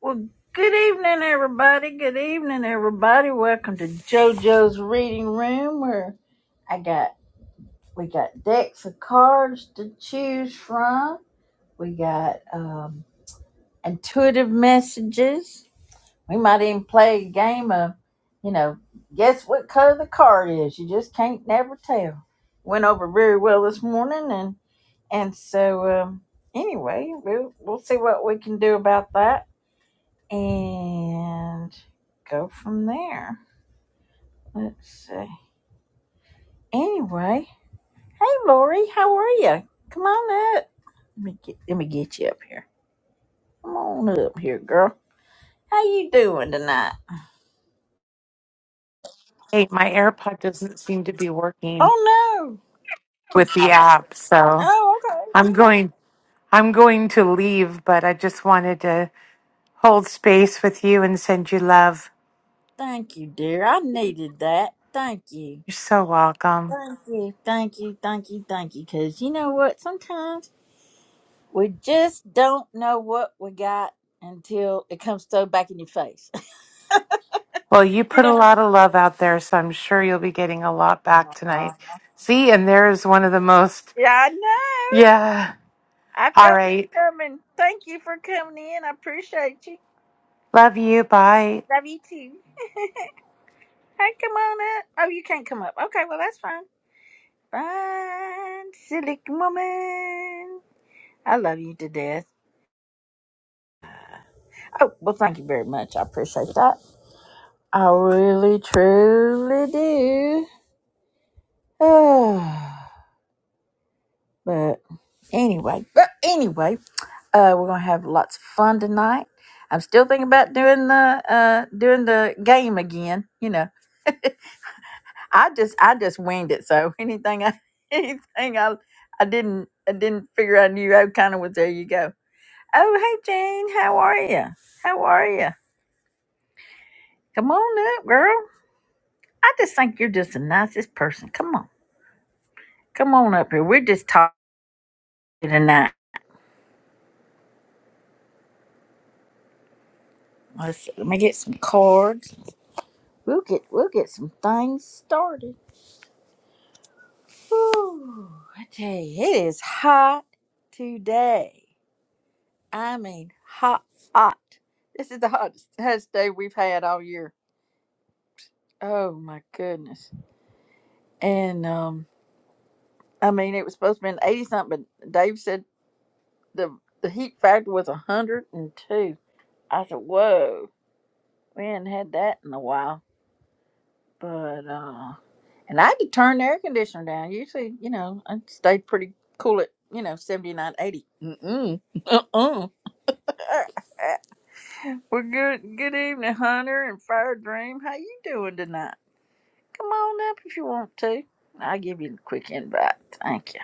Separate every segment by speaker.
Speaker 1: Well, good evening, everybody. Good evening, everybody. Welcome to JoJo's Reading Room, where I got we got decks of cards to choose from. We got um, intuitive messages. We might even play a game of, you know, guess what color the card is. You just can't never tell. Went over very well this morning, and and so um, anyway, we'll we'll see what we can do about that. and go from there. Let's see. Anyway, hey Lori, how are you? Come on up. Let me get let me get you up here. Come on up here, girl. How you doing tonight?
Speaker 2: Hey, my AirPod doesn't seem to be working
Speaker 1: Oh
Speaker 2: with
Speaker 1: no.
Speaker 2: the app, so
Speaker 1: Oh, okay.
Speaker 2: I'm going I'm going to leave, but I just wanted to hold space with you and send you love.
Speaker 1: Thank you, dear. I needed that. Thank you.
Speaker 2: You're so welcome.
Speaker 1: Thank you. Thank you. Thank you. Thank you. Because you know what? Sometimes we just don't know what we got until it comes thrown back in your face.
Speaker 2: Well, you
Speaker 1: you
Speaker 2: put a lot of love out there, so I'm sure you'll be getting a lot back
Speaker 1: know?
Speaker 2: tonight. See, and there is one of the most
Speaker 1: Yeah, I know.
Speaker 2: Yeah.
Speaker 1: I
Speaker 2: All
Speaker 1: felt it
Speaker 2: right.
Speaker 1: coming. Thank you for coming in. I appreciate you.
Speaker 2: Love you. Bye.
Speaker 1: Love you too. Hey, come on up. Oh, you can't come up. Okay, well, that's fine. Fine, silly woman. I love you to death. Oh, well, thank you very much. I appreciate that. I really, truly do. but anyway, but anyway, uh, we're gonna have lots of fun tonight. I'm still thinking about doing the uh doing the game again. You know, I just I just winged it. So anything I anything I I didn't I didn't figure I knew I kind of was there. You go. Oh hey Jane, how are you? How are you? Come on up, girl. I just think you're just the nicest person. Come on, come on up here. We're just talking tonight. Let's see, let me get some cards. We'll get we'll get some things started. Ooh, I tell you, it is hot today. I mean, hot, hot. This is the hottest, hottest day we've had all year. Oh my goodness. And um, I mean, it was supposed to be an eighty something, but Dave said the the heat factor was hundred and two. I said, whoa, we hadn't had that in a while. But uh, and I had to turn the air conditioner down. Usually, you know, I stayed pretty cool at you know seventy nine, eighty. Mm mm. Uh uh. Well, good good evening, Hunter and Fire Dream. How you doing tonight? Come on up if you want to. I'll give you a quick invite. Thank you.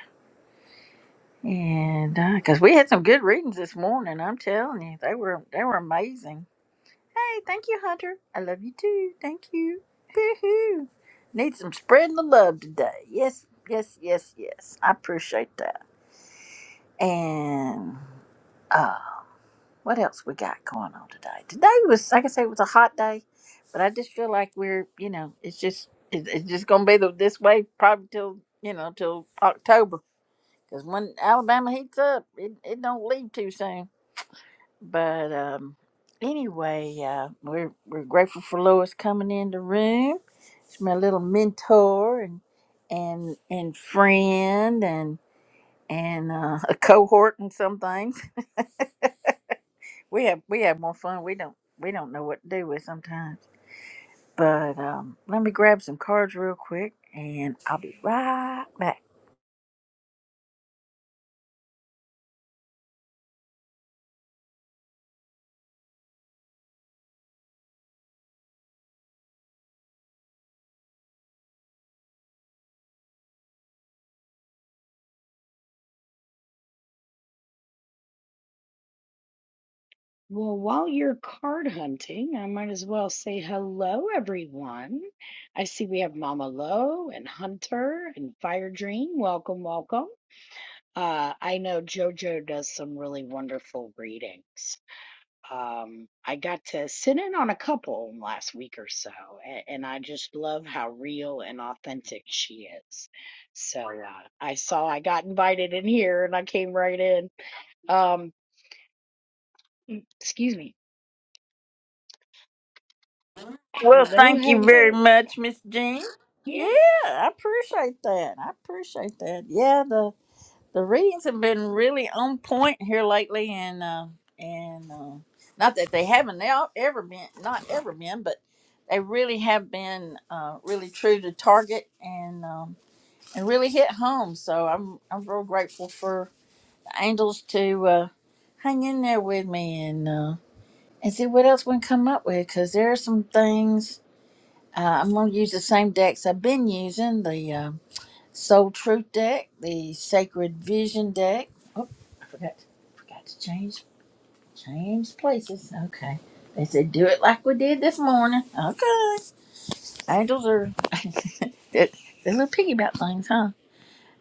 Speaker 1: And because we had some good readings this morning, I'm telling you, they were they were amazing. Hey, thank you, Hunter. I love you too. Thank you. Woohoo! Need some spreading the love today. Yes, yes, yes, yes. I appreciate that. And. uh, what else we got going on today? Today was, like I say, it was a hot day, but I just feel like we're, you know, it's just, it, it's just gonna be the, this way probably till, you know, till October, because when Alabama heats up, it, it don't leave too soon. But um, anyway, uh, we're we're grateful for Lois coming in the room. She's my little mentor and and and friend and and uh, a cohort and some things. We have we have more fun. We don't we don't know what to do with sometimes. But um, let me grab some cards real quick, and I'll be right back.
Speaker 3: Well, while you're card hunting, I might as well say hello, everyone. I see we have Mama Lo and Hunter and Fire Dream. Welcome, welcome. Uh, I know JoJo does some really wonderful readings. Um, I got to sit in on a couple last week or so, and, and I just love how real and authentic she is. So uh, I saw I got invited in here, and I came right in. Um, excuse me.
Speaker 1: Well,
Speaker 3: Hello,
Speaker 1: thank you very
Speaker 3: hello.
Speaker 1: much, Miss Jean.
Speaker 3: Yeah,
Speaker 1: Yeah,
Speaker 3: I
Speaker 1: I appreciate that. I appreciate that. Yeah, the the readings have been really on point here lately, and uh, and uh, not that they haven't now ever been not ever been, but they really have been uh, really true to target and. Um, it really hit home. So I'm I'm real grateful for the angels to uh, hang in there with me and uh, and see what else we can come up with because there are some things uh, I'm gonna use the same decks I've been using the uh, Soul Truth deck, the Sacred Vision deck. Oh, I forgot forgot to change change places. Okay. They said do it like we did this morning. Okay. Angels are they're, they're little piggy about things, huh?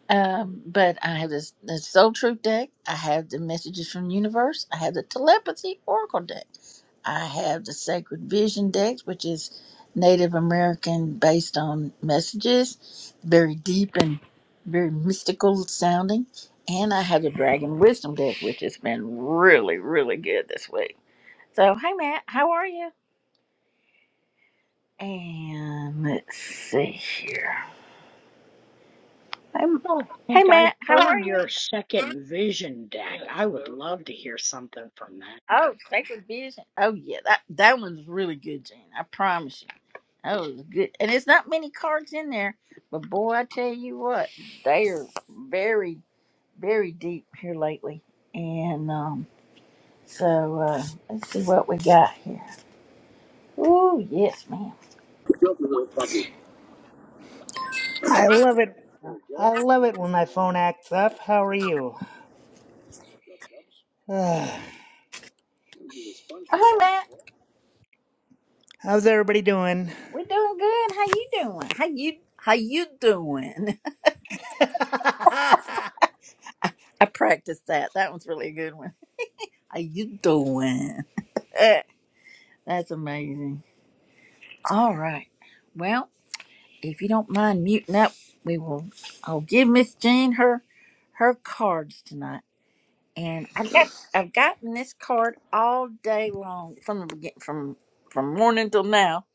Speaker 1: Um, but I have this, the Soul Truth deck. I have the Messages from Universe. I have the Telepathy Oracle deck. I have the Sacred Vision deck, which is Native American based on messages, very deep and very mystical sounding. And I have the Dragon Wisdom deck, which has been really, really good this week. So, hey Matt, how are you? And let's see here. Hey, M-
Speaker 3: don't
Speaker 1: hey
Speaker 3: think I
Speaker 1: Matt, how are
Speaker 3: heard
Speaker 1: you?
Speaker 3: your second vision deck. I would love to hear something from that.
Speaker 1: Oh, Sacred Vision. Oh yeah, that that one's really good, Gene. I promise you. That was good. And it's not many cards in there, but boy, I tell you what, they are very, very deep here lately. And um, so uh, let's see what we got here. Oh yes, ma'am.
Speaker 4: I love it. I love it when my phone acts up. How are you? Ugh.
Speaker 1: Oh, hey, Matt,
Speaker 4: how's everybody doing?
Speaker 1: we doing good. How you doing? How you how you doing? I practiced that. That one's really a good one. How you doing? That's amazing. All right. Well. if you don't mind muting up, we will. I'll give Miss Jean her her cards tonight, and I've got I've gotten this card all day long from the begin from from morning till now,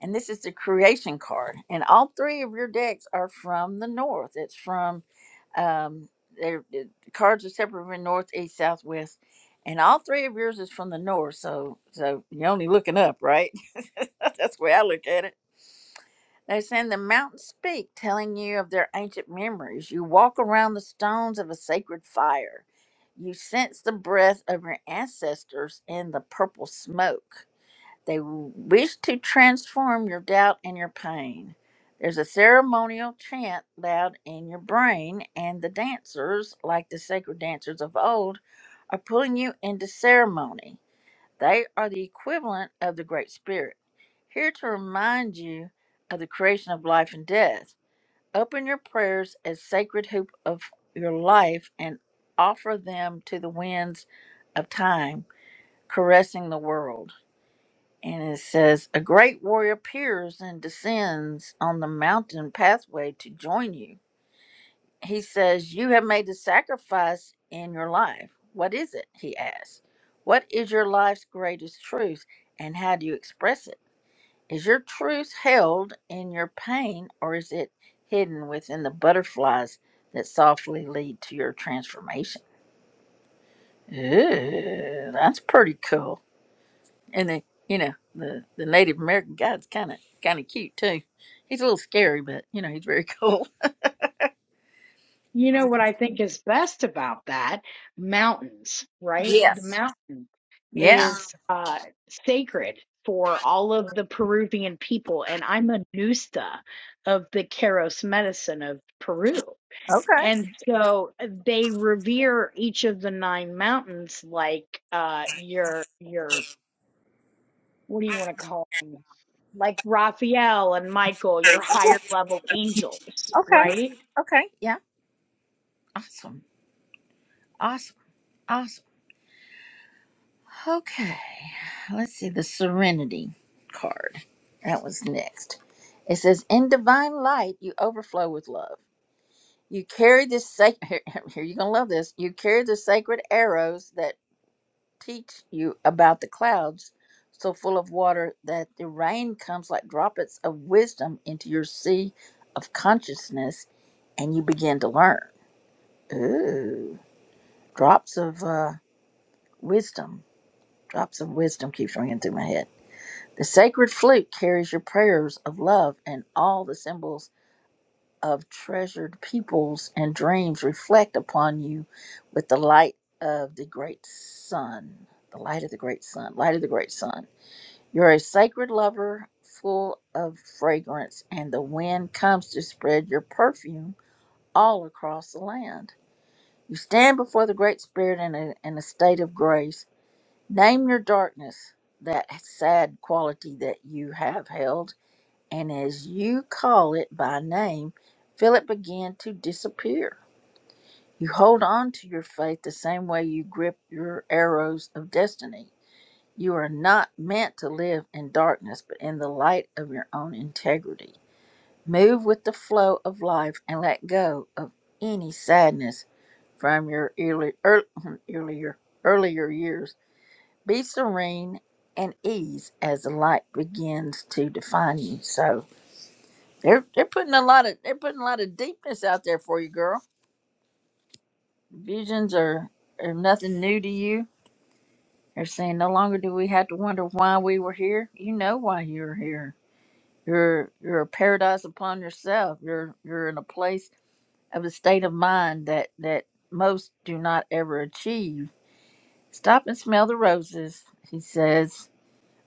Speaker 1: and this is the creation card, and all three of your decks are from the north. It's from um, they're- the cards are separate from north, east, south, west. And all three of yours is from the north, so so you're only looking up, right? That's the way I look at it they send the mountains speak, telling you of their ancient memories. You walk around the stones of a sacred fire. You sense the breath of your ancestors in the purple smoke. They wish to transform your doubt and your pain. There's a ceremonial chant loud in your brain, and the dancers, like the sacred dancers of old, are pulling you into ceremony. They are the equivalent of the Great Spirit, here to remind you of the creation of life and death. Open your prayers as sacred hoop of your life and offer them to the winds of time, caressing the world. And it says, A great warrior appears and descends on the mountain pathway to join you he says, You have made a sacrifice in your life. What is it? He asks. What is your life's greatest truth and how do you express it? Is your truth held in your pain or is it hidden within the butterflies that softly lead to your transformation? Ooh, that's pretty cool. And the you know, the, the Native American guy's kinda kinda cute too. He's a little scary, but you know, he's very cool.
Speaker 3: You know what I think is best about that? Mountains, right? The
Speaker 1: Yes.
Speaker 3: mountain
Speaker 1: Yeah.
Speaker 3: is uh, sacred for all of the Peruvian people, and I'm a Nusta of the Keros medicine of Peru.
Speaker 1: Okay.
Speaker 3: And so they revere each of the nine mountains like uh, your your what do you want to call 'em? like Raphael and Michael, your higher level angels,
Speaker 1: Okay.
Speaker 3: right?
Speaker 1: Okay. Yeah. Awesome. Awesome. Awesome. Okay. Let's see the Serenity card. That was next. It says, "In divine light, you overflow with love. You carry this sacred. Here, you're gonna love this. You carry the sacred arrows that teach you about the clouds, so full of water that the rain comes like droplets of wisdom into your sea of consciousness, and you begin to learn. Ooh, drops of." Uh, Wisdom, drops of wisdom keeps ringing through my head. The sacred flute carries your prayers of love, and all the symbols of treasured peoples and dreams reflect upon you with the light of the great sun. The light of the great sun, light of the great sun. You're a sacred lover full of fragrance, and the wind comes to spread your perfume all across the land. You stand before the Great Spirit in a, in a state of grace Name your darkness, that sad quality that you have held, and as you call it by name, feel it begin to disappear. You hold on to your faith the same way you grip your arrows of destiny. You are not meant to live in darkness, but in the light of your own integrity. Move with the flow of life and let go of any sadness from your early, ear- earlier earlier years be serene and ease as the light begins to define you. So they're they're putting a lot of they're putting a lot of deepness out there for you, girl. Visions are are nothing new to you. They're saying no longer do we have to wonder why we were here. You know why you're here. You're you're a paradise upon yourself. You're you're in a place of a state of mind that that most do not ever achieve. Stop and smell the roses, he says,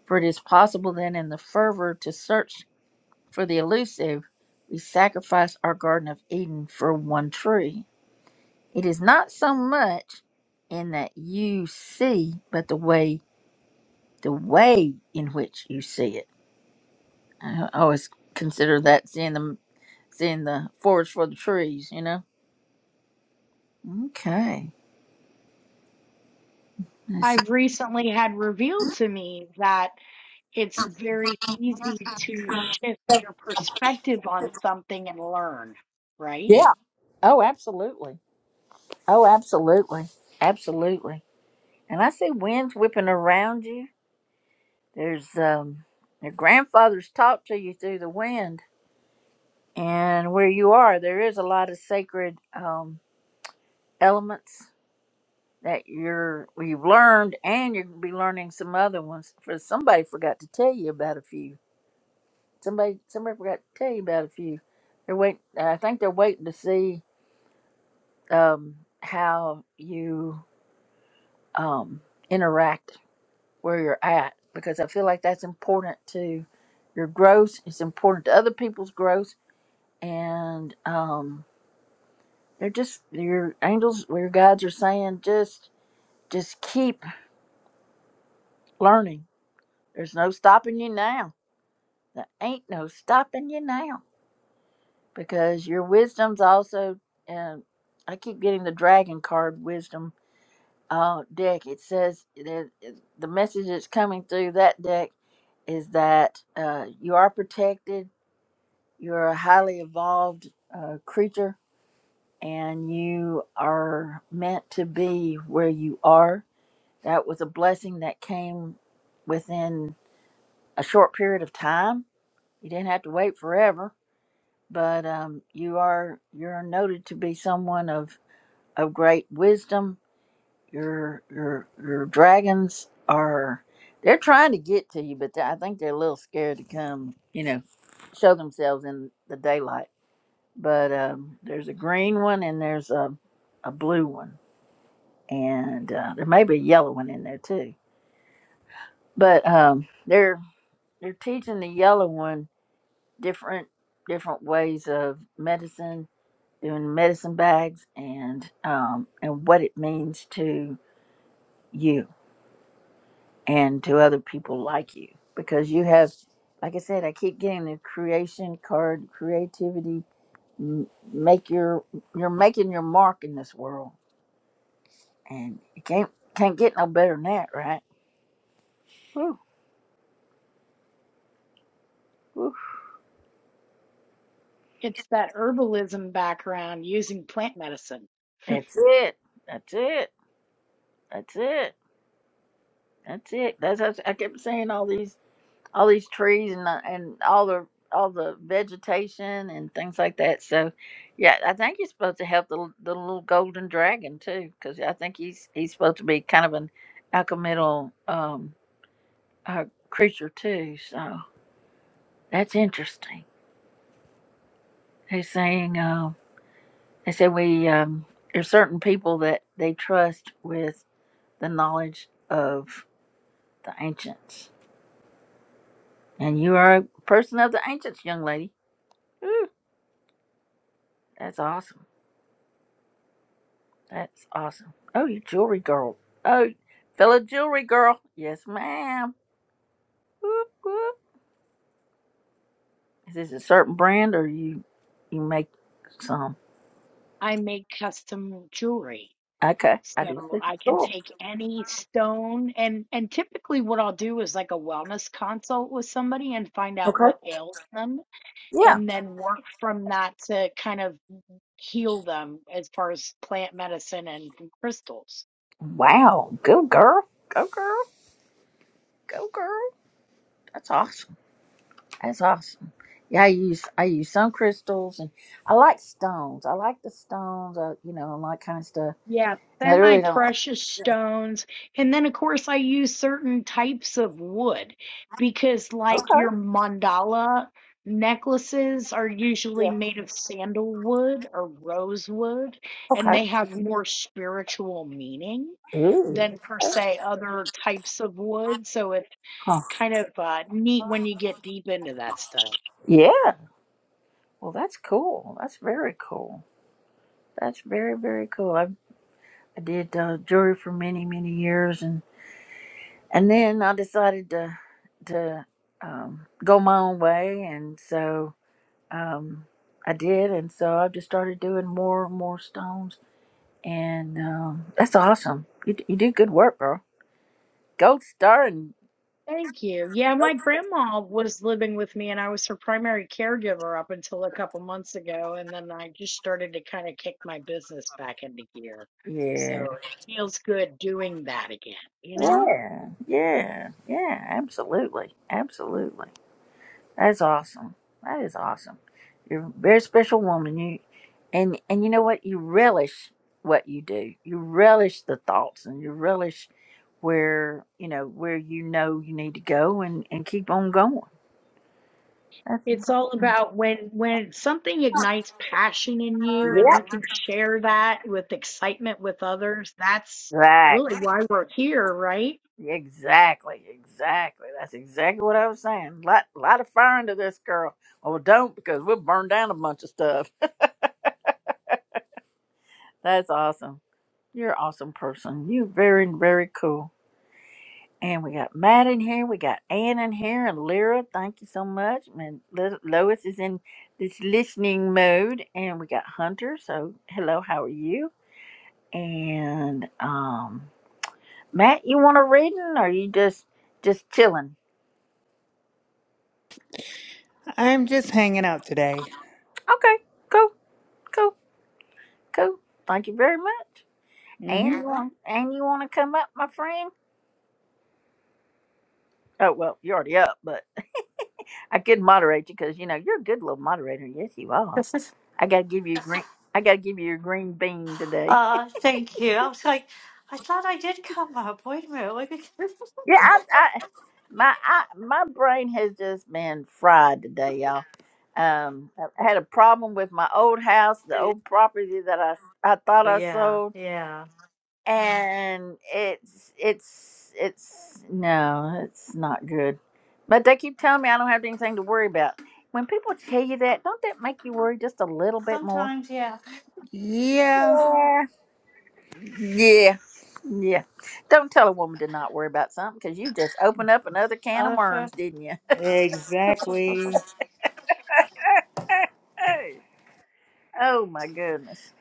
Speaker 1: for it is possible then in the fervor to search For the elusive, we sacrifice our Garden of Eden for one tree. It is not so much in that you see, but the way the way in which you see it. I always consider that seeing the seeing the forest for the trees. You know. Okay. Let's see.
Speaker 3: I've recently had revealed to me that it's very easy to shift your perspective on something and learn, right?
Speaker 1: Yeah. Oh, absolutely. Oh, absolutely. Absolutely. And I see winds whipping around you. There's um, your grandfathers talk to you through the wind and where you are there is a lot of sacred um, elements that you're you've learned and you're going to be learning some other ones for somebody forgot to tell you about a few somebody somebody forgot to tell you about a few they're wait i think they're waiting to see um, how you um, interact where you're at because i feel like that's important to your growth it's important to other people's growth and um, They're just your angels, your guides are saying just just keep learning. There's no stopping you now. There ain't no stopping you now because your wisdom's also. Uh, I keep getting the dragon card wisdom uh, deck. It says that the message that's coming through that deck is that uh, you are protected. You're a highly evolved uh, creature, and you are meant to be where you are That was a blessing that came within a short period of time. You didn't have to wait forever, but um, you are you're noted to be someone of of great wisdom. Your your your dragons are they're trying to get to you, but they- I think they're a little scared to come. You know, show themselves in the daylight. But um, there's a green one and there's a a blue one, and uh, there may be a yellow one in there too. But um, they're You're teaching the yellow one different different ways of medicine, doing medicine bags, and um, and what it means to you and to other people like you, because you have, like I said, I keep getting the creation card, creativity. m- Make your you're making your mark in this world, and you can't can't get no better than that, right? Whew, whew.
Speaker 3: It's that herbalism background using plant medicine.
Speaker 1: That's it. That's it. That's it. That's it. That's how I kept saying all these all these trees and the- and all the all the vegetation and things like that. So, yeah, I think you're supposed to help the l- the little golden dragon too, because I think he's he's supposed to be kind of an alchemical um uh, creature too. So that's interesting. They're saying um, they said we um, there's certain people that they trust with the knowledge of the ancients, and you are a person of the ancients, young lady. Ooh, that's awesome. That's awesome. Oh, you jewelry girl. Oh, fellow jewelry girl. Yes, ma'am. Whoop, whoop. Is this a certain brand or you you make some?
Speaker 3: I make custom jewelry.
Speaker 1: Okay, I do
Speaker 3: So
Speaker 1: see.
Speaker 3: I can
Speaker 1: Cool.
Speaker 3: take any stone and and typically what I'll do is like a wellness consult with somebody and find out what
Speaker 1: Okay.
Speaker 3: ails them
Speaker 1: Yeah.
Speaker 3: and then work from that to kind of heal them as far as plant medicine and crystals.
Speaker 1: Wow. Go girl. Go girl. Go girl. That's awesome. That's awesome. Yeah, I use I use some crystals and I like stones. I like the stones. I, you know, and all that kind of stuff.
Speaker 3: Yeah,
Speaker 1: And I
Speaker 3: semi
Speaker 1: really don't.
Speaker 3: precious stones. And then, of course, I use certain types of wood because,
Speaker 1: like
Speaker 3: like,
Speaker 1: Okay.
Speaker 3: your mandala necklaces are usually
Speaker 1: Yeah.
Speaker 3: made of sandalwood or rosewood, and
Speaker 1: Okay.
Speaker 3: they have more spiritual meaning than,
Speaker 1: Ooh.
Speaker 3: per se, other types of wood. So it's
Speaker 1: Huh.
Speaker 3: kind of uh, neat when you get deep into that stuff.
Speaker 1: Yeah. Well, that's cool. That's very cool. That's very very cool. I I did uh, jewelry for many many years, and and then I decided to to um, go my own way, and so um, I did, and so I've just started doing more and more stones, and um, that's awesome. You d- you do good work, girl. Gold star and
Speaker 3: Thank you. Yeah, my grandma was living with me, and I was her primary caregiver up until a couple months ago. And then I just started to kind of kick my business back into gear.
Speaker 1: yeah,
Speaker 3: So it feels good doing that again, you know?
Speaker 1: yeah, yeah, yeah. Absolutely, absolutely. That's awesome. That is awesome. You're a very special woman. You and and you know what? You relish what you do. You relish the thoughts and you relish where you know where you know you need to go and and keep on going. That's
Speaker 3: It's all about when when something ignites passion in you and you
Speaker 1: yep.
Speaker 3: can share that with excitement with others. That's really why we're here, right?
Speaker 1: Exactly. Exactly. Exactly. That's exactly what I was saying. Lot lot of fire into this girl. Well, don't because we'll burn down a bunch of stuff. That's awesome. You're an awesome person. You're very very cool. And we got Matt in here. We got Ann in here and Lyra. Thank you so much. And Lo- Lois is in this listening mode. And we got Hunter. So hello, how are you? And um, Matt, you want a reading or you just just chilling?
Speaker 4: I'm just hanging out today.
Speaker 1: Okay, cool, cool, cool. Thank you very much.
Speaker 4: hmm
Speaker 1: And you want and you want to come up, my friend? Oh well, you're already up, but I could moderate you because you know you're a good little moderator. Yes, you are. I gotta give you a green. I gotta give you a green bean today.
Speaker 5: Uh, thank you. I was like, I thought I did come up. Wait a minute. Wait a minute.
Speaker 1: Yeah, I, I my I, my brain has just been fried today, y'all. Um, I had a problem with my old house, the old property that I I thought
Speaker 5: Oh,
Speaker 1: I
Speaker 5: yeah,
Speaker 1: sold,
Speaker 5: yeah.
Speaker 1: and it's it's it's no, it's not good. But they keep telling me I don't have anything to worry about. When people tell you that, don't that make you worry just a little bit more?
Speaker 5: Sometimes, yeah.
Speaker 4: Yeah,
Speaker 1: Yeah, yeah, yeah. Don't tell a woman to not worry about something because you just opened up another can of
Speaker 5: Uh, sure.
Speaker 1: worms, didn't you?
Speaker 4: exactly.
Speaker 1: oh my goodness.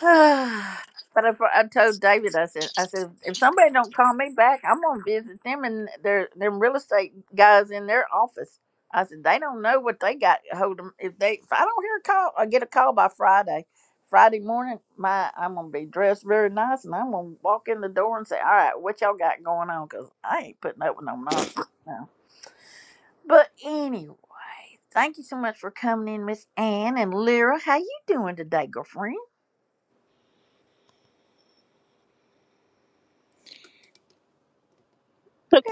Speaker 1: but I, I told David, I said, I said, if somebody don't call me back, I'm gonna visit them and their them real estate guys in their office. I said they don't know what they got hold of. If they, if I don't hear a call, I get a call by Friday. Friday morning, my I'm gonna be dressed very nice, and I'm gonna walk in the door and say, "All right, what y'all got going on?" Because I ain't putting up with no nonsense. But anyway, thank you so much for coming in, Miss Ann and Lyra. How you doing today, girlfriend?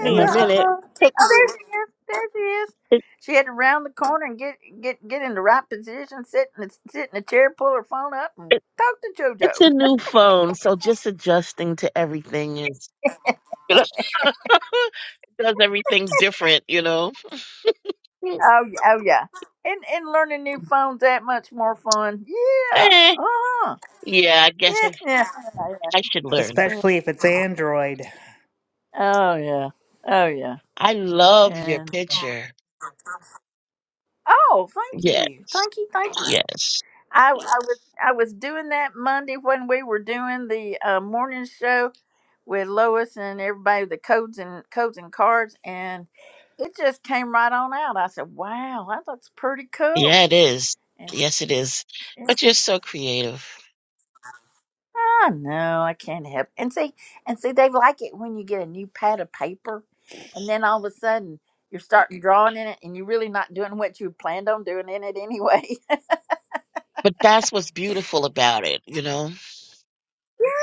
Speaker 4: They
Speaker 6: me a
Speaker 4: must,
Speaker 6: minute.
Speaker 1: Oh,
Speaker 6: It,
Speaker 1: there she is. There she is.
Speaker 6: it,
Speaker 1: She had to round the corner and get get get in the right position, sit in the, sit in a chair, pull her phone up, and
Speaker 6: it,
Speaker 1: talk to
Speaker 6: it's a
Speaker 1: JoJo.
Speaker 6: new phone, so just adjusting to everything is does everything different, you know.
Speaker 1: Oh yeah, oh yeah. And and learning new phones that much more fun. Yeah.
Speaker 6: Eh,
Speaker 1: Uh huh.
Speaker 6: yeah, I guess
Speaker 1: Yeah,
Speaker 6: I,
Speaker 1: yeah. yeah, yeah.
Speaker 6: I should learn.
Speaker 4: especially if it's Android.
Speaker 1: Oh yeah. Oh yeah.
Speaker 6: I love your
Speaker 1: And
Speaker 6: picture.
Speaker 1: oh, thank
Speaker 6: Yeah,
Speaker 1: you, thank you, thank you.
Speaker 6: yes,
Speaker 1: I, I was I was doing that Monday when we were doing the uh, morning show with Lois and everybody, the codes and codes and cards, and it just came right on out. I said, "Wow, that looks pretty cool."
Speaker 6: yeah, it is.
Speaker 1: And
Speaker 6: Yes, it is.
Speaker 1: and,
Speaker 6: But you're so creative.
Speaker 1: oh no, I can't help. And see, and see, they like it when you get a new pad of paper, and then all of a sudden you're starting drawing in it, and you're really not doing what you planned on doing in it anyway.
Speaker 6: But that's what's beautiful about it, you know.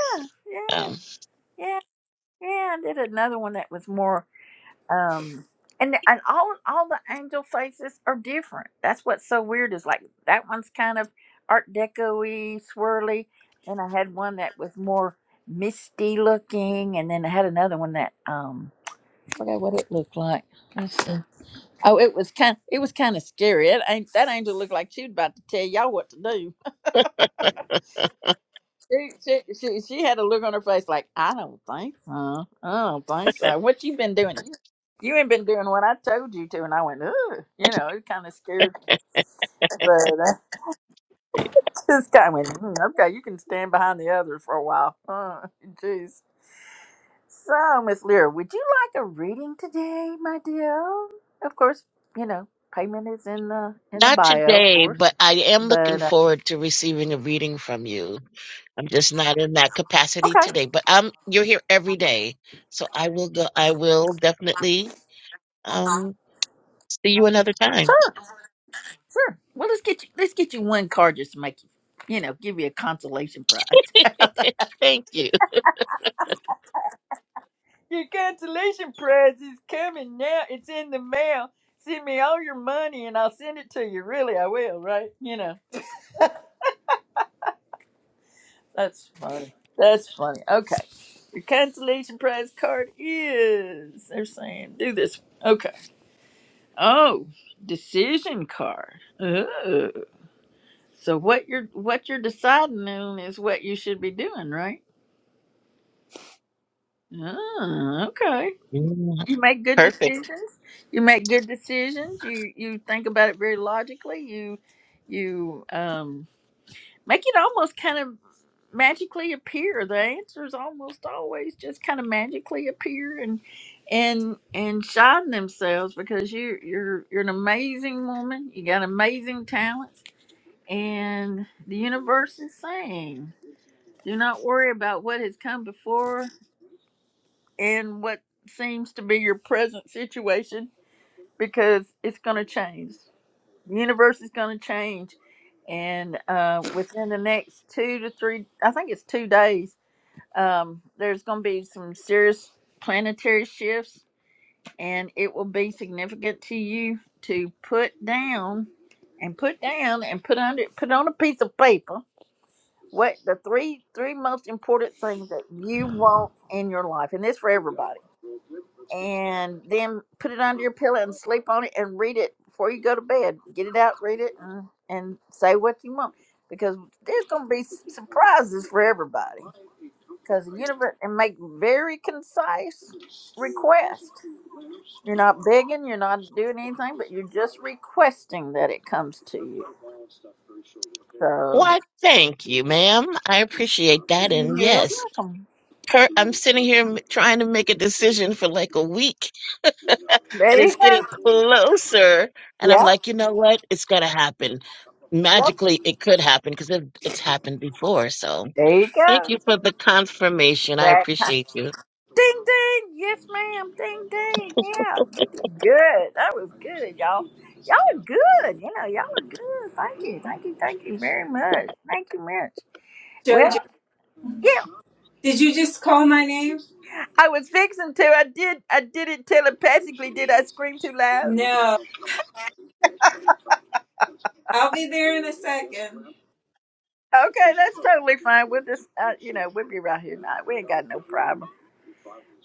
Speaker 1: yeah, yeah,
Speaker 6: Um,
Speaker 1: yeah. yeah. I did another one that was more. um and and all all the angel faces are different that's what's so weird is like that one's kind of art decoy swirly and i had one that was more misty looking and then i had another one that um I forgot what it looked like let's see oh it was kind it was kind of scary it ain't that angel looked like she was about to tell y'all what to do she, she, she, she had a look on her face like, I don't think so. I don't think so. What you been doing? You, you ain't been doing what I told you to. And I went, ugh. You know, it kind of scared me. But I just kind of went, "Mm, okay, you can stand behind the others for a while. Uh, Jeez. So, Miss Lear, would you like a reading today, my dear? Of course, you know, payment is in the in the
Speaker 6: not
Speaker 1: bio, of
Speaker 6: today,
Speaker 1: course.
Speaker 6: but I am looking
Speaker 1: But uh,
Speaker 6: forward to receiving a reading from you. I'm just not in that capacity
Speaker 1: okay,
Speaker 6: today, but I'm you're here every day. So I will go I will definitely um see you another time.
Speaker 1: sure. Sure. Well, let's get you. Let's get you one card just to make you, you know, give you a consolation prize.
Speaker 6: Thank you.
Speaker 1: Your consolation prize is coming now. It's in the mail. Send me all your money and I'll send it to you. Really, I will, right? You know, that's funny. That's funny. Okay. Your consolation prize card is, they're saying, do this. Okay. Oh, decision card. Oh. So what you're what you're deciding on is what you should be doing, right? Oh, okay.
Speaker 6: Yeah,
Speaker 1: You make good
Speaker 6: perfect.
Speaker 1: decisions. You make good decisions. You you think about it very logically. You you um make it almost kind of magically appear. The answers almost always just kind of magically appear and and and shine themselves because you you're you're an amazing woman. You got amazing talents and the universe is saying, do not worry about what has come before and what seems to be your present situation because it's going to change. The universe is going to change, and uh, within the next two to three, I think it's two days, um, there's going to be some serious planetary shifts, and it will be significant to you to put down and put down and put under put on a piece of paper what the three three most important things that you want in your life, and this for everybody and then put it under your pillow and sleep on it and read it before you go to bed. Get it out, read it, and, and say what you want because there's going to be s- surprises for everybody because the universe and make very concise requests. You're not begging, you're not doing anything, but you're just requesting that it comes to you. So
Speaker 6: Why thank you, ma'am. I appreciate that and
Speaker 1: you're
Speaker 6: yes.
Speaker 1: welcome.
Speaker 6: Her, I'm sitting here m- trying to make a decision for like a week and
Speaker 1: There you
Speaker 6: it's getting
Speaker 1: go.
Speaker 6: closer and I'm
Speaker 1: Yep.
Speaker 6: like, "You know what? It's going to happen."
Speaker 1: Yep.
Speaker 6: Magically it could happen because it, it's happened before. So,
Speaker 1: There you
Speaker 6: thank
Speaker 1: go.
Speaker 6: you for the confirmation. I
Speaker 1: That
Speaker 6: appreciate you.
Speaker 1: Ding ding, yes ma'am. Ding ding, yeah. You did good. That was good, y'all. Y'all are good. You know, y'all are good. Thank you, thank you, thank you very much. Thank you much. Well,
Speaker 7: Jojo,
Speaker 1: yeah,
Speaker 7: did you just call my name?
Speaker 1: I was fixing to. I did. I did it telepathically. Did I scream too loud?
Speaker 7: No, I'll be there in a second.
Speaker 1: Okay, that's totally fine. We'll just, uh, you know, we'll be right here tonight. We ain't got no problem.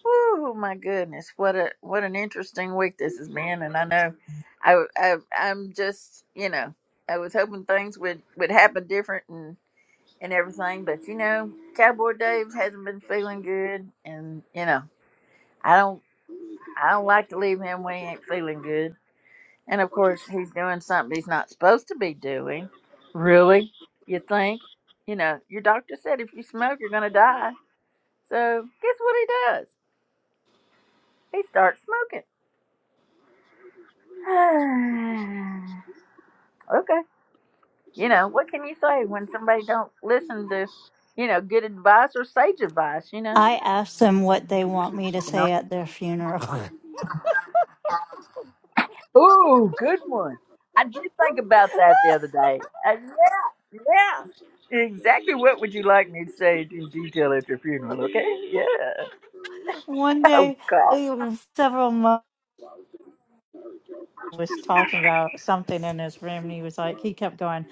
Speaker 1: Oh my goodness, what a what an interesting week this has been, and I know, I, I I'm just you know I was hoping things would would happen different and and everything, but you know Cowboy Dave hasn't been feeling good, and you know I don't I don't like to leave him when he ain't feeling good, and of course he's doing something he's not supposed to be doing. Really, you think? You know your doctor said if you smoke you're gonna die, so guess what he does? He starts smoking okay. You know, what can you say when somebody don't listen to, you know, good advice or sage advice, you know?
Speaker 5: I asked them what they want me to
Speaker 1: You know.
Speaker 5: say at their funeral.
Speaker 1: Ooh, good one. I did think about that the other day. Uh, yeah, yeah. Exactly what would you like me to say in detail at your funeral, okay? Yeah.
Speaker 5: One
Speaker 1: Oh,
Speaker 5: day,
Speaker 1: God.
Speaker 5: uh, several months was talking about something in his room, and he was like, he kept going,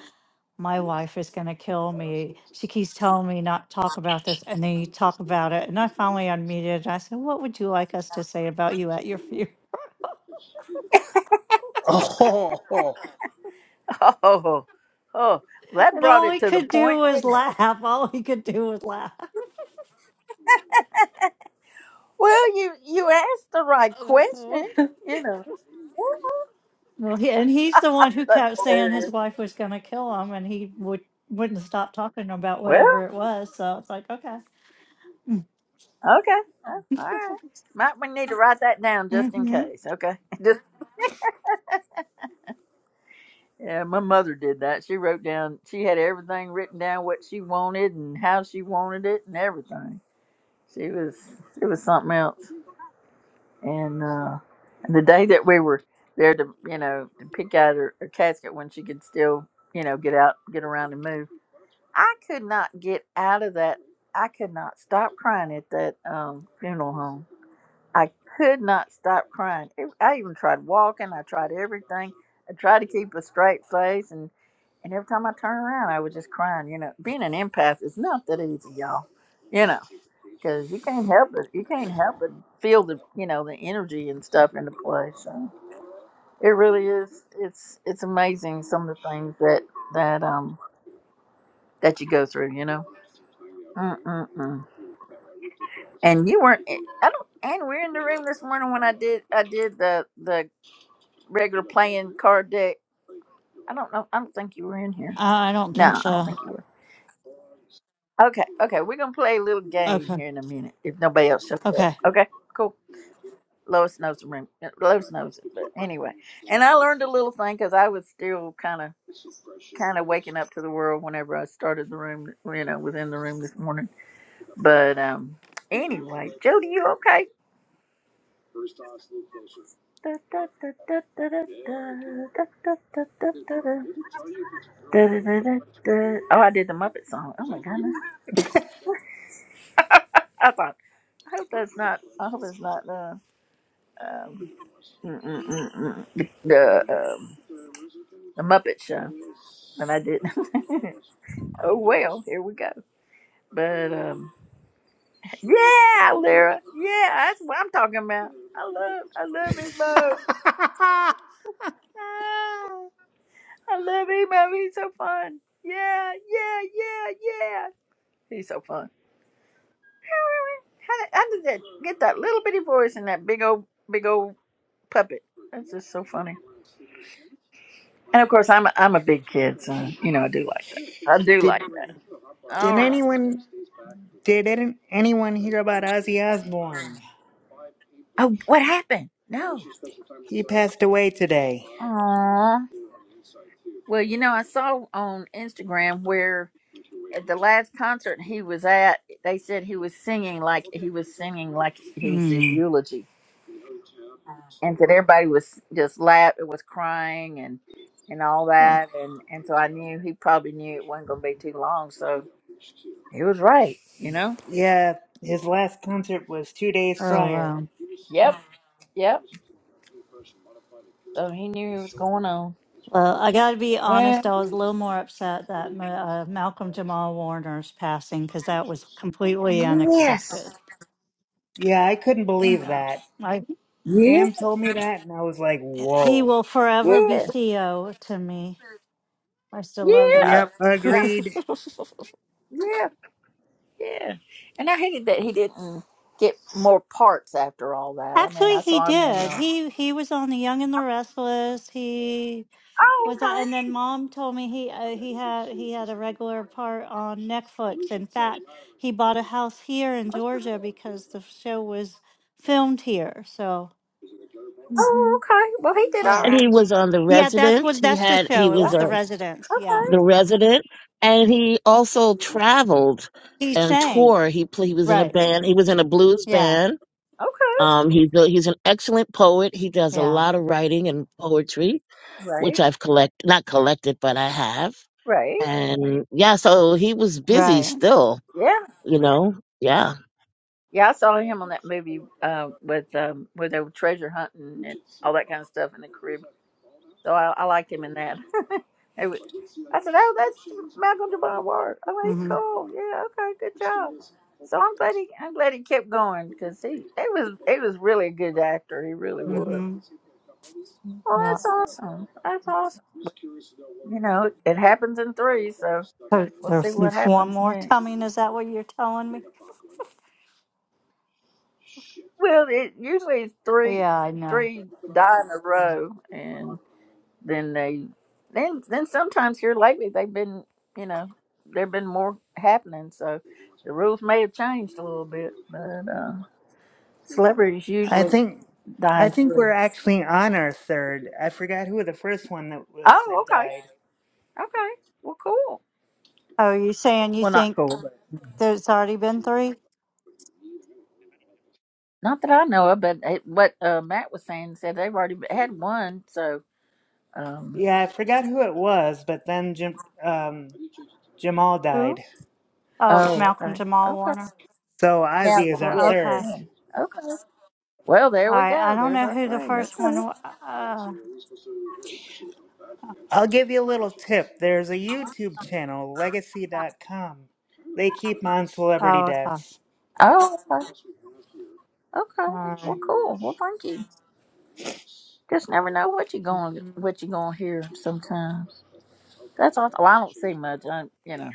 Speaker 5: "My wife is gonna kill me. She keeps telling me not to talk about this, and then you talk about it." And I finally unmuted. And I said, "What would you like us to say about you at your funeral?"
Speaker 4: Oh.
Speaker 1: Oh, oh. That
Speaker 5: And
Speaker 1: brought
Speaker 5: all
Speaker 1: it
Speaker 5: he
Speaker 1: to the
Speaker 5: could do
Speaker 1: point,
Speaker 5: was
Speaker 1: didn't it?
Speaker 5: laugh. All he could do was laugh.
Speaker 1: Well, you, you asked the right
Speaker 5: Oh.
Speaker 1: question, you know. Yeah,
Speaker 5: Well, he, and he's the one who
Speaker 1: That's
Speaker 5: kept saying his
Speaker 1: hilarious.
Speaker 5: wife was going to kill him, and he would wouldn't stop talking about
Speaker 1: Well,
Speaker 5: whatever it was. So it's like, okay. mm-hmm.
Speaker 1: okay. All right. Might we need to write that down just in
Speaker 5: Mm-hmm. Uh,
Speaker 1: case. Okay. Just yeah, my mother did that. She wrote down she had everything written down what she wanted and how she wanted it and everything. She was she was something else. And uh and the day that we were there to you know, to pick out her, her casket when she could still, you know, get out get around and move. I could not get out of that I could not stop crying at that um funeral home I could not stop crying. Ev- I even tried walking. I tried everything. I tried to keep a straight face, and and every time I turned around, I was just crying. You know, being an empath is not that easy, y'all. You know, because you can't help it. You can't help but feel the you know the energy and stuff in the place. So it really is. It's it's amazing some of the things that that um that you go through. You know. Mm-mm-mm. And you weren't. eh, I don't. And we're in the room this morning when I did. I did the the regular playing card deck. I don't know. I don't think you were in here.
Speaker 5: I don't think
Speaker 1: No, I don't
Speaker 5: so.
Speaker 1: think you were. Okay, okay. We're gonna play a little game
Speaker 5: Okay.
Speaker 1: here in a minute if nobody else shows up.
Speaker 5: Okay.
Speaker 1: Okay, cool. Lois knows the room. Uh, Lois knows it, but anyway. And I learned a little thing because I was still kind of kind of waking up to the world whenever I started the room. You know, within the room this morning. But um, anyway, Jody, you okay? Oh, I did the Muppet song. Oh my god, I thought, I hope that's not. I hope it's not the um, mm, mm, mm, mm, the the, um, the Muppet Show. And I didn't. oh well, here we go. But um, yeah, Lyra. Yeah, that's what I'm talking about. I love, I love emo. I love emo. He's so fun. Yeah, yeah, yeah, yeah. He's so fun. How did, how did that get that little bitty voice and that big old, big old puppet? That's just so funny. And of course, I'm a, I'm a big kid, so you know I do like that. I do
Speaker 4: did
Speaker 1: like that. All
Speaker 4: did
Speaker 1: right.
Speaker 4: anyone did any, anyone hear about Ozzy Osbourne?
Speaker 1: Oh, what happened? No.
Speaker 4: He passed away today.
Speaker 1: Aww. Well, you know, I saw on Instagram where at the last concert he was at, they said he was singing like he was singing like he was his
Speaker 5: Mm.
Speaker 1: eulogy, and that everybody was just laugh, it was crying and and all
Speaker 4: Huh.
Speaker 1: that, and and so I knew he probably knew it wasn't going to be too long, so he was right, you know.
Speaker 4: Yeah, his last concert was two days
Speaker 5: Oh
Speaker 4: prior.
Speaker 5: wow.
Speaker 1: Yep. Yep. So he knew what was going on.
Speaker 5: Well, I got to be
Speaker 1: Well.
Speaker 5: honest. I was a little more upset that Ma- uh, Malcolm Jamal Warner's passing because that was completely
Speaker 1: Yes.
Speaker 5: unexpected.
Speaker 4: Yeah, I couldn't believe
Speaker 5: Yeah.
Speaker 4: that.
Speaker 1: Yeah,
Speaker 4: Pam told me that, and I was like,
Speaker 5: He
Speaker 4: "Whoa."
Speaker 5: will forever be
Speaker 1: yeah,
Speaker 5: Theo to me. I still love that.
Speaker 1: yeah,
Speaker 4: Yep,
Speaker 1: yeah,
Speaker 4: agreed.
Speaker 1: yeah, yeah. And I hated that he didn't get more parts after all that. I mean, I
Speaker 5: Actually, he
Speaker 1: saw him in.
Speaker 5: did.
Speaker 1: Uh,
Speaker 5: He he was on The Young and the Restless. He
Speaker 1: oh,
Speaker 5: was, on, and
Speaker 1: okay.
Speaker 5: then Mom told me he uh, he had he had a regular part on Netflix. In fact, he bought a house here in Georgia because the show was filmed here. So, hmm
Speaker 1: Oh, okay. Well, he did all
Speaker 5: yeah,
Speaker 6: and
Speaker 1: right.
Speaker 6: he was on the
Speaker 5: yeah, that's
Speaker 6: resident.
Speaker 5: was
Speaker 6: He
Speaker 5: that's the
Speaker 6: had he
Speaker 5: show. It
Speaker 6: was
Speaker 1: Yeah.
Speaker 5: was The
Speaker 6: a
Speaker 5: Residence. Yeah,
Speaker 1: Okay.
Speaker 6: the resident, and he also traveled
Speaker 5: he
Speaker 6: and
Speaker 5: sang.
Speaker 6: toured. He pl- he was in a
Speaker 5: Right.
Speaker 6: band. He was in a blues
Speaker 5: Yeah.
Speaker 6: band.
Speaker 1: Okay.
Speaker 6: Um, he's a, he's an excellent poet. He does a
Speaker 5: Yeah.
Speaker 6: lot of writing and poetry, which
Speaker 1: Right.
Speaker 6: I've collect not collected, but I have.
Speaker 1: Right.
Speaker 6: And yeah, so he was busy
Speaker 5: Right.
Speaker 6: still,
Speaker 1: Yeah.
Speaker 6: you know. Yeah.
Speaker 1: Yeah. I saw him on that movie uh, with um, where they were treasure hunting and all that kind of stuff in the Caribbean. So I, I liked him in that. It was- I said, "Oh, that's Malcolm Javon Ward. Oh, he's
Speaker 5: Mm-hmm.
Speaker 1: cool. Yeah, okay, good job." So I'm glad he, I'm glad he kept going because he, he was, he was really a good actor. He really was.
Speaker 5: Mm-hmm.
Speaker 1: Well,
Speaker 5: Yeah.
Speaker 1: that's awesome. That's awesome. You know, it, it happens in three, so
Speaker 5: So
Speaker 1: we'll see
Speaker 5: there's
Speaker 1: what
Speaker 5: one
Speaker 1: happens
Speaker 5: more
Speaker 1: next.
Speaker 5: coming. Is that what you're telling me?
Speaker 1: Well, it usually it's three,
Speaker 5: Yeah, I know.
Speaker 1: three die in a row, and. then they then then sometimes here lately they've been you know there've been more happening so the rules may have changed a little bit but uh celebrities
Speaker 4: I
Speaker 1: usually
Speaker 4: think, I
Speaker 1: dine
Speaker 4: think
Speaker 1: free
Speaker 4: we're actually on our third. I forgot who the first one that was
Speaker 1: oh
Speaker 4: that
Speaker 1: okay
Speaker 4: died.
Speaker 1: okay well cool
Speaker 5: Oh, you saying you
Speaker 1: well not
Speaker 5: think
Speaker 1: cool but
Speaker 5: there's already been three?
Speaker 1: not that i know of but it, what uh matt was saying said they've already had one so um
Speaker 4: Yeah, I forgot who it was, but then Jim, um, Jamal
Speaker 5: Who?
Speaker 4: died.
Speaker 5: Oh,
Speaker 1: oh
Speaker 5: Malcolm
Speaker 1: okay
Speaker 5: Jamal
Speaker 1: okay
Speaker 5: Warner.
Speaker 4: So Ozzy is
Speaker 1: malcolm
Speaker 4: our
Speaker 5: R-
Speaker 1: yeah
Speaker 5: Okay.
Speaker 4: third.
Speaker 5: All
Speaker 1: yeah okay well there we
Speaker 5: right. I
Speaker 1: go
Speaker 5: don't
Speaker 1: there's
Speaker 5: know
Speaker 1: our
Speaker 5: who the
Speaker 1: three
Speaker 5: first one
Speaker 1: okay
Speaker 5: was. Uh,
Speaker 4: I'll give you a little tip. There's a YouTube channel, Legacy dot com. They keep on celebrity
Speaker 5: oh, okay.
Speaker 4: deaths.
Speaker 1: oh okay
Speaker 5: All
Speaker 1: okay well
Speaker 5: right.
Speaker 1: cool well thank you Just never know what you're going
Speaker 5: Mhm.
Speaker 1: what you're going to hear sometimes. That's all. Well, I don't see much. I, you know,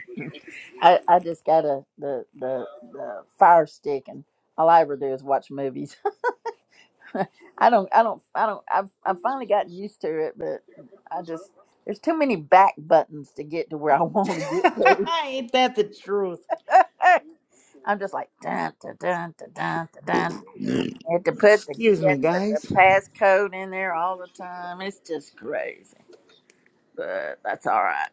Speaker 1: I, I just got a the, the the fire stick, and all I ever do is watch movies. I don't I don't I don't I've I've finally gotten used to it, but I just there's too many back buttons to get to where I want to get
Speaker 4: Ain't that the truth?
Speaker 1: to. I'm just like dun dun dun dun dun dun. dun. You have to put the
Speaker 4: Excuse me,
Speaker 1: get put the
Speaker 4: guys.
Speaker 1: passcode in there all the time. It's just crazy, but that's all right.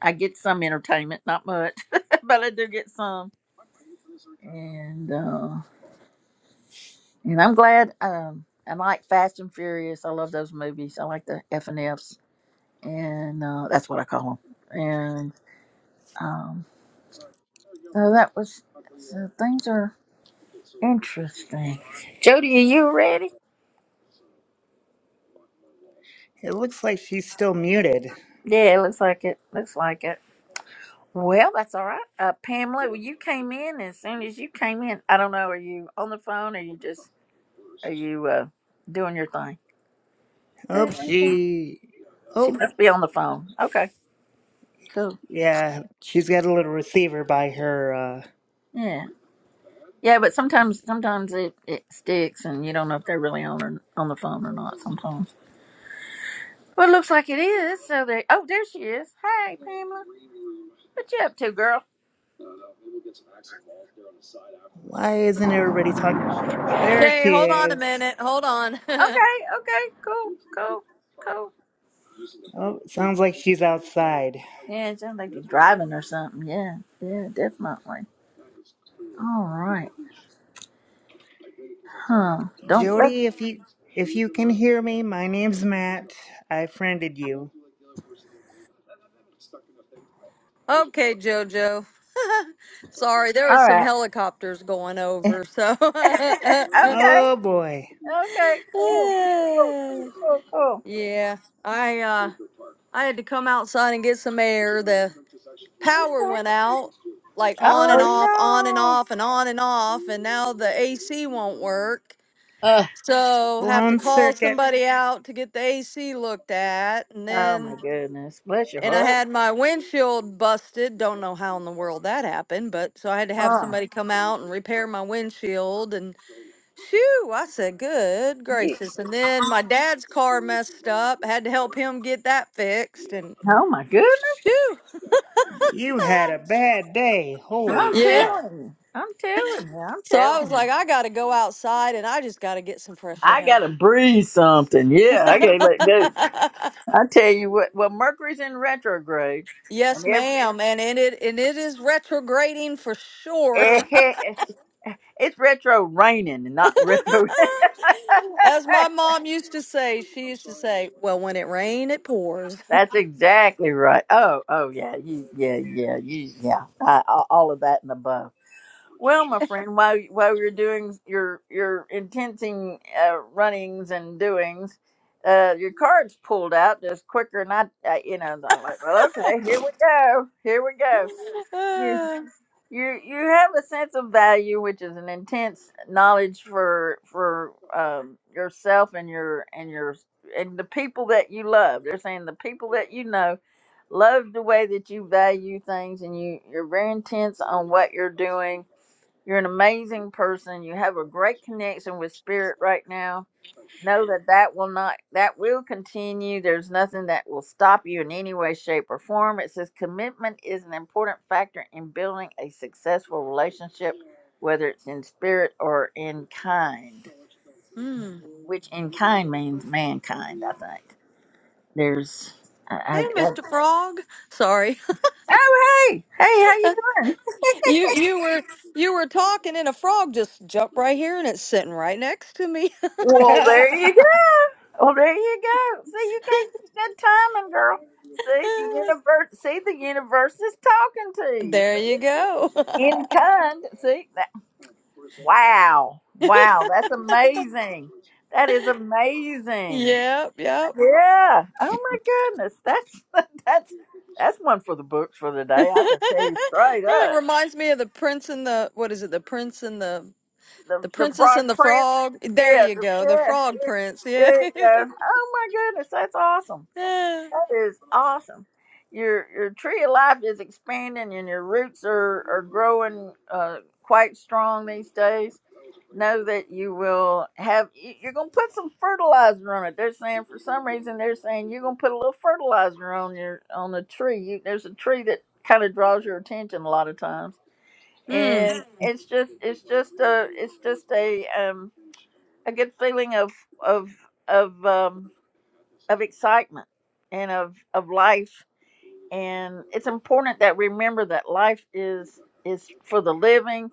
Speaker 1: I get some entertainment, not much, but I do get some. And uh, and I'm glad. Um, I like Fast and Furious. I love those movies. I like the F and Fs, and uh, that's what I call them. And um, so that was. So things are interesting. Jody, are you ready?
Speaker 4: It looks like she's still muted.
Speaker 1: Yeah, it looks like it. Looks like it. Well, that's all right. Uh, Pamela, well, you came in as soon as you came in. I don't know. Are you on the phone? Or you just are you uh, doing your thing?
Speaker 4: Oh, she.
Speaker 1: She
Speaker 4: Oh,
Speaker 1: must be on the phone. Okay, cool.
Speaker 4: yeah. She's got a little receiver by her. Uh...
Speaker 1: Yeah, yeah, but sometimes sometimes it, it sticks, and you don't know if they're really on or, on the phone or not. Sometimes. Well, it looks like it is. So they. Oh, there she is. Hey, Pamela. What you up to, girl?
Speaker 4: Why isn't everybody talking? There
Speaker 8: Hey,
Speaker 4: she
Speaker 8: hold on a
Speaker 4: is.
Speaker 8: minute. Hold on.
Speaker 1: Okay, okay, cool, cool, cool.
Speaker 4: Oh, sounds like she's outside.
Speaker 1: Yeah, it sounds like you're driving or something. Yeah, yeah, definitely. All right, huh? Don't. let-
Speaker 4: Jody, if you if you can hear me, my name's Matt. I friended you.
Speaker 8: okay, JoJo. Sorry, there was
Speaker 1: All
Speaker 8: some
Speaker 1: right.
Speaker 8: helicopters going over,
Speaker 1: okay.
Speaker 8: so
Speaker 4: Oh boy.
Speaker 1: Okay. Cool. Cool. Cool. Cool.
Speaker 8: yeah. I uh I had to come outside and get some air. The power went out like
Speaker 1: Uh
Speaker 8: on
Speaker 4: Oh
Speaker 8: and off, on and
Speaker 4: no.
Speaker 8: off and on and off, and now the AC won't work.
Speaker 1: oh.
Speaker 8: So have to
Speaker 4: Blown
Speaker 8: call
Speaker 4: circuit.
Speaker 8: somebody out to get the AC looked at and
Speaker 1: Oh
Speaker 8: then
Speaker 1: my goodness. Bless your
Speaker 8: and I
Speaker 1: heart.
Speaker 8: had my windshield busted. Don't know how in the world that happened, but so I had to have
Speaker 1: Oh,
Speaker 8: somebody come out and repair my windshield. And shoo, I said, good
Speaker 1: ye-
Speaker 8: gracious. And then my dad's car messed up. Had to help him get that fixed. And
Speaker 1: oh my goodness.
Speaker 8: shoo,
Speaker 4: You had a bad day.
Speaker 1: Well,
Speaker 4: Holy
Speaker 1: I'm
Speaker 8: yeah.
Speaker 4: cow.
Speaker 1: telling you. I'm telling you. I'm
Speaker 8: So I was
Speaker 1: telling you.
Speaker 8: like, I got to go outside and I just got to get some fresh
Speaker 1: I
Speaker 8: air.
Speaker 1: gotta breathe something. Yeah, I can't let go. I tell you what. Well, Mercury's in retrograde, and
Speaker 8: yes, ma'am. And, and it and it is retrograding for sure.
Speaker 1: every, it's retro raining and not retro.
Speaker 8: As my mom used to say, she used to say, "Well, when it rains, it pours."
Speaker 1: That's exactly right. Oh, oh yeah, you, yeah, yeah, you, yeah. I, all all of that and above. Well, my friend, while while you're doing your your intensing uh, runnings and doings, uh, your card's pulled out just quicker than I, uh, you know. I'm like, well, okay, here we go, here we go. You
Speaker 8: Uh,
Speaker 1: you you have a sense of value, which is an intense knowledge for for um, yourself and your and your and the people that you love. They're saying the people that you know love the way that you value things, and you you're very intense on what you're doing you're an amazing person. You have a great connection with spirit right now. Know that that will not, that will continue. There's nothing that will stop you in any way, shape, or form. It says commitment is an important factor in building a successful relationship, whether it's in spirit or in kind,
Speaker 8: mm.
Speaker 1: which in kind means mankind, I think. There's, I, I,
Speaker 8: Hey,
Speaker 1: that,
Speaker 8: Mr. Frog. Sorry.
Speaker 1: oh, hey, hey, how you doing?
Speaker 8: You you were you were talking and a frog just jumped right here and it's sitting right next to me.
Speaker 1: Well, there you go. Well, there you go. See, you can't get good timing, girl. See the universe. See the universe is talking to you.
Speaker 8: there you go.
Speaker 1: See? In kind. See that? Wow, wow, that's amazing. That is amazing.
Speaker 8: yep, yep.
Speaker 1: Yeah. Oh my goodness. That's that's that's one for the books for the day. I just tell you straight
Speaker 8: it
Speaker 1: up.
Speaker 8: reminds me of the prince and the what is it? The prince and the
Speaker 1: The
Speaker 8: the
Speaker 1: the
Speaker 8: princess
Speaker 1: frog
Speaker 8: and the
Speaker 1: print.
Speaker 8: frog. There
Speaker 1: Yeah.
Speaker 8: you
Speaker 1: The,
Speaker 8: go. The
Speaker 1: yeah.
Speaker 8: frog
Speaker 1: Yeah.
Speaker 8: prince. Yeah.
Speaker 1: There you go. Oh my goodness. That's awesome. That is awesome. Your your tree of life is expanding, and your roots are are growing uh, quite strong these days. Know that you will have. you- You're gonna put some fertilizer on it. They're saying for some reason they're saying you're gonna put a little fertilizer on your on the tree. You, there's a tree that kind of draws your attention a lot of times,
Speaker 8: Mm,
Speaker 1: and it's just it's just a it's just a um a good feeling of of of um of excitement and of of life and it's important that remember that life is is for the living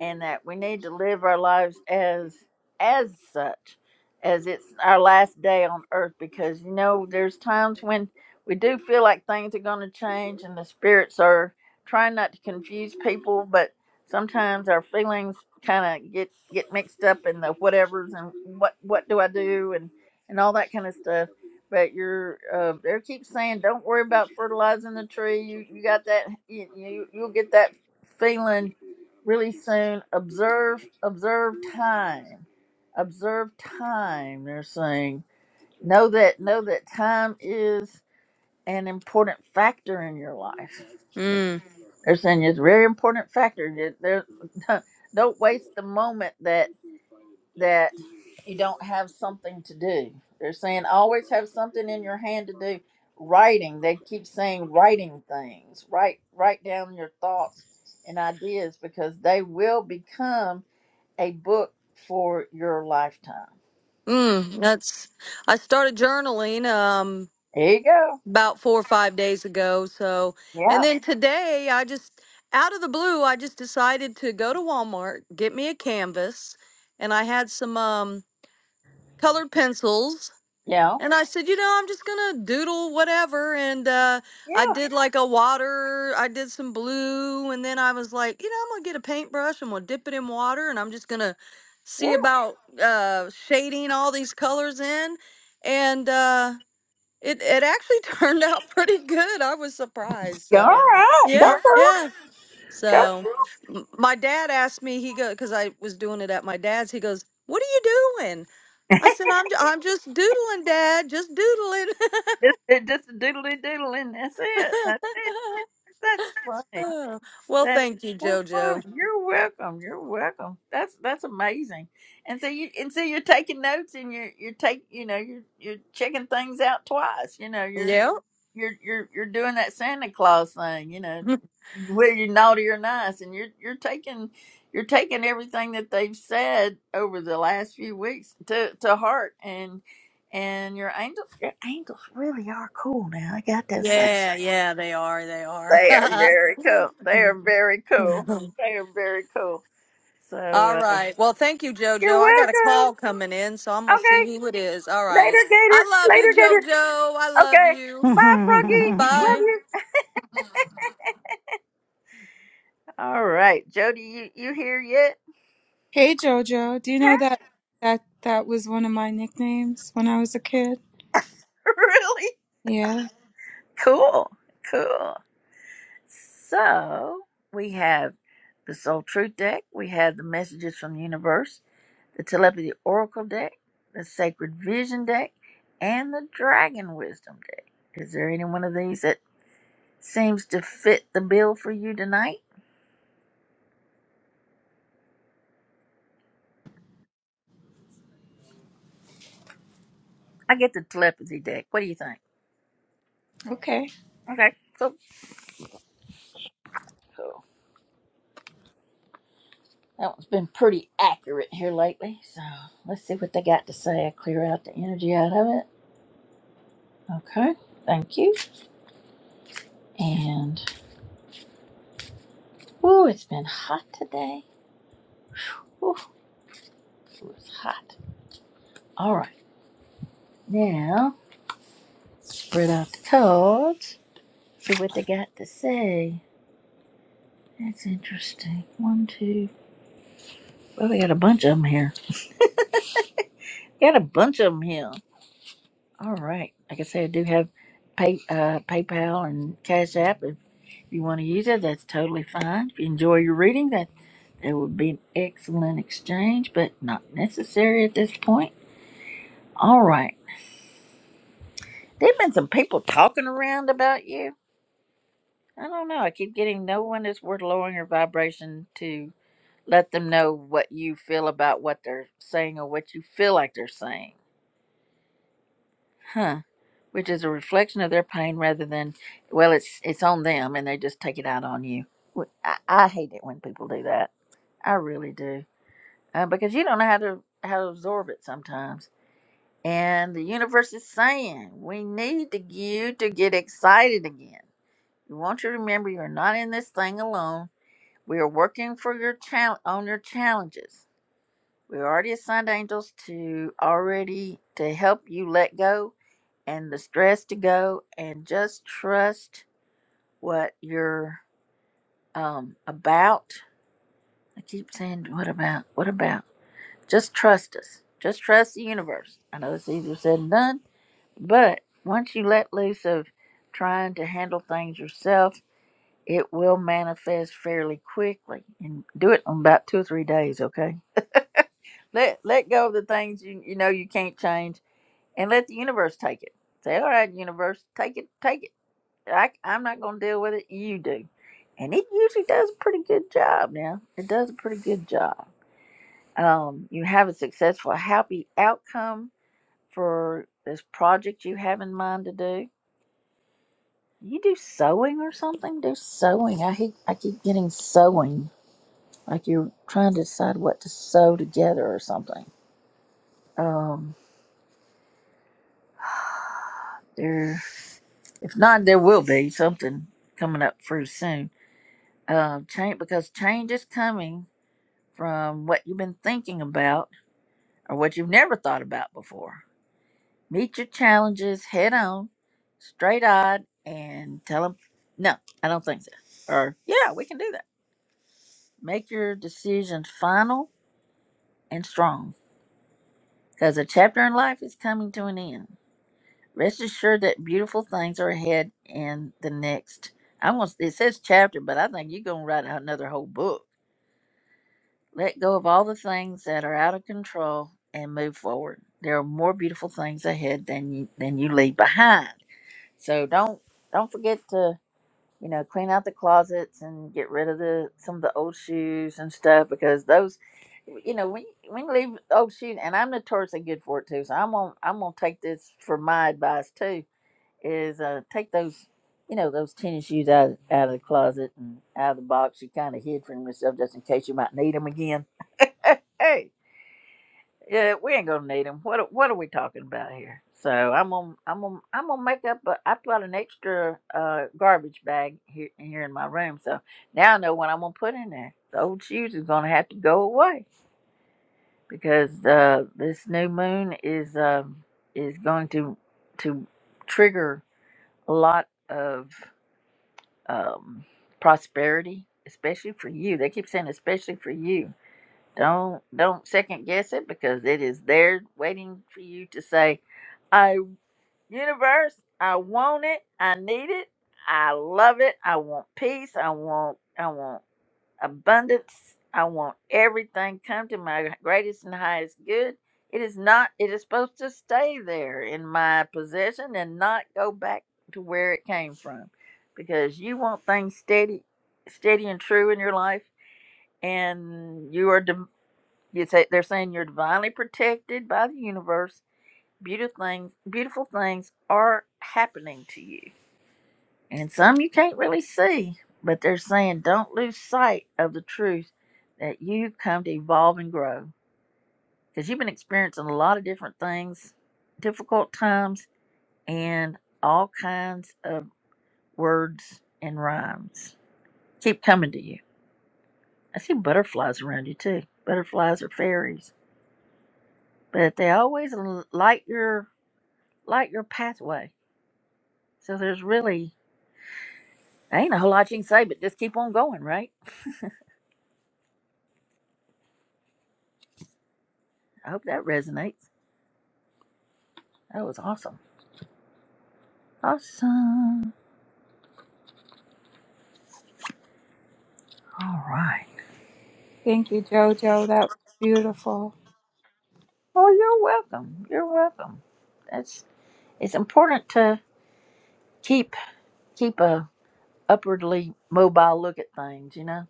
Speaker 1: and that we need to live our lives as as such as it's our last day on earth because you know there's times when we do feel like things are going to change and the spirits are trying not to confuse people but sometimes our feelings kind of get get mixed up in the whatevers and what what do i do and and all that kind of stuff but you're uh, they keep saying don't worry about fertilizing the tree you you got that you, you you'll get that feeling really soon. Observe, observe time. Observe time, they're saying. Know that, know that time is an important factor in your life.
Speaker 8: mm,
Speaker 1: They're saying it's a very important factor. That there- don't waste the moment that, that you don't have something to do. They're saying always have something in your hand to do. Writing, they keep saying writing things. Write, write down your thoughts and ideas because they will become a book for your lifetime.
Speaker 8: mm. That's, I started journaling um
Speaker 1: There you go.
Speaker 8: about four or five days ago. So, and
Speaker 1: Yeah.
Speaker 8: then today I just, out of the blue, I just decided to go to Walmart, get me a canvas, and I had some um colored pencils
Speaker 1: Yeah.
Speaker 8: And I said, you know, I'm just gonna doodle whatever. And uh, I
Speaker 1: Yeah.
Speaker 8: did like a water, I did some blue, and then I was like, you know, I'm gonna get a paintbrush. I'm gonna dip it in water, and I'm just gonna see about uh, shading all these colors in. And uh, it it actually turned out pretty good. I was surprised.
Speaker 1: Yeah. All
Speaker 8: So
Speaker 1: right. Go
Speaker 8: yeah,
Speaker 1: girl.
Speaker 8: yeah.
Speaker 1: Go. girl.
Speaker 8: So m- my dad asked me, he go because I was doing it at my dad's. He goes, "What are you doing?" I said, I'm, ju- I'm just doodling, Dad, just doodling.
Speaker 1: Just, it- just a doodly doodle and that's it. That's it. That's funny.
Speaker 8: well,
Speaker 1: That is
Speaker 8: thank you,
Speaker 1: so
Speaker 8: JoJo.
Speaker 1: funny. You're welcome. You're welcome. That's that's amazing. And so you and so you're taking notes and you're you're take you know, you're you're checking things out twice. You know, you're
Speaker 8: Yeah.
Speaker 1: you're you're you're doing that Santa Claus thing, you know, whether you're naughty or nice, and you're you're taking you're taking everything that they've said over the last few weeks to to heart, and and your angels your angels really are cool now. I got that thing.
Speaker 8: Yeah, yeah, they are. They are.
Speaker 1: They are very cool. They are very cool. They are very cool. So
Speaker 8: All
Speaker 1: uh,
Speaker 8: right. Well, thank you, JoJo.
Speaker 1: you're
Speaker 8: I got a
Speaker 1: welcome.
Speaker 8: call coming in, so I'm going to see
Speaker 1: Okay,
Speaker 8: who it is. All right.
Speaker 1: later,
Speaker 8: I
Speaker 1: Gator.
Speaker 8: love you,
Speaker 1: Later, Gator.
Speaker 8: JoJo. I love
Speaker 1: Okay.
Speaker 8: you.
Speaker 1: Bye, Froggy. Love
Speaker 8: Bye.
Speaker 1: you. All right, Jody, you you here yet?
Speaker 7: Hey Jojo, do you know that that that was one of my nicknames when I was a kid?
Speaker 1: really
Speaker 7: Yeah.
Speaker 1: cool cool so we have the soul truth deck we have the messages from the universe the telepathy oracle deck the sacred vision deck and the dragon wisdom deck is there any one of these that seems to fit the bill for you tonight i get the telepathy deck what do you think
Speaker 7: Okay.
Speaker 1: okay cool cool that one's been pretty accurate here lately so let's see what they got to say i clear out the energy out of it okay thank you And ooh, it's been hot today. Ooh, it was hot. All right, now spread out the cards. See what they got to say. That's interesting. One, two. Well, we got a bunch of them here. We got a bunch of them here. All right. Like I said, I do have pay, uh, PayPal and Cash App. If you want to use it, that's totally fine. If you enjoy your reading, that it would be an excellent exchange, but not necessary at this point. All right. There've been some people talking around about you. I don't know. I keep getting no one is worth lowering your vibration to let them know what you feel about what they're saying or what you feel like they're saying. Huh. Which is a reflection of their pain rather than well, it's it's on them and they just take it out on you. Wh- I, I hate it when people do that. I really do. Uh, because you don't know how to how to absorb it sometimes. And the universe is saying we need to, you to get excited again We want you to remember you're not in this thing alone. We are working for your chal- on your challenges. We already assigned angels to already to help you let go and the stress to go and just trust what you're um about. I keep saying what about what about? Just trust us. Just trust the universe. I know it's easier said than done, but once you let loose of trying to handle things yourself it will manifest fairly quickly and do it in about two or three days okay let let go of the things you, you know you can't change and let the universe take it say all right universe take it take it I, i'm not going to deal with it you do and it usually does a pretty good job now it does a pretty good job um, you have a successful happy outcome for this project you have in mind to do you do sewing or something do sewing i hate i keep getting sewing like you're trying to decide what to sew together or something. Um, there, if not, there will be something coming up pretty soon. Uh, change because change is coming from what you've been thinking about or what you've never thought about before. Meet your challenges head on, straight eyed, and tell them, "No, I don't think so," or "Yeah, we can do that." Make your decisions final and strong because a chapter in life is coming to an end Rest assured that beautiful things are ahead in the next. I want it says chapter, but I think you're gonna write out another whole book. Let go of all the things that are out of control and move forward. There are more beautiful things ahead than you than you leave behind. So don't don't forget to you know clean out the closets and get rid of the some of the old shoes and stuff because those you know when when you leave old shoes and I'm notoriously good for it too. So I'm gonna I'm gonna take this for my advice too is uh, take those, you know, those tennis shoes out out of the closet and out of the box you kind of hid from yourself just in case you might need them again. hey, yeah, we ain't gonna need them. What are- what are we talking about here? So I'm gonna I'm gonna I'm gonna make up. A, I've got an extra uh, garbage bag here here in my room, so now I know what I'm gonna put in there. The old shoes is gonna have to go away because uh, this new moon is um is going to to trigger a lot of um, prosperity, especially for you. They keep saying especially for you. Don't don't second guess it because it is there waiting for you to say, "I universe, I want it, I need it, I love it, I want peace, I want I want." abundance. I want everything come to my greatest and highest good. It is not, it is supposed to stay there in my possession and not go back to where it came from because you want things steady, steady and true in your life. And you are, div- you say, they're saying you're divinely protected by the universe. Beautiful things, beautiful things are happening to you and some you can't really see, but they're saying don't lose sight of the truth that you've come to evolve and grow because you've been experiencing a lot of different things, difficult times, and all kinds of words and rhymes keep coming to you. I see butterflies around you too. Butterflies are fairies, but they always l- light your light your pathway. So there's really ain't a whole lot you can say, but just keep on going, right? I hope that resonates. That was awesome. Awesome. All right.
Speaker 7: Thank you, Jojo. That was beautiful.
Speaker 1: Oh, you're welcome. You're welcome. That's it's important to keep keep a upwardly mobile look at things, you know.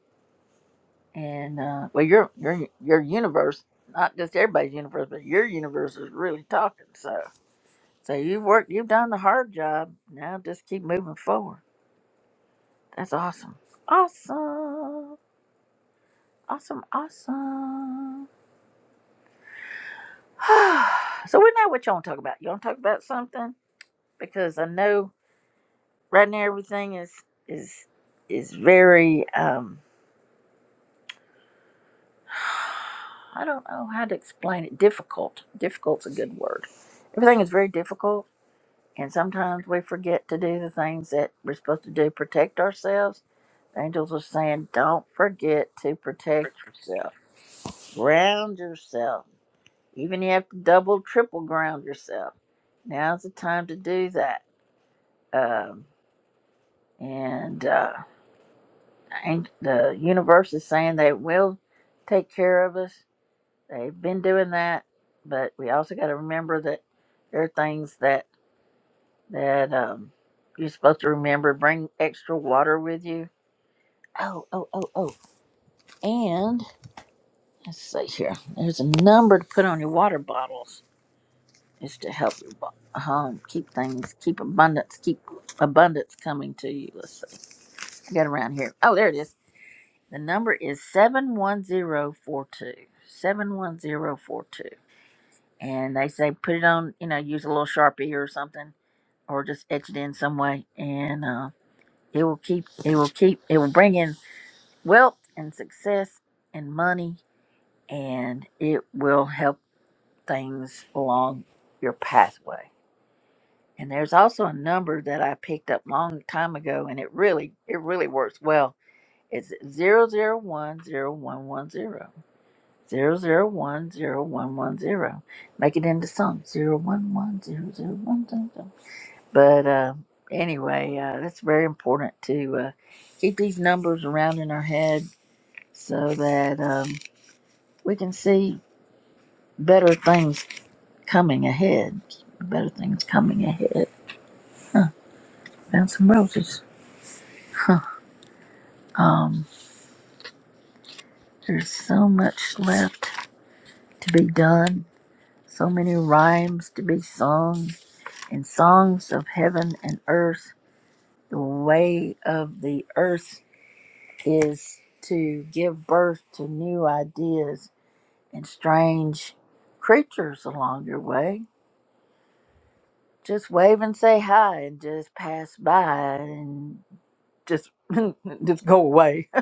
Speaker 1: And uh, well, your your your universe, not just everybody's universe, but your universe is really talking. So so you've worked, you've done the hard job. Now just keep moving forward. That's awesome. Awesome. Awesome. Awesome. so we know what you want to talk about. You want to talk about something because I know. right now everything is is is very um i don't know how to explain it difficult difficult's a good word everything is very difficult and sometimes we forget to do the things that we're supposed to do protect ourselves the angels are saying don't forget to protect yourself ground yourself even you have to double triple ground yourself now's the time to do that um, and uh, ang- the universe is saying they will take care of us They've been doing that, but we also got to remember that there are things that that um, you're supposed to remember. Bring extra water with you. Oh, oh, oh, oh. And let's see here. There's a number to put on your water bottles. Is to help you bo- um, keep things, keep abundance, keep abundance coming to you. Let's see. I got around here. Oh, there it is. The number is 71042. 71042. and they say put it on, you know, use a little sharpie or something, or just etch it in some way, and uh, it will keep, it will keep, it will bring in wealth and success and money, and it will help things along your pathway. And there's also a number that I picked up long time ago, and it really, it really works well. It's zero zero one zero one one zero zero zero one zero one one zero. Make it into some zero one one zero zero one. But uh, anyway, uh, it's very important to uh, keep these numbers around in our head so that um, we can see better things coming ahead. Better things coming ahead. Found some roses. Huh. Um, there's so much left to be done. So many rhymes to be sung, and songs of heaven and earth. The way of the earth is to give birth to new ideas and strange creatures along your way. Just wave and say hi and just pass by and just just go away.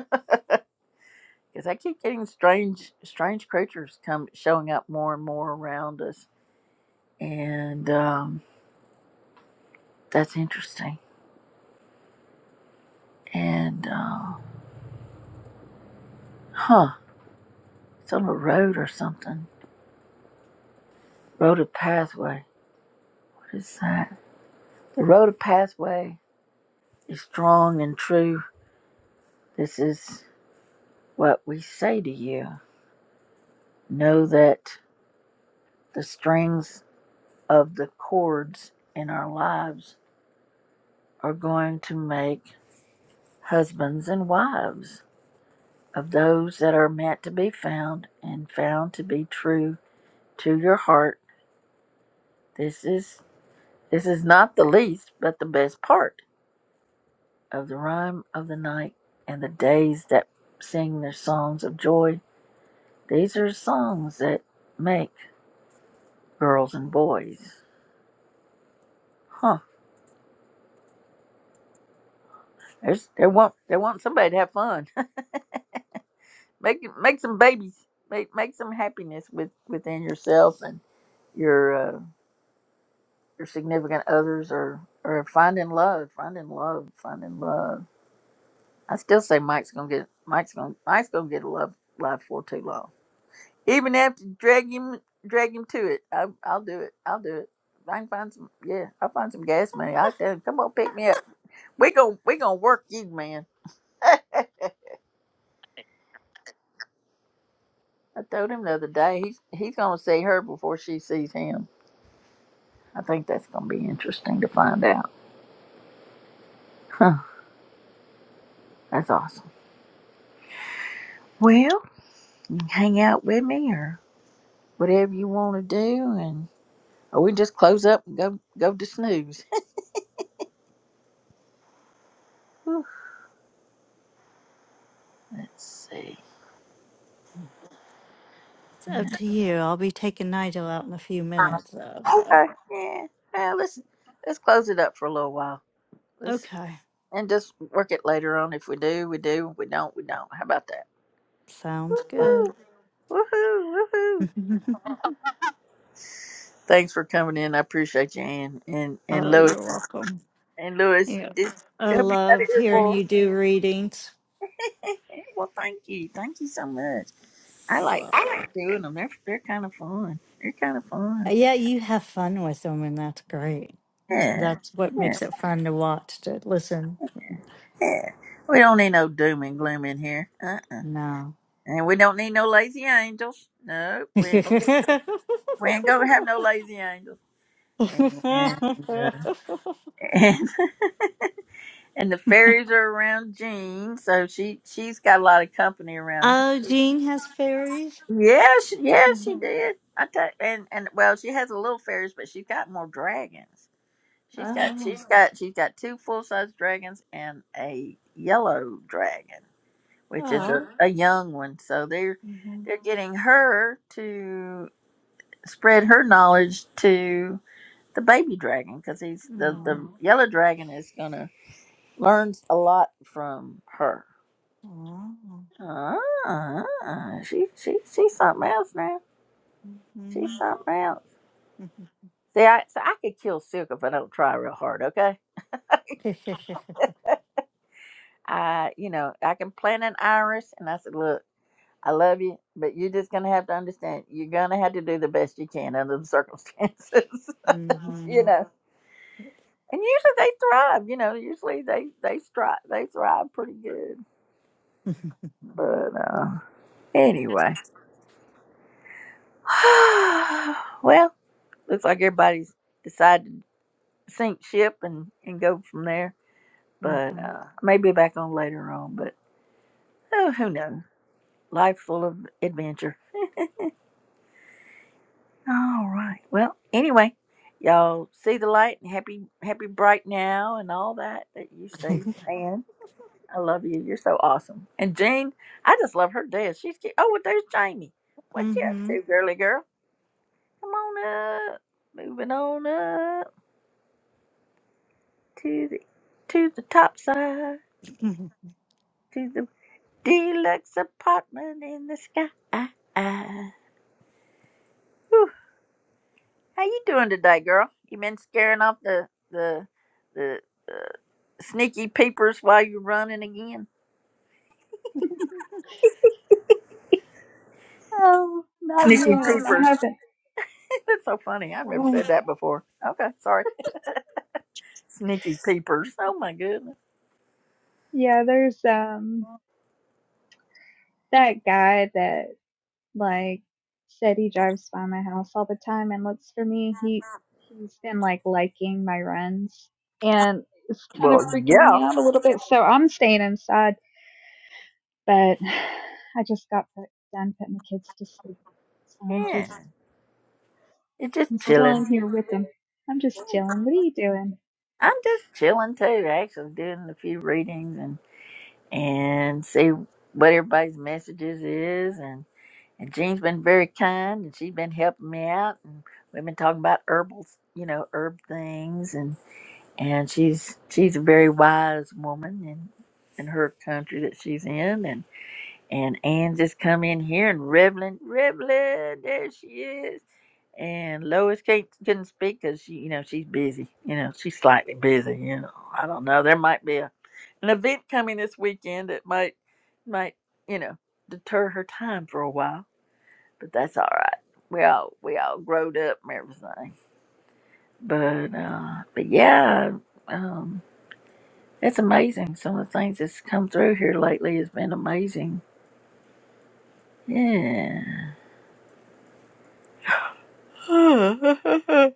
Speaker 1: Because I keep getting strange strange creatures come showing up more and more around us, and um, that's interesting. And uh, huh, it's on a road or something. Road of pathway. What is that? The road of pathway is strong and true. This is what we say to you. Know that The strings of the chords in our lives are going to make husbands and wives of those that are meant to be found and found to be true to your heart. This is this is not the least but the best part of the rhyme of the night and the days that sing their songs of joy. These are songs that make girls and boys. Huh. There's, they want they want somebody to have fun. Make make some babies. Make make some happiness with within yourself and your uh, your significant others, or or finding love, finding love, finding love. I still say Mike's gonna get Mike's gonna Mike's gonna get a love life for too long. Even if to drag him drag him to it, I, I'll do it. I'll do it. If I can find some. Yeah, I'll find some gas money. I tell him, come on, pick me up. We gonna we gonna work you, man. I told him the other day he's he's gonna see her before she sees him. I think that's going to be interesting to find out. Huh, that's awesome. Well, hang out with me or whatever you want to do, and or we just close up and go go to snooze. let's see.
Speaker 5: it's up to you. I'll be taking Nigel out in a few minutes, though. So,
Speaker 1: Okay. Yeah. Well, let's let's close it up for a little while. Let's
Speaker 5: okay.
Speaker 1: and just work it later on. If we do, we do. If we don't, we don't. How about that?
Speaker 5: Sounds good.
Speaker 1: Woo. Woohoo! Woohoo! Thanks for coming in. I appreciate you, Ann and and
Speaker 5: oh,
Speaker 1: Louis
Speaker 5: you're welcome.
Speaker 1: and Louis.
Speaker 5: Yeah.
Speaker 1: This
Speaker 5: I
Speaker 1: hope you got it
Speaker 5: loved
Speaker 1: here,
Speaker 5: hearing
Speaker 1: boy.
Speaker 5: you do readings.
Speaker 1: well, thank you, thank you so much. I
Speaker 5: You're
Speaker 1: like I
Speaker 5: welcome.
Speaker 1: like doing them. They're they're kind of fun. They're kind of
Speaker 5: Uh,
Speaker 1: fun.
Speaker 5: Yeah, you have fun with them, and that's great. That's,
Speaker 1: Yeah,
Speaker 5: that's what
Speaker 1: yeah,
Speaker 5: makes it fun to watch, to listen.
Speaker 1: yeah. We don't need no doom and gloom in here. Uh uh
Speaker 5: No.
Speaker 1: And we don't need no lazy angels. Nope. We ain't gonna, we ain't gonna have no lazy angels. And, uh, and and the fairies are around Jean, so she she's got a lot of company around her.
Speaker 5: oh, Jean has fairies?
Speaker 1: Yeah, she, yeah,
Speaker 5: Mm.
Speaker 1: she did. I tell and and well, she has a little fairies, but she's got more dragons. She's got
Speaker 5: Oh.
Speaker 1: she's got she's got two full size dragons and a yellow dragon, which is a,
Speaker 5: Oh.
Speaker 1: a young one. So they're
Speaker 5: Mhm.
Speaker 1: they're getting her to spread her knowledge to the baby dragon because he's the
Speaker 5: Oh.
Speaker 1: the yellow dragon is gonna learn a lot from her.
Speaker 5: Oh.
Speaker 1: Ah, she she she's something else now. She's
Speaker 5: Mhm.
Speaker 1: something else.
Speaker 5: Mhm.
Speaker 1: See, I so I could kill Silk if I don't try real hard. Okay. I, you know, I can plant an iris, and I said, "Look." I love you, but you're just gonna have to understand. You're gonna have to do the best you can under the circumstances, you
Speaker 5: Mhm.
Speaker 1: know. And usually they thrive, you know. Usually they they thrive, they thrive pretty good.
Speaker 5: Mhm.
Speaker 1: But uh, anyway, well, looks like everybody's decided to sink ship and and go from there. But uh, I may be back on later on. But oh, who knows? Life full of adventure. All right. Well, anyway, y'all see the light and happy, happy bright now and all that that you say, man. I love you. You're so awesome. And Jean, I just love her death. She's cute. Oh, well, there's Jamie. What you up
Speaker 5: Mhm.
Speaker 1: to, girly girl? Come on up. Moving on up to the to the top side
Speaker 5: Mhm.
Speaker 1: to the deluxe apartment in the sky. Whew. How you doing today, girl? You been scaring off the the the uh, Sneaky peepers while you're running again.
Speaker 9: Oh, not
Speaker 1: Sneaky
Speaker 9: yet. I
Speaker 1: peepers.
Speaker 9: haven't.
Speaker 1: That's so funny. I've never
Speaker 9: Oh,
Speaker 1: said that before. Okay, sorry. Sneaky peepers. Oh my goodness.
Speaker 9: yeah, there's um that guy that like said he drives by my house all the time and looks for me. He he's been like liking my runs and it's kind of
Speaker 1: Well,
Speaker 9: freaking me
Speaker 1: yeah.
Speaker 9: out a little bit. So I'm staying inside, but I just got put, done putting the kids to sleep. So I'm
Speaker 1: Yeah.
Speaker 9: just
Speaker 1: It's
Speaker 9: I'm
Speaker 1: just
Speaker 9: still
Speaker 1: chilling.
Speaker 9: in here with them. I'm just chilling. What are you doing?
Speaker 1: I'm just chilling too, actually doing a few readings and and see what everybody's messages is and and Jean's been very kind and she's been helping me out and we've been talking about herbals, you know, herb things and she's she's a very wise woman in in her country that she's in and and Anne just come in here and Revlin Revlin there she is and Lois can't couldn't speak because she you know she's busy you know she's slightly busy you know I don't know there might be a an event coming this weekend that might might you know deter her time for a while but that's all right we all we all growed up and everything but uh but yeah um it's amazing. Some of the things that's come through here lately has been amazing. Yeah.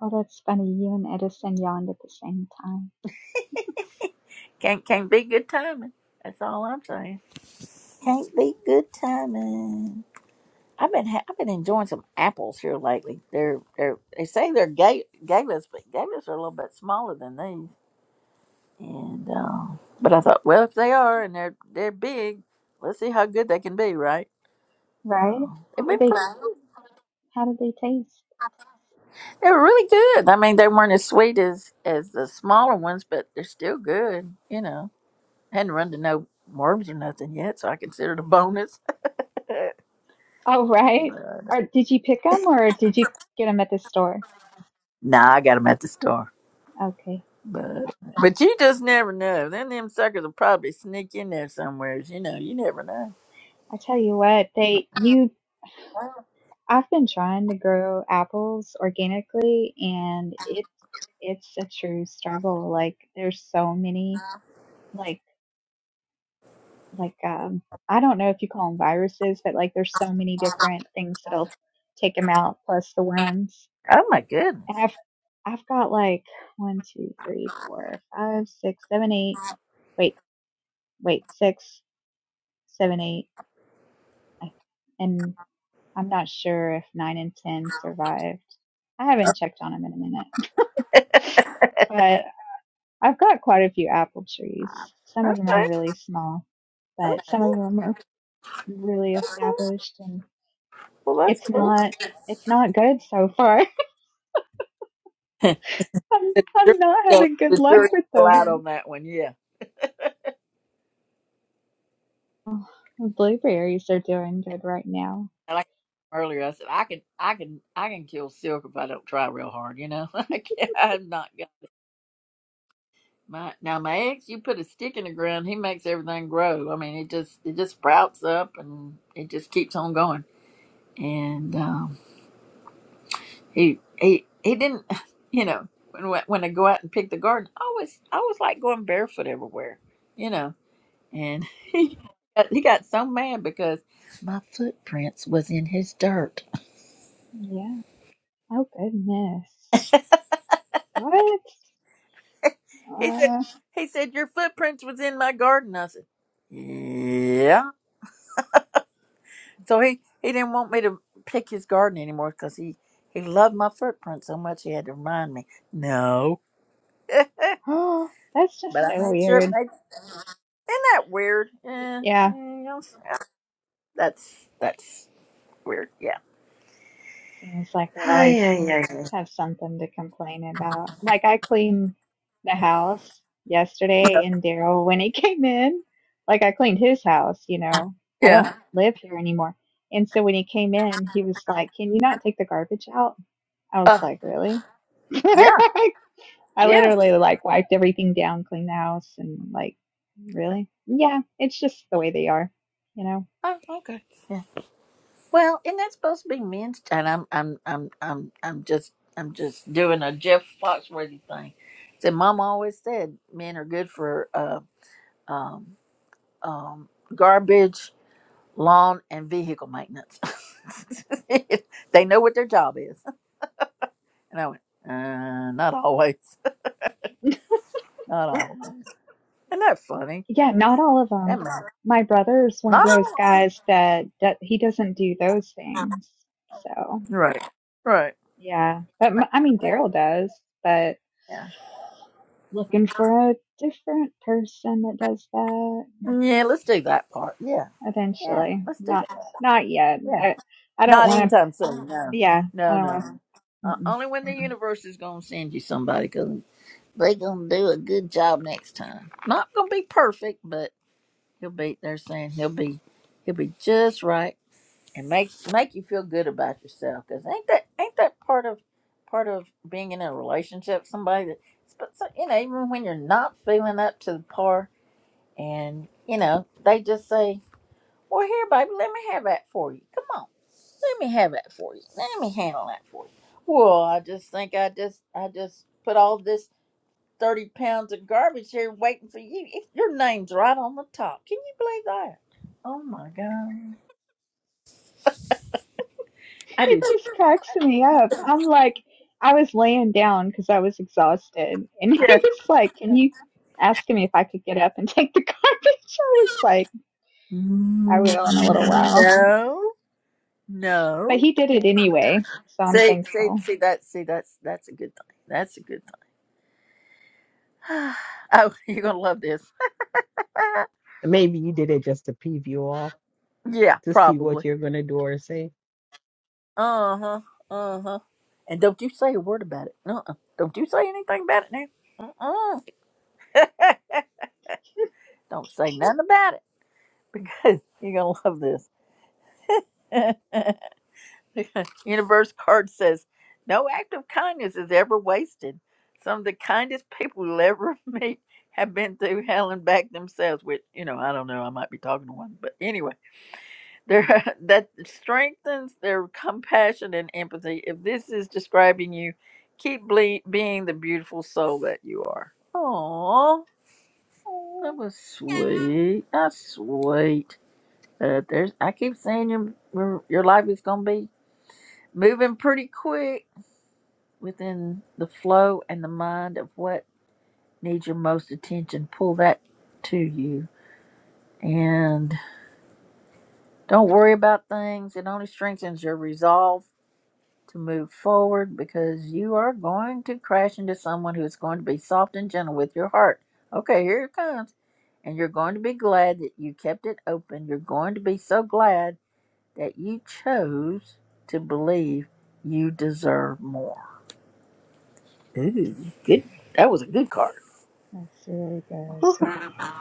Speaker 9: Oh, that's funny. You and Edison yawned at the same time.
Speaker 1: can't can't be good timing. That's all I'm saying. Can't be good timing. I've been ha- I've been enjoying some apples here lately. They're they're they say they're ga- galas, but galas are a little bit smaller than these. And uh, but I thought, well, if they are and they're they're big, let's see how good they can be, right?
Speaker 9: Right?
Speaker 1: So
Speaker 9: How
Speaker 1: they've
Speaker 9: did
Speaker 1: been
Speaker 9: they
Speaker 1: pretty.
Speaker 9: how did they taste?
Speaker 1: They were really good. I mean, they weren't as sweet as as the smaller ones, but they're still good. You know, hadn't run to no worms or nothing yet, so I consider it a bonus.
Speaker 9: Oh, right.
Speaker 1: but
Speaker 9: Or did you pick them or did you get them at the store?
Speaker 1: nah, I got them at the store.
Speaker 9: Okay.
Speaker 1: But but you just never know. Then them suckers will probably sneak in there somewhere. You know, you never know.
Speaker 9: I tell you what, they you I've been trying to grow apples organically and it it's a true struggle. Like there's so many like like um I don't know if you call them viruses, but like there's so many different things that'll take them out, plus the worms.
Speaker 1: Oh my
Speaker 9: And
Speaker 1: goodness.
Speaker 9: I've I've got like one, two, three, four, five, six, seven, eight. Wait, wait, six, seven, eight, I- and I'm not sure if nine and ten survived. I haven't checked on them in a minute, but I've got quite a few apple trees. Some of them are
Speaker 1: Okay.
Speaker 9: really small, but
Speaker 1: Okay.
Speaker 9: some of them are really established and.
Speaker 1: Well, that's
Speaker 9: It's
Speaker 1: cool.
Speaker 9: not it's not good so far. I'm I'm not having good
Speaker 1: the
Speaker 9: luck
Speaker 1: jury's
Speaker 9: with
Speaker 1: still
Speaker 9: them.
Speaker 1: out on that one. Yeah.
Speaker 9: The blueberries are doing good right now.
Speaker 1: like earlier, I said I can, I can, I can kill silk if I don't try real hard. You know, I can't, I'm not gonna. My now, my ex, you put a stick in the ground, he makes everything grow. I mean, it just it just sprouts up and it just keeps on going. And um, he he he didn't, you know, when when I go out and pick the garden, I always I always like going barefoot everywhere, you know. And he got- he got so mad because my footprints was in his dirt.
Speaker 9: Yeah. Oh goodness. What?
Speaker 1: He said,
Speaker 9: Uh,
Speaker 1: he said, your footprints was in my garden. I said, yeah. So he, he didn't want me to pick his garden anymore because he, he loved my footprint so much he had to remind me. No.
Speaker 9: oh, that's just
Speaker 1: But I
Speaker 9: so
Speaker 1: made sure it
Speaker 9: weird.
Speaker 1: made Isn't that weird? Eh,
Speaker 9: Yeah.
Speaker 1: mm, no, that's that's weird. Yeah.
Speaker 9: Seems like they always
Speaker 1: Ay, ay, ay, ay.
Speaker 9: have something to complain about. Like I cleaned the house yesterday and Daryl when he came in, like I cleaned his house, you know. I don't
Speaker 1: Yeah.
Speaker 9: live here anymore. And so when he came in, he was like, "Can you not take the garbage out?" I was
Speaker 1: Uh,
Speaker 9: like, "Really?"
Speaker 1: yeah.
Speaker 9: I
Speaker 1: Yeah.
Speaker 9: literally like wiped everything down, cleaned the house and like, "Really?" Yeah, it's just the way they are, you know.
Speaker 1: Uh, yeah. Well, isn't that supposed to be men's? And I'm, I'm, I'm, I'm, I'm just, I'm just doing a Jeff Foxworthy thing. So, Mom always said men are good for uh, um, um, garbage, lawn, and vehicle maintenance. they know what their job is. And I went, uh, not always, not always. Isn't that funny?
Speaker 9: Yeah,
Speaker 1: He's,
Speaker 9: not all of
Speaker 1: that
Speaker 9: them.
Speaker 1: man,
Speaker 9: My brother is one of
Speaker 1: not
Speaker 9: those
Speaker 1: always.
Speaker 9: guys that, that he doesn't do those things. So,
Speaker 1: Right, right.
Speaker 9: yeah. But m- I mean, Daryl does, but
Speaker 1: Yeah,
Speaker 9: looking for a different person that does that
Speaker 1: yeah. Let's do that part. Yeah, yeah.
Speaker 9: eventually.
Speaker 1: Let's do
Speaker 9: Not,
Speaker 1: that.
Speaker 9: not yet.
Speaker 1: Yeah.
Speaker 9: I, I don't
Speaker 1: Not
Speaker 9: want to,
Speaker 1: anytime soon. No,
Speaker 9: yeah, I
Speaker 1: no,
Speaker 9: don't
Speaker 1: no.
Speaker 9: want
Speaker 1: no.
Speaker 9: to.
Speaker 1: Uh,
Speaker 9: Mm-mm.
Speaker 1: only when the universe is gonna send you somebody, 'cause they gonna do a good job next time. Not gonna be perfect, but he'll be. They're saying he'll be, he'll be just right, and make make you feel good about yourself. 'Cause ain't that ain't that part of part of being in a relationship? Somebody that, but so, you know, even when you're not feeling up to the par, and you know, they just say, "Well, here, baby, let me have that for you. Come on." let me have that for you. Let me handle that for you. Well, I just think I just I just put all this thirty pounds of garbage here waiting for you. If your name's right on the top. Can you believe that? Oh my god. I do.
Speaker 9: It just cracks me up. I'm like, I was laying down because I was exhausted, and he
Speaker 1: Yeah.
Speaker 9: was like, "Can you ask me if I could get up and take the garbage?" I was like. I will in a little while.
Speaker 1: No.
Speaker 9: But
Speaker 1: No.
Speaker 9: he did it anyway, so I'm
Speaker 1: See see
Speaker 9: thankful.
Speaker 1: see that see that's that's a good thing. That's a good thing. Oh, you're gonna love this.
Speaker 10: Maybe you did it just to peeve you off
Speaker 1: yeah,
Speaker 10: to see
Speaker 1: probably.
Speaker 10: what you're going to do or say.
Speaker 1: Uh huh. Uh huh. And don't you say a word about it. Uh uh Don't you say anything about it now. Uh uh. Don't say nothing about it because you're going to love this. Universe card says No act of kindness is ever wasted. Some of the kindest people you'll ever meet have been through hell and back themselves, which, you know, I don't know. I might be talking to one. But anyway. There, that strengthens their compassion and empathy. If this is describing you, keep ble- being the beautiful soul that you are. Oh, that was sweet. That's sweet. Uh, there's, I keep saying your your your life is gonna be moving pretty quick within the flow and the mind of what needs your most attention. Pull that to you, and don't worry about things. It only strengthens your resolve to move forward because you are going to crash into someone who's going to be soft and gentle with your heart. Okay, here it comes. And you're going to be glad that you kept it open. You're going to be so glad that you chose to believe you deserve more. Ooh, good. That was a good card.
Speaker 9: That's really good.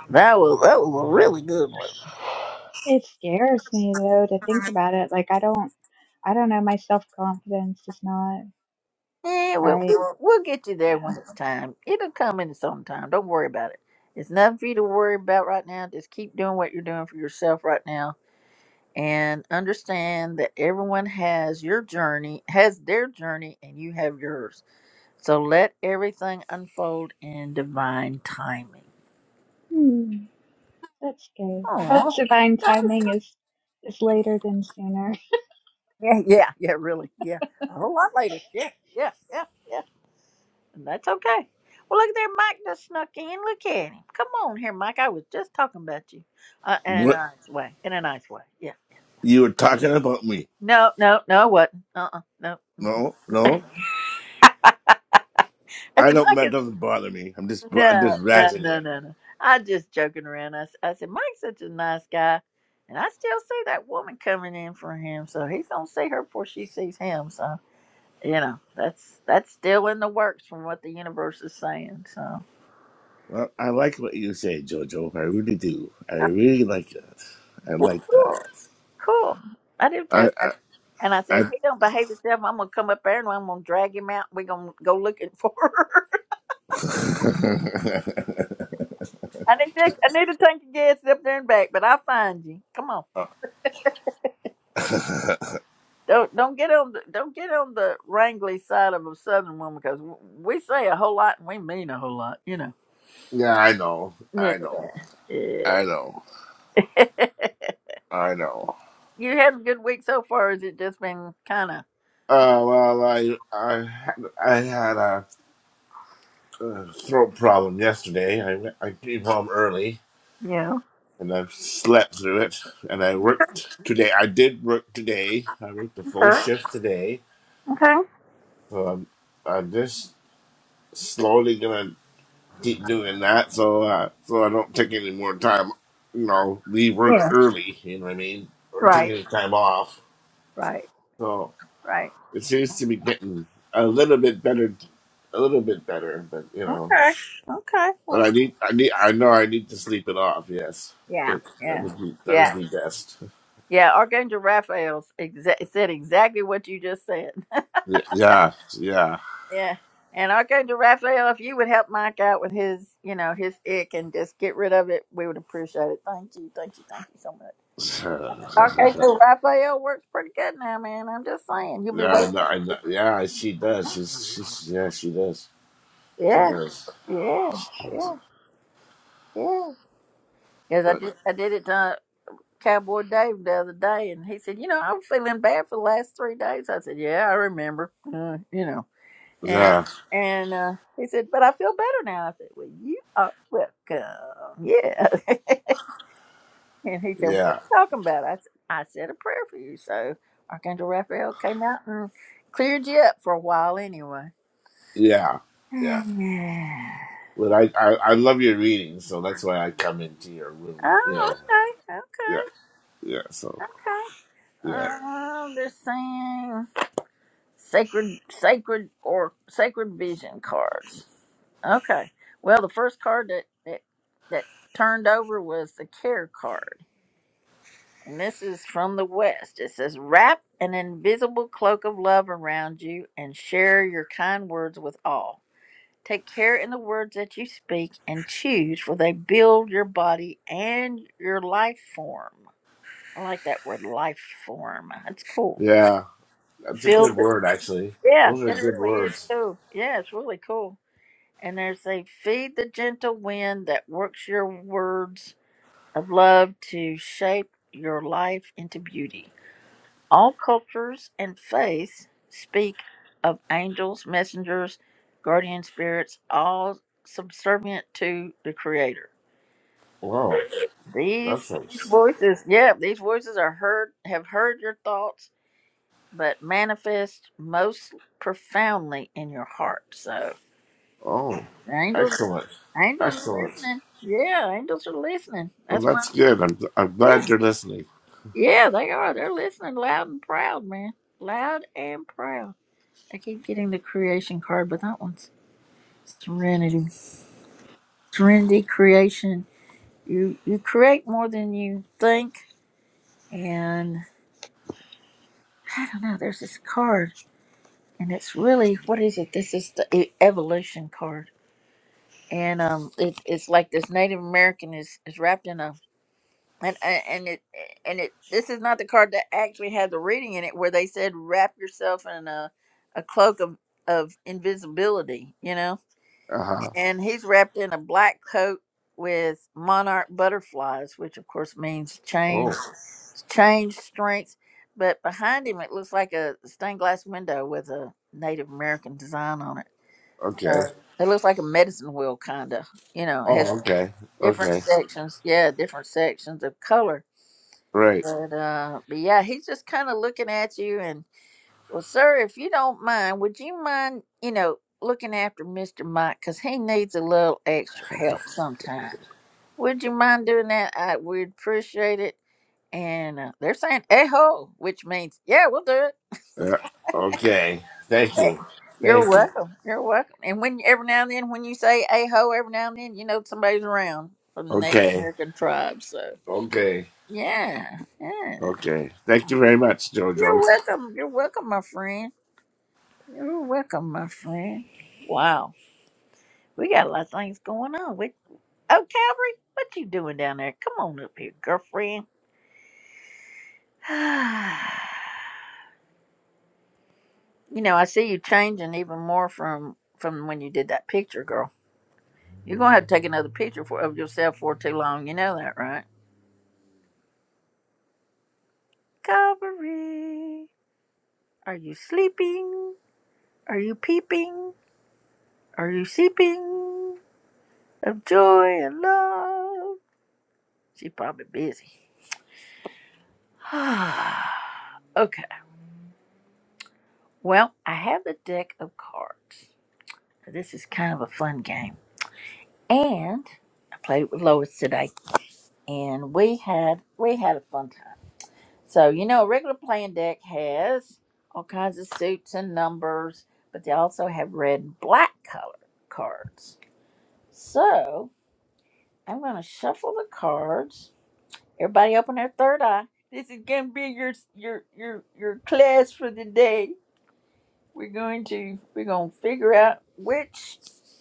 Speaker 1: That was that was a really good one.
Speaker 9: It scares me though to think about it. Like I don't, I don't know. My self confidence is not
Speaker 1: Yeah, we'll,
Speaker 9: right.
Speaker 1: we'll, we'll get you there
Speaker 9: Yeah.
Speaker 1: when it's time. It'll come in its own time. Don't worry about it. It's nothing for you to worry about right now. Just keep doing what you're doing for yourself right now and understand that everyone has your journey, has their journey, and you have yours. So let everything unfold in divine timing.
Speaker 9: Hmm. That's good. I hope
Speaker 1: Oh,
Speaker 9: divine timing is is later than sooner.
Speaker 1: yeah, yeah, yeah, really, yeah. A whole lot later. Yeah, yeah, yeah, yeah. And that's okay. Well, look at there, Mike just snuck in. Look at him. Come on here, Mike. I was just talking about you, uh, in a
Speaker 11: What
Speaker 1: nice way. In a nice way. Yeah. yeah.
Speaker 11: you were talking about me?
Speaker 1: No, no, no, it wasn't. Uh, uh no. Mm-mm.
Speaker 11: No, no. I
Speaker 1: That's
Speaker 11: don't.
Speaker 1: Mike.
Speaker 11: That doesn't bother me. I'm just, I'm
Speaker 1: No,
Speaker 11: just
Speaker 1: no,
Speaker 11: razzing
Speaker 1: no,
Speaker 11: you.
Speaker 1: no, no. I just joking around. I, s- I said, Mike's such a nice guy. And I still see that woman coming in for him. So he's going to see her before she sees him. So, you know, that's that's still in the works from what the universe is saying. So,
Speaker 11: Well, I like what you say, Jojo. I really do. I
Speaker 1: oh,
Speaker 11: really like that. I like that.
Speaker 1: cool. Cool. I do too.
Speaker 11: I,
Speaker 1: I, and I
Speaker 11: I,
Speaker 1: said, if he don't behave himself, I'm going to come up there and I'm going to drag him out. We're going to go looking for her. I need to, I need to take a guess up there and back, but I'll find you. Come on.
Speaker 11: I
Speaker 1: Don't don't get on the don't get on the wrangly side of a southern woman because we say a whole lot and we mean a whole lot, you know.
Speaker 11: yeah. I know.
Speaker 1: Yeah.
Speaker 11: I know. I know. I know.
Speaker 1: you had a good week so far? or Has it just been kind of?
Speaker 11: Uh, well, I, I, had- I had a uh, throat problem yesterday. I, I came home early
Speaker 1: you know?
Speaker 11: and I've slept through it. And I worked today. I did work today. I worked a full
Speaker 1: Okay.
Speaker 11: shift today.
Speaker 1: Okay.
Speaker 11: So I'm, I'm just slowly gonna keep doing that, so uh, so I don't take any more time. You know, leave work
Speaker 1: Yeah.
Speaker 11: early. You know what I mean? Or take
Speaker 1: Right.
Speaker 11: any time off.
Speaker 1: Right.
Speaker 11: So
Speaker 1: Right.
Speaker 11: it seems to be getting a little bit better, a little bit better. But you know,
Speaker 1: Okay. Okay. Well,
Speaker 11: but I need, I need, I know I need to sleep it off. Yes,
Speaker 1: yeah.
Speaker 11: it, that
Speaker 1: Yeah.
Speaker 11: would be that would
Speaker 1: Yeah.
Speaker 11: be best.
Speaker 1: Yeah. Archangel Raphael exa- said exactly what you just said.
Speaker 11: Yeah, yeah. yeah.
Speaker 1: Yeah. And Archangel Raphael, if you would help Mike out with his, you know, his ick and just get rid of it, we would appreciate it. Thank you, thank you, thank you so much.
Speaker 11: yeah,
Speaker 1: Archangel Raphael works pretty good now, man. I'm just saying, you'll be
Speaker 11: I
Speaker 1: waiting.
Speaker 11: know, I know. yeah, she does. She's, she's, yeah, she does. She
Speaker 1: Yeah,
Speaker 11: does.
Speaker 1: yeah,
Speaker 11: She does.
Speaker 1: yeah, yeah. Because I
Speaker 11: But
Speaker 1: did, I did it to uh, Cowboy Dave the other day, and he said, you know, I'm feeling bad for the last three days. I said, yeah, I remember, uh, you know, and
Speaker 11: yeah,
Speaker 1: and uh, he said, but I feel better now. I said, well, you are welcome. Yeah. And he said, What are
Speaker 11: yeah,
Speaker 1: you talking about? I said "I said a prayer for you. So Archangel Raphael came out and cleared you up for a while anyway.
Speaker 11: yeah, yeah.
Speaker 1: Yeah.
Speaker 11: But I, I, I love your reading, so that's why I come into your room. You
Speaker 1: oh,
Speaker 11: know,
Speaker 1: okay,
Speaker 11: yeah, yeah. So
Speaker 1: okay, okay.
Speaker 11: yeah,
Speaker 1: Um, they're saying sacred, sacred, or sacred vision cards. Okay. Well, the first card that that, that turned over was the care card. And this is from the West. It says, Wrap an invisible cloak of love around you and share your kind words with all. Take care in the words that you speak and choose, for they build your body and your life form. I like that word, life form. That's cool.
Speaker 11: yeah. That's a
Speaker 1: Build
Speaker 11: good
Speaker 1: it.
Speaker 11: word, actually.
Speaker 1: Yeah,
Speaker 11: Those are
Speaker 1: it
Speaker 11: good
Speaker 1: really is
Speaker 11: words.
Speaker 1: cool. Yeah, it's really cool. And there's a feed the gentle wind that works your words of love to shape your life into beauty. All cultures and faiths speak of angels, messengers, guardian spirits, all subservient to the Creator.
Speaker 11: Wow,
Speaker 1: These
Speaker 11: that's nice.
Speaker 1: is yeah, these voices are heard have heard your thoughts, but manifest most profoundly in your heart. So
Speaker 11: Oh,
Speaker 1: angels
Speaker 11: excellent,
Speaker 1: angels are
Speaker 11: excellent.
Speaker 1: listening. Yeah, angels are listening.
Speaker 11: Well,
Speaker 1: That's why
Speaker 11: that's good. I'm, I'm glad
Speaker 1: yeah.
Speaker 11: you're listening.
Speaker 1: Yeah, they are. They're listening loud and proud, man. Loud and proud. I keep getting the creation card, but that one's Serenity. Serenity creation. You you create more than you think and I don't know, there's this card and it's really what is it? This is the e- evolution card. And um it, it's like this Native American is, is wrapped in a and and and it and it this is not the card that actually had the reading in it where they said wrap yourself in a a cloak of of invisibility, you know?
Speaker 11: Uh huh.
Speaker 1: and he's wrapped in a black coat with monarch butterflies, which of course means change,
Speaker 11: Oh,
Speaker 1: change, strength. But behind him, it looks like a stained glass window with a Native American design on it. So
Speaker 11: okay.
Speaker 1: it looks like a medicine wheel, kind of. You know, it
Speaker 11: Oh,
Speaker 1: has
Speaker 11: okay.
Speaker 1: different
Speaker 11: Okay.
Speaker 1: sections. Yeah, different sections of color.
Speaker 11: Right.
Speaker 1: But, uh, but yeah, he's just kind of looking at you, and. Well, sir, if you don't mind, would you mind, you know, looking after Mr. Mike because he needs a little extra help sometime? Would you mind doing that? I would appreciate it. And uh, they're saying "eho," which means yeah, we'll do it.
Speaker 11: Yeah. Okay. Thank you.
Speaker 1: Eh, You're
Speaker 11: Thank you.
Speaker 1: welcome. You're welcome. And when every now and then, when you say "eho," every now and then, you know somebody's around from the Native
Speaker 11: Okay.
Speaker 1: American tribe. So
Speaker 11: Okay.
Speaker 1: yeah, yeah.
Speaker 11: Okay. Thank you very much, Jojo.
Speaker 1: You're welcome. You're welcome, my friend. You're welcome, my friend. Wow. We got a lot of things going on. We, oh, Calvary, what you doing down there? Come on up here, girlfriend. you know, I see you changing even more from from when you did that picture, girl. You're gonna have to take another picture for of yourself for too long. You know that, right? Calvary, are you sleeping? Are you peeping? Are you sleeping of joy and love? She probably busy. okay. Well, I have a deck of cards. So This is kind of a fun game. And I played with Lois today, and we had we had a fun time. So you know, a regular playing deck has all kinds of suits and numbers, but they also have red and black color cards. So I'm going to shuffle the cards. Everybody, open their third eye. This is going to be your your your your class for the day. We're going to we're going to figure out which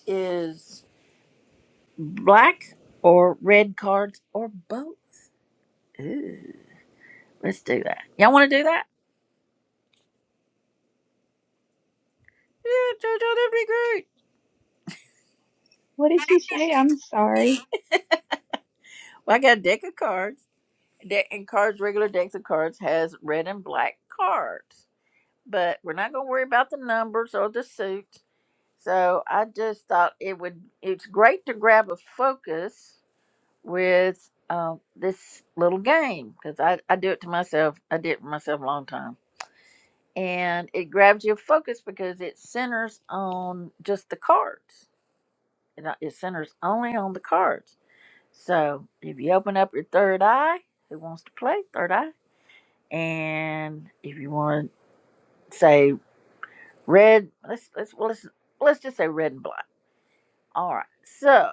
Speaker 1: is black or red cards or both. Ooh, let's do that. Y'all want to do that? Yeah, JoJo, that'd be great.
Speaker 9: What did you say? I'm sorry.
Speaker 1: Well, I got a deck of cards. Deck and cards, regular decks of cards has red and black cards, but we're not gonna worry about the numbers or the suits. So I just thought it would. It's great to grab a focus with um, this little game because I I do it to myself. I did it for myself a long time. and it grabs your focus because it centers on just the cards. It, uh, it centers only on the cards. So if you open up your third eye, who wants to play third eye? And if you want to say red, let's let's well, let's let's just say red and black. All right. So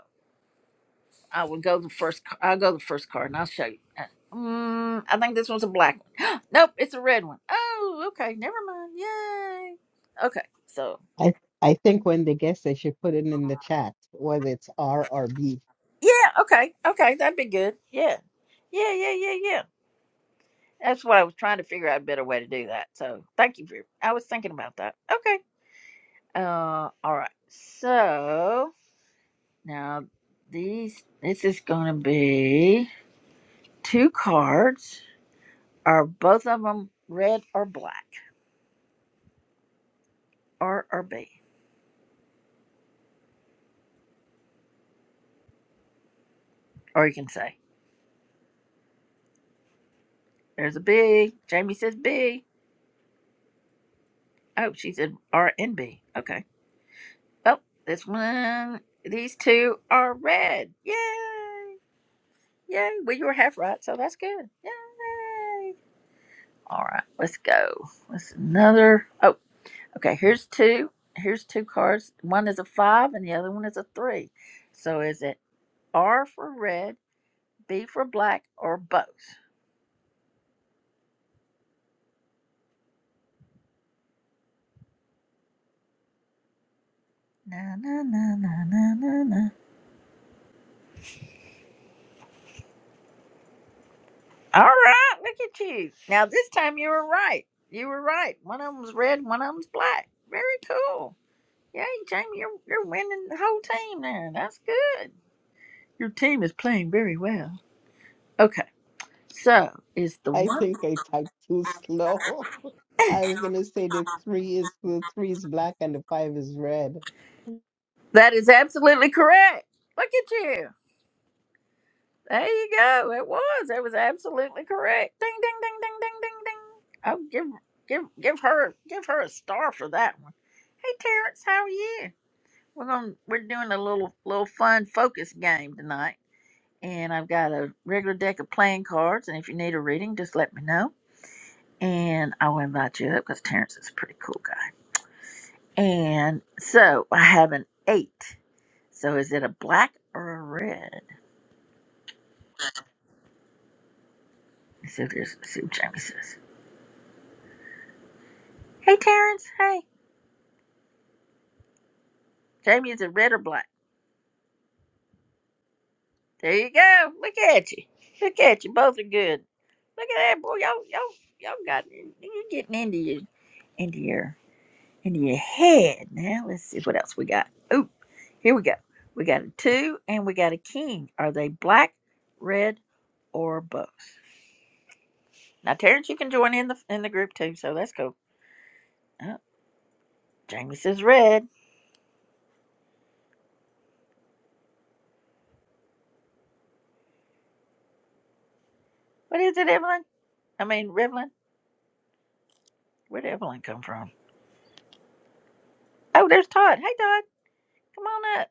Speaker 1: I will go the first. c- I'll go the first card, and I'll show you. Uh, Mm, I think this one's a black one. nope, it's a red one. Oh, okay. Never mind. Yay. Okay. so.
Speaker 10: I I think when they guess, they should put it in the chat, whether it's R or B.
Speaker 1: Yeah, okay, okay, that'd be good. Yeah, yeah, yeah, yeah, yeah. That's what I was trying to figure out a better way to do that. So thank you for. I was thinking about that. Okay. Uh, all right. So now these. This is gonna be two cards. Are both of them red or black? R or B? Or you can say there's a B. Jamie says B. Oh, she said R and B. Okay. Oh, this one. These two are red. Yay! Yay. Well, you were half right, so that's good. Yay. All right, let's go. What's another? Oh, okay. Here's two. Here's two cards. One is a five, and the other one is a three. So is it R for red, B for black, or both? Na na na na na na na. All right, look at you. Now this time you were right. You were right. One of them's red, one of them's black. Very cool. Yay, Jamie, you're you're winning the whole team there. That's good. Your team is playing very well. Okay. So it's the
Speaker 10: I
Speaker 1: one
Speaker 10: think I typed too slow. I was going to say the three is the three is black and the five is red.
Speaker 1: that is absolutely correct. Look at you. There you go. It was. It was absolutely correct. Ding ding ding ding ding ding ding. Oh give give give her give her a star for that one. Hey Terrence, how are you? We're going we're doing a little little fun focus game tonight. And I've got a regular deck of playing cards. And if you need a reading, just let me know. And I'll invite you up because Terrence is a pretty cool guy. And so I have an eight. So is it a black or a red? Let's see what, there's, see what Jamie says. Hey, Terrence. Hey. Jamie, is it red or black? There you go. Look at you. Look at you. Both are good. Look at that, boy. Y'all, y'all, y'all got, you're getting into your, into your, into your head. Now let's see what else we got. Ooh, here we go. We got a two and we got a king. Are they black, red, or both? Now, Terrence, you can join in the in the group too, so that's cool. Oh, Jamie says red. What is it, Evelyn? I mean, Revlin. Where did Evelyn come from? Oh, there's Todd. Hey, Todd, come on up.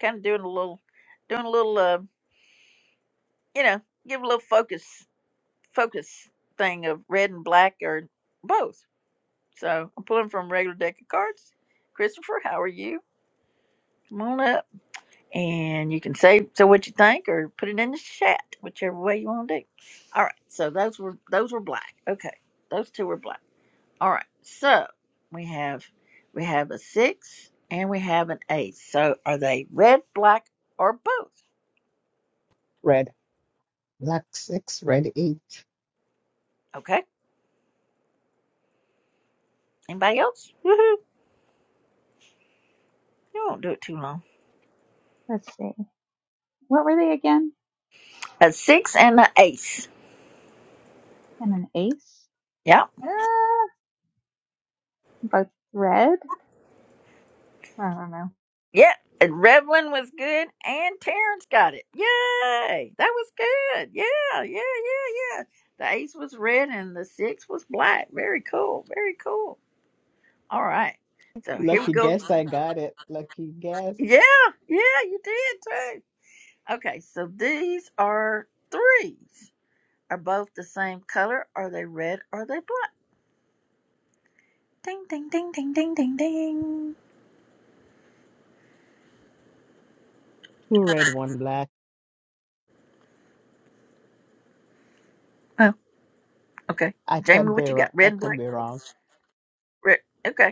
Speaker 1: Kind of doing a little, doing a little, uh, you know, give a little focus, focus thing of red and black or both. So I'm pulling from regular deck of cards. Christopher, how are you? Come on up. and you can say so what you think or put it in the chat, whichever way you want to do. All right, so those were those were black. Okay, those two were black. All right, so we have we have a six and we have an eight. So are they red, black, or both?
Speaker 10: Red. Black six, red eight.
Speaker 1: Okay. Anybody else? Woohoo! You won't do it too long.
Speaker 9: Let's see. What were they again?
Speaker 1: A six and an ace.
Speaker 9: And an ace?
Speaker 1: Yep.
Speaker 9: Ah, both red. I don't
Speaker 1: Yeah, and Revlon was good, and Terrence got it. Yay! That was good. Yeah, yeah, yeah, yeah. The ace was red and the six was black. Very cool. Very cool. All right. So here we
Speaker 10: Lucky
Speaker 1: go.
Speaker 10: guess I got it. Lucky guess.
Speaker 1: Yeah, yeah, you did too. Okay, so these are threes. Are both the same color? Are they red? Are they black? Ding, ding, ding, ding, ding, ding, ding.
Speaker 10: Two red, one black.
Speaker 1: Oh, okay.
Speaker 10: I
Speaker 1: Jamie,
Speaker 10: could be
Speaker 1: what you got?
Speaker 10: wrong. I
Speaker 1: Red, and
Speaker 10: could
Speaker 1: black.
Speaker 10: be wrong.
Speaker 1: Red. Okay.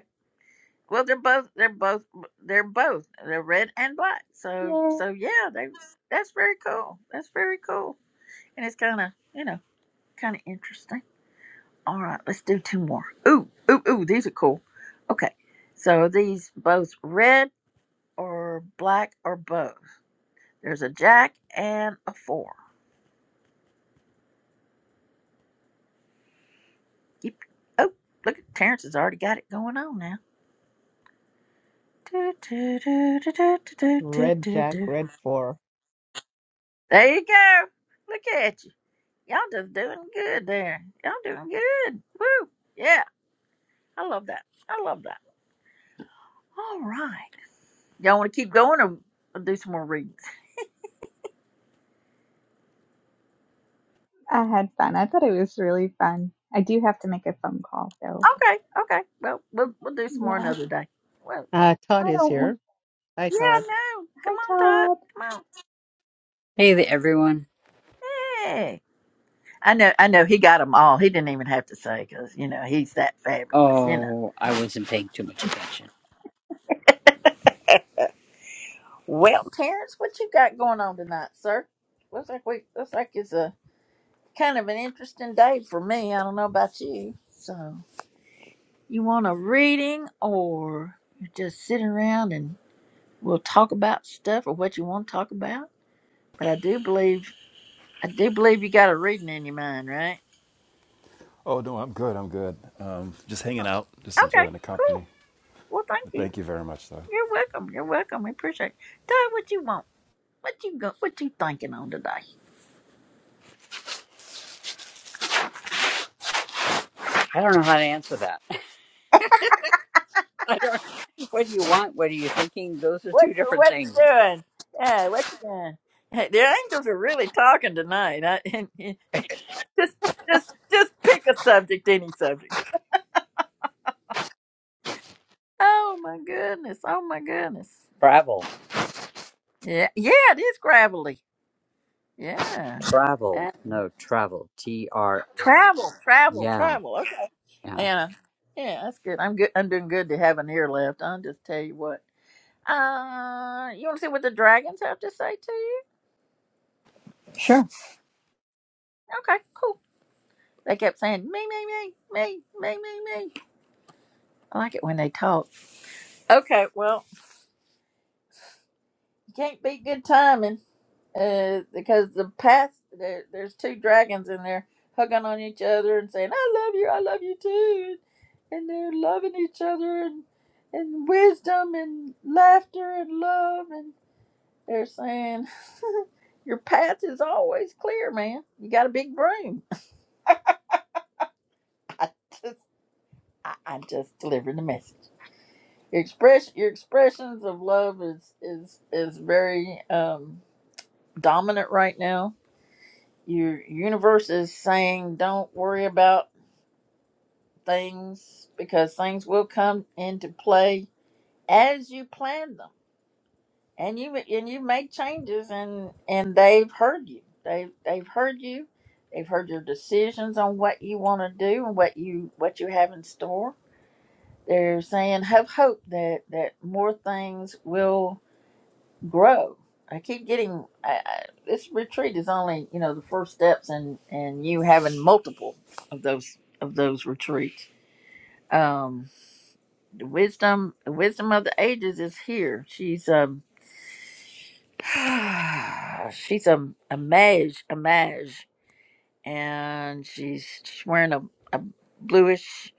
Speaker 1: Well, they're both they're both they're both they're red and black. So
Speaker 9: know.
Speaker 1: so yeah, they that's very cool. That's very cool, and it's kind of you know kind of interesting. All right, let's do two more. Ooh ooh ooh, these are cool. Okay, so these both red or black or both. There's a jack and a four. Yep. Oh, look, Terrence has already got it going on now. Do, do, do, do, do, do, do,
Speaker 10: Red
Speaker 1: do,
Speaker 10: jack,
Speaker 1: do.
Speaker 10: red four.
Speaker 1: There you go. Look at you. Y'all just doing good there. Y'all doing good. Woo. Yeah. I love that. I love that. All right. Y'all want to keep going or we'll do some more readings?
Speaker 9: I had fun. I thought it was really fun. I do have to make a phone call though.
Speaker 1: Okay. Okay. Well, we'll, we'll do some more
Speaker 9: Yeah.
Speaker 1: another day. Well,
Speaker 10: Uh, Todd
Speaker 9: I
Speaker 10: is
Speaker 9: don't want.
Speaker 10: here. Hi,
Speaker 1: yeah,
Speaker 10: Todd.
Speaker 1: no. Come
Speaker 9: Hi,
Speaker 1: on,
Speaker 9: Todd.
Speaker 1: Todd. Come on.
Speaker 12: Hey there, everyone.
Speaker 1: Hey. I know. I know. He got them all. He didn't even have to say because, you know, he's that fabulous, you know.
Speaker 12: Oh, I wasn't paying too much attention.
Speaker 1: Well, Terrence, what you got going on tonight, sir? Looks like we, looks like it's a kind of an interesting day for me. I don't know about you. So. You want a reading or you just sit around and we'll talk about stuff or what you want to talk about? But I do believe I do believe you got a reading in your mind, right?
Speaker 13: Oh, no, I'm good. I'm good. Um, just hanging out, just
Speaker 1: Okay,
Speaker 13: enjoying the
Speaker 1: cool.
Speaker 13: company.
Speaker 1: Well thank you.
Speaker 13: Thank you very much, though.
Speaker 1: You're welcome. You're welcome. We appreciate it. Tell me what you want. What you go what you thinking on today?
Speaker 12: I don't know how to answer that. I don't. What do you want? What are you thinking? Those are
Speaker 1: What
Speaker 12: two
Speaker 1: you
Speaker 12: different
Speaker 1: what you
Speaker 12: things.
Speaker 1: doing? Yeah, what you doing? Hey, the angels are really talking tonight. I, just just just pick a subject, any subject. Oh my goodness. Oh my goodness.
Speaker 12: Travel,
Speaker 1: Yeah, yeah, it is gravelly. Yeah. yeah.
Speaker 12: travel. No, travel. T R.
Speaker 1: Travel, travel,
Speaker 12: Yeah,
Speaker 1: travel. Okay.
Speaker 12: yeah.
Speaker 1: Anna. Yeah, that's good. I'm good. I'm doing good to have an ear left. I'll just tell you what. Uh, you want to see what the dragons have to say to you?
Speaker 12: Sure.
Speaker 1: Okay, cool. They kept saying me, me, me, me, me, me, me. I like it when they talk. Okay, well, you can't beat good timing. uh, because the past there, there's two dragons in there hugging on each other and saying, "I love you, I love you too," and they're loving each other and and wisdom and laughter and love and they're saying, "Your path is always clear, man. You got a big broom." I just I, I just delivered the message. Your express your expressions of love is is is very um, dominant right now Your universe is saying don't worry about things because things will come into play as you plan them. And you and you make changes and and they've heard you. They they've heard you. They've heard your decisions on what you want to do and what you what you have in store. They're saying have hope that that more things will grow. I keep getting I, I, this retreat is only you know the first steps, and and you having multiple of those of those retreats. Um, the wisdom the wisdom of the ages is here. She's um she's a a mage a mage, and she's she's wearing a, a bluish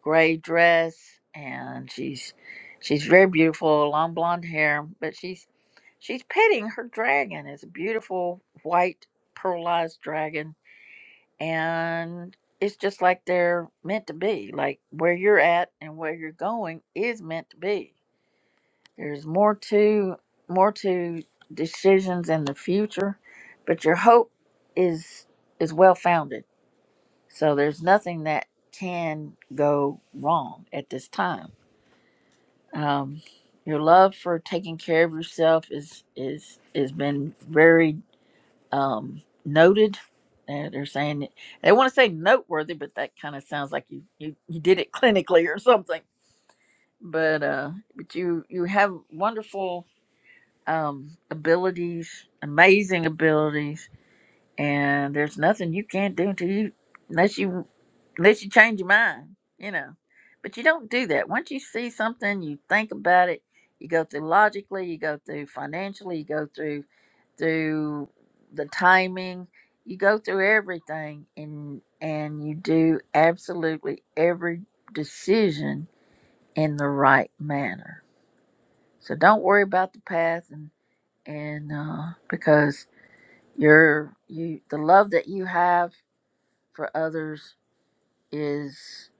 Speaker 1: gray dress, and she's she's very beautiful, long blonde hair, but she's She's petting her dragon. It's a beautiful white pearlized dragon. And it's just like they're meant to be. Like where you're at and where you're going is meant to be. There's more to more to decisions in the future, but your hope is is well founded. So there's nothing that can go wrong at this time. Um, your love for taking care of yourself is is has been very. um, noted. Uh, They're saying it- they want to say noteworthy, but that kind of sounds like you, you you did it clinically or something. But uh, but you you have wonderful um, abilities, amazing abilities and there's nothing you can't do until you unless you unless you change your mind you know but you don't do that once you see something you think about it you go through logically you go through financially you go through through the timing you go through everything and and you do absolutely every decision in the right manner so don't worry about the path and and uh because you're you the love that you have for others is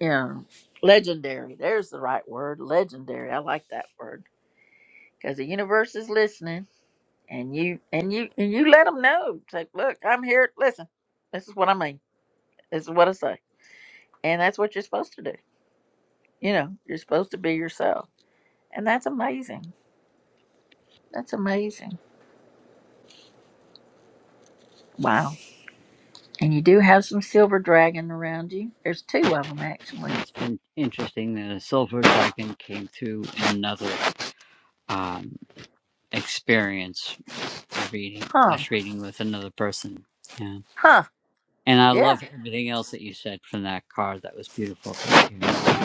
Speaker 1: you know legendary. There's the right word, legendary. I like that word because the universe is listening, and you and you and you let them know. Say, look, I'm here. Listen, this is what I mean. This is what I say, and that's what you're supposed to do. You know, you're supposed to be yourself, and that's amazing. That's amazing. Wow. And you do have some silver dragon around you. There's two of them actually.
Speaker 12: It's been interesting that a silver dragon came through another um, experience of reading,
Speaker 1: Huh.
Speaker 12: slash reading with another person. Yeah.
Speaker 1: Huh.
Speaker 12: And I
Speaker 1: Yeah.
Speaker 12: love everything else that you said from that card. That was beautiful. Thank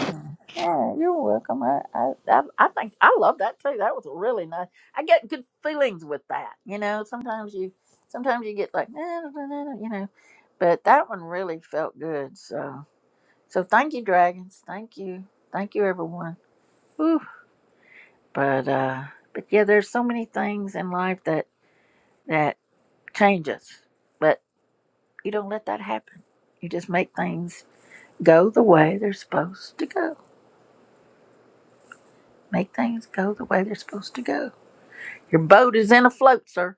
Speaker 1: Mm. Oh, you're welcome. I, I, I I think I love that too. That was really nice. I get good feelings with that. You know, sometimes you, sometimes you get like, "Nah, nah, nah, nah," you know, but that one really felt good. So, so thank you, dragons. Thank you, thank you, everyone. Whew. But, uh, but yeah, there's so many things in life that that change us, but you don't let that happen. You just make things go the way they're supposed to go. Make things go the way they're supposed to go Your boat is in a float, sir.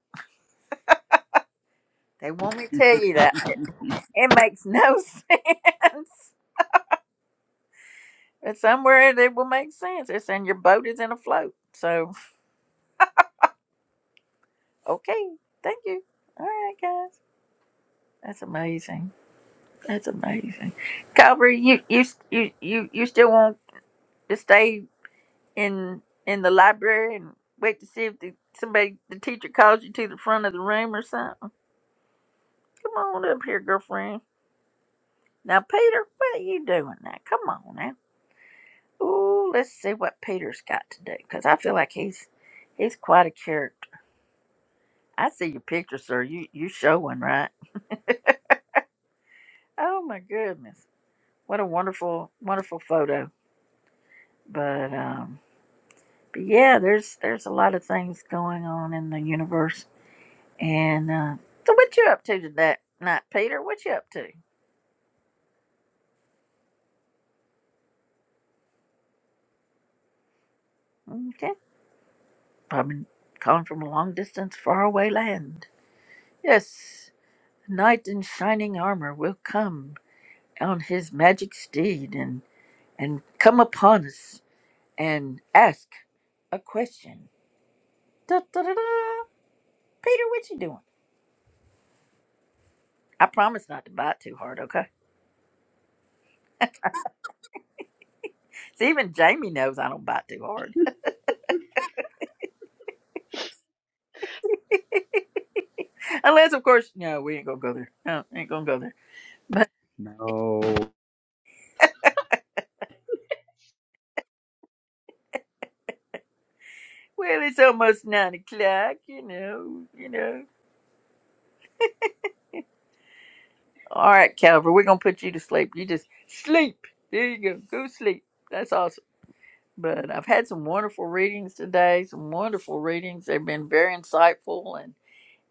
Speaker 1: They want me to tell you that. It,
Speaker 12: you.
Speaker 1: it makes no sense. It's somewhere that will make sense. It's in your boat is in a float. So, okay. Thank you. All right, guys. That's amazing. That's amazing. Calvary, you you you you, you still want to stay in in the library and wait to see if the, somebody the teacher calls you to the front of the room or something. Come on up here, girlfriend. Now, Peter, what are you doing now? Come on now. Ooh, let's see what Peter's got today, because I feel like he's he's quite a character. I see your picture, sir. You you showing right? Oh my goodness, what a wonderful wonderful photo. But um, but yeah, there's there's a lot of things going on in the universe. And uh, so, what you up to today night, Peter? What you up to? Okay, probably calling from a long distance, faraway land. Yes, knight in shining armor will come on his magic steed, and. and come upon us and ask a question. Da, da, da, da. Peter, what you doing? I promise not to bite too hard, okay? See, even Jamie knows I don't bite too hard. Unless, of course, no, we ain't gonna go there. No, ain't gonna go there.
Speaker 12: No
Speaker 1: Well, it's almost nine o'clock, you know, you know. All right, Calvary, we're gonna put you to sleep. You just sleep. There you go. Go sleep. That's awesome. But I've had some wonderful readings today, some wonderful readings. They've been very insightful and.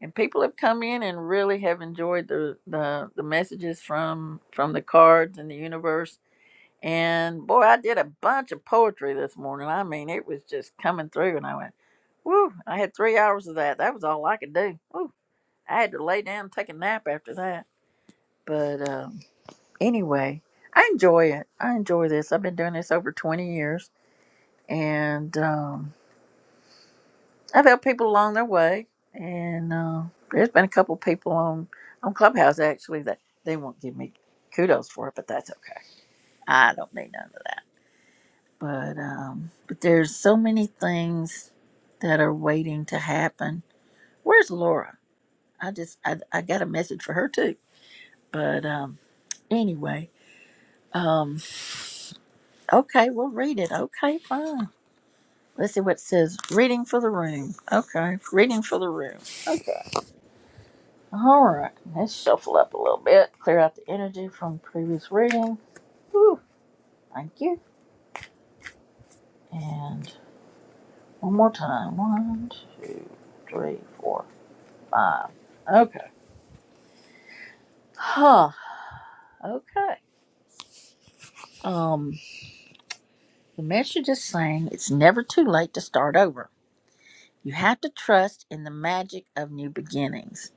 Speaker 1: and people have come in and really have enjoyed the the, the messages from from the cards and the universe and boy i did a bunch of poetry this morning i mean it was just coming through and i went "Woo!" i had three hours of that that was all i could do Woo. i had to lay down and take a nap after that but um, anyway i enjoy it i enjoy this i've been doing this over 20 years and um, I've helped people along their way, and uh, there's been a couple people on on Clubhouse actually that they won't give me kudos for it, but that's okay. I don't need none of that. But um, but there's so many things that are waiting to happen. Where's Laura? I just I, I got a message for her too. But um, anyway, um, okay, we'll read it. Okay, fine. Let's see what it says. Reading for the room. Okay, reading for the room. Okay. All right, let's shuffle up a little bit, clear out the energy from previous reading. Woo, thank you. And one more time. One, two, three, four, five. Okay. Huh. Okay. Um, the message is saying it's never too late to start over. You have to trust in the magic of new beginnings.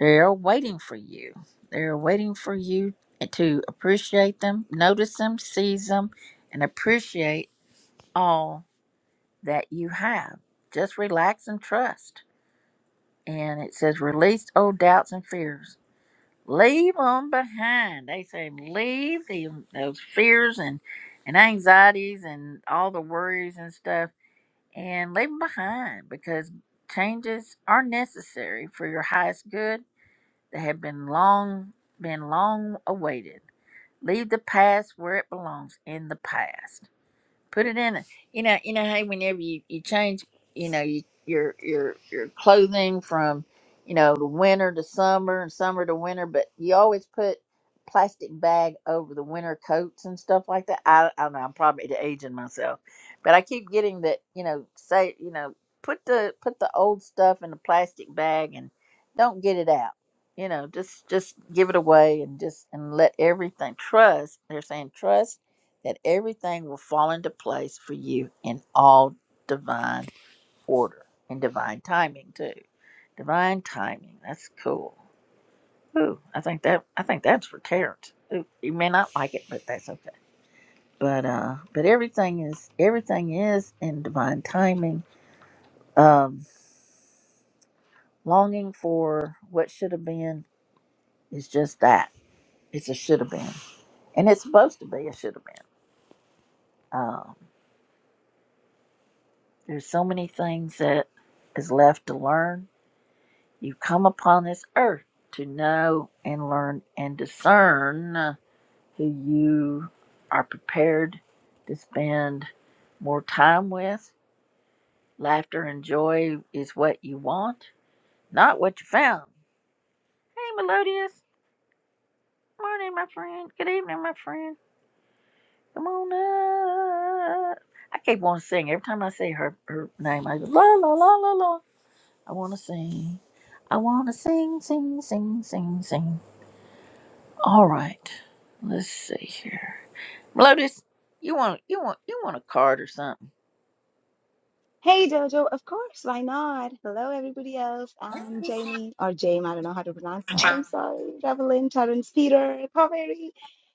Speaker 1: They're waiting for you. They're waiting for you to appreciate them, notice them, seize them, and appreciate all that you have. Just relax and trust. And it says, release old doubts and fears. Leave them behind. They say, leave the, those fears and, and anxieties and all the worries and stuff and leave them behind because changes are necessary for your highest good. They have been long, been long awaited. Leave the past where it belongs in the past Put it in. A, you know, you know, hey, whenever you, you change, you know, you, your your your clothing from, you know, the winter to summer and summer to winter, but you always put plastic bag over the winter coats and stuff like that. I, I don't know. I'm probably aging myself, but I keep getting that. You know, say you know, put the put the old stuff in the plastic bag and don't get it out. You know, just just give it away and just and let everything trust. They're saying trust that everything will fall into place for you in all divine order and divine timing too. Divine timing. That's cool. Ooh, I think that I think that's for Terrence. Ooh, you may not like it, but that's okay. But uh, but everything is everything is in divine timing. Um, longing for what should have been is just that. It's a should have been, and it's supposed to be a should have been. Um, there's so many things that is left to learn You come upon this earth to know and learn and discern who you are prepared to spend more time with. Laughter and joy is what you want, not what you found. Hey, Melodious. Morning, my friend. Good evening, my friend. Come on up. I keep wanting to sing. Every time I say her, her name, I go, la, la, la, la, la. I want to sing. I want to sing, sing, sing, sing, sing. All right. Let's see here. Lotus, you want you want you want a card or something?
Speaker 14: Hey Jojo, of course, why not? Hello, everybody else. I'm Jamie, or Jame, I don't know how to pronounce that. I'm sorry. Revelyn, Terrence, Peter, Kaveri.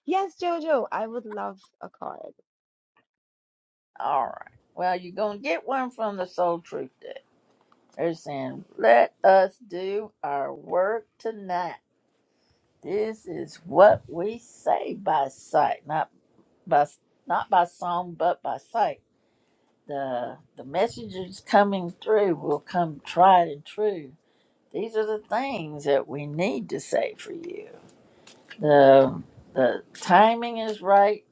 Speaker 14: Yes, Jojo, I would love a car.
Speaker 1: All right. Well, you're gonna get one from the Soul Truth Deck. They're saying, "Let us do our work tonight. This is what we say by sight, not by not by song, but by sight. The the messages coming through will come tried and true. These are the things that we need to say for you." The the timing is right.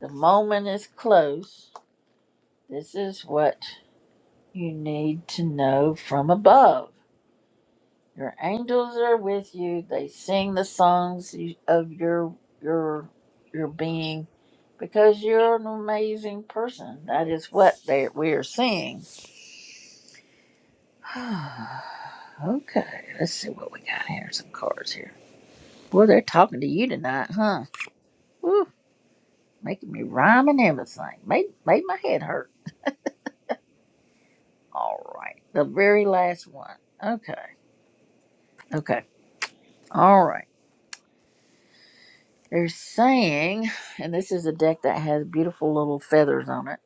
Speaker 1: The moment is close. This is what you need to know from above. Your angels are with you. They sing the songs you- of your your your being because you're an amazing person. That is what they we are seeing. okay, let's see what we got here. Some cards here. Boy, they're talking to you tonight, huh? Woo, making me rhyme and everything. Made made my head hurt. All right. The very last one. Okay. Okay. All right. They're saying, and this is a deck that has beautiful little feathers on it,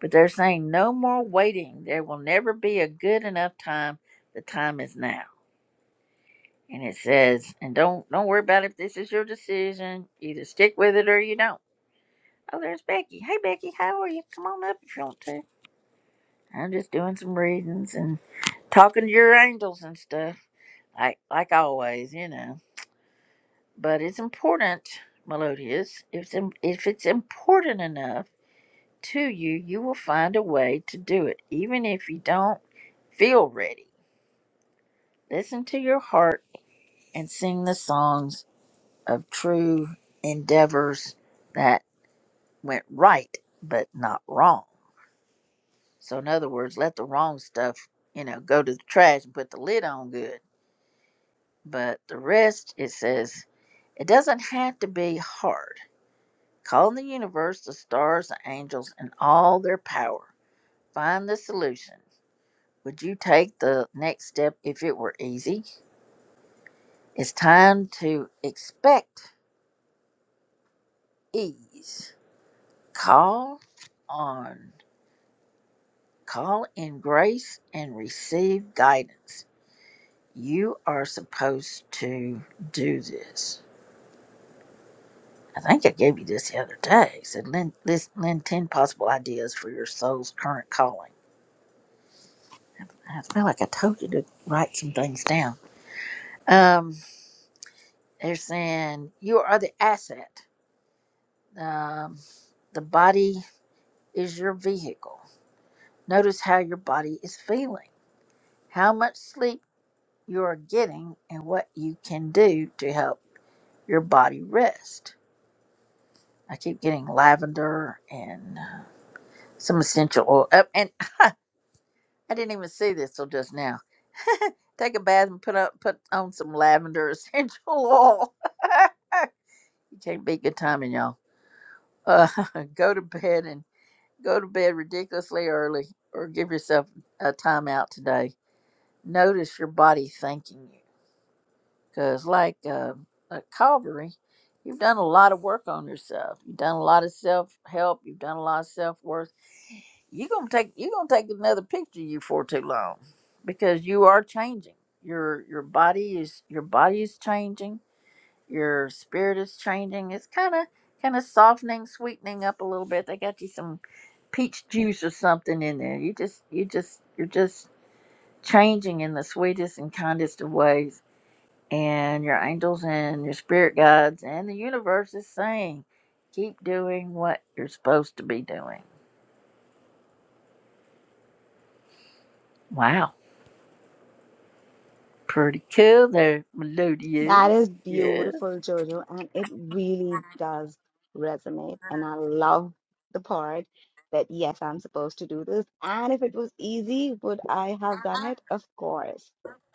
Speaker 1: but they're saying no more waiting. There will never be a good enough time. The time is now. And it says, and don't don't worry about if this is your decision. Either stick with it or you don't. Oh, there's Becky. Hey Becky, how are you? Come on up if you want to. I'm just doing some readings and talking to your angels and stuff. Like like always, you know. but it's important, Melodious. If it's, if it's important enough to you, you will find a way to do it, even if you don't feel ready. Listen to your heart and sing the songs of true endeavors that went right but not wrong. So, in other words, let the wrong stuff, you know, go to the trash and put the lid on good. But the rest, it says, it doesn't have to be hard Call on the universe, the stars, the angels, and all their power. Find the solution. Would you take the next step if it were easy? It's time to expect ease. Call on. Call in grace and receive guidance. You are supposed to do this. I think I gave you this the other day. It said, Lynn, list, Lynn 10 possible ideas for your soul's current calling. I feel like I told you to write some things down. Um, they're saying you are the asset. Um, the body is your vehicle. Notice how your body is feeling, how much sleep you are getting, and what you can do to help your body rest. I keep getting lavender and uh, some essential oil. Oh, and I didn't even see this till just now. Take a bath and put up, put on some lavender essential oil. you can't beat good timing, y'all. Uh, go to bed and. Go to bed ridiculously early or give yourself a time out today. Notice your body thanking you. Because, like uh, at Calvary, you've done a lot of work on yourself. You've done a lot of self help. You've done a lot of self worth. You're gonna take you're gonna take another picture of you for too long, because you are changing. Your your body is your body is changing. Your spirit is changing. It's kind of kind of softening, sweetening up a little bit. They got you some peach juice or something in there. You just you just you're just changing in the sweetest and kindest of ways. And your angels and your spirit guides and the universe is saying, keep doing what you're supposed to be doing. Wow. Pretty cool there,
Speaker 14: That
Speaker 1: Melodious.
Speaker 14: is
Speaker 1: Yeah.
Speaker 14: beautiful, Jojo, and it really does resonate. And I love the part that, yes, I'm supposed to do this. And if it was easy, would I have done it? Of course.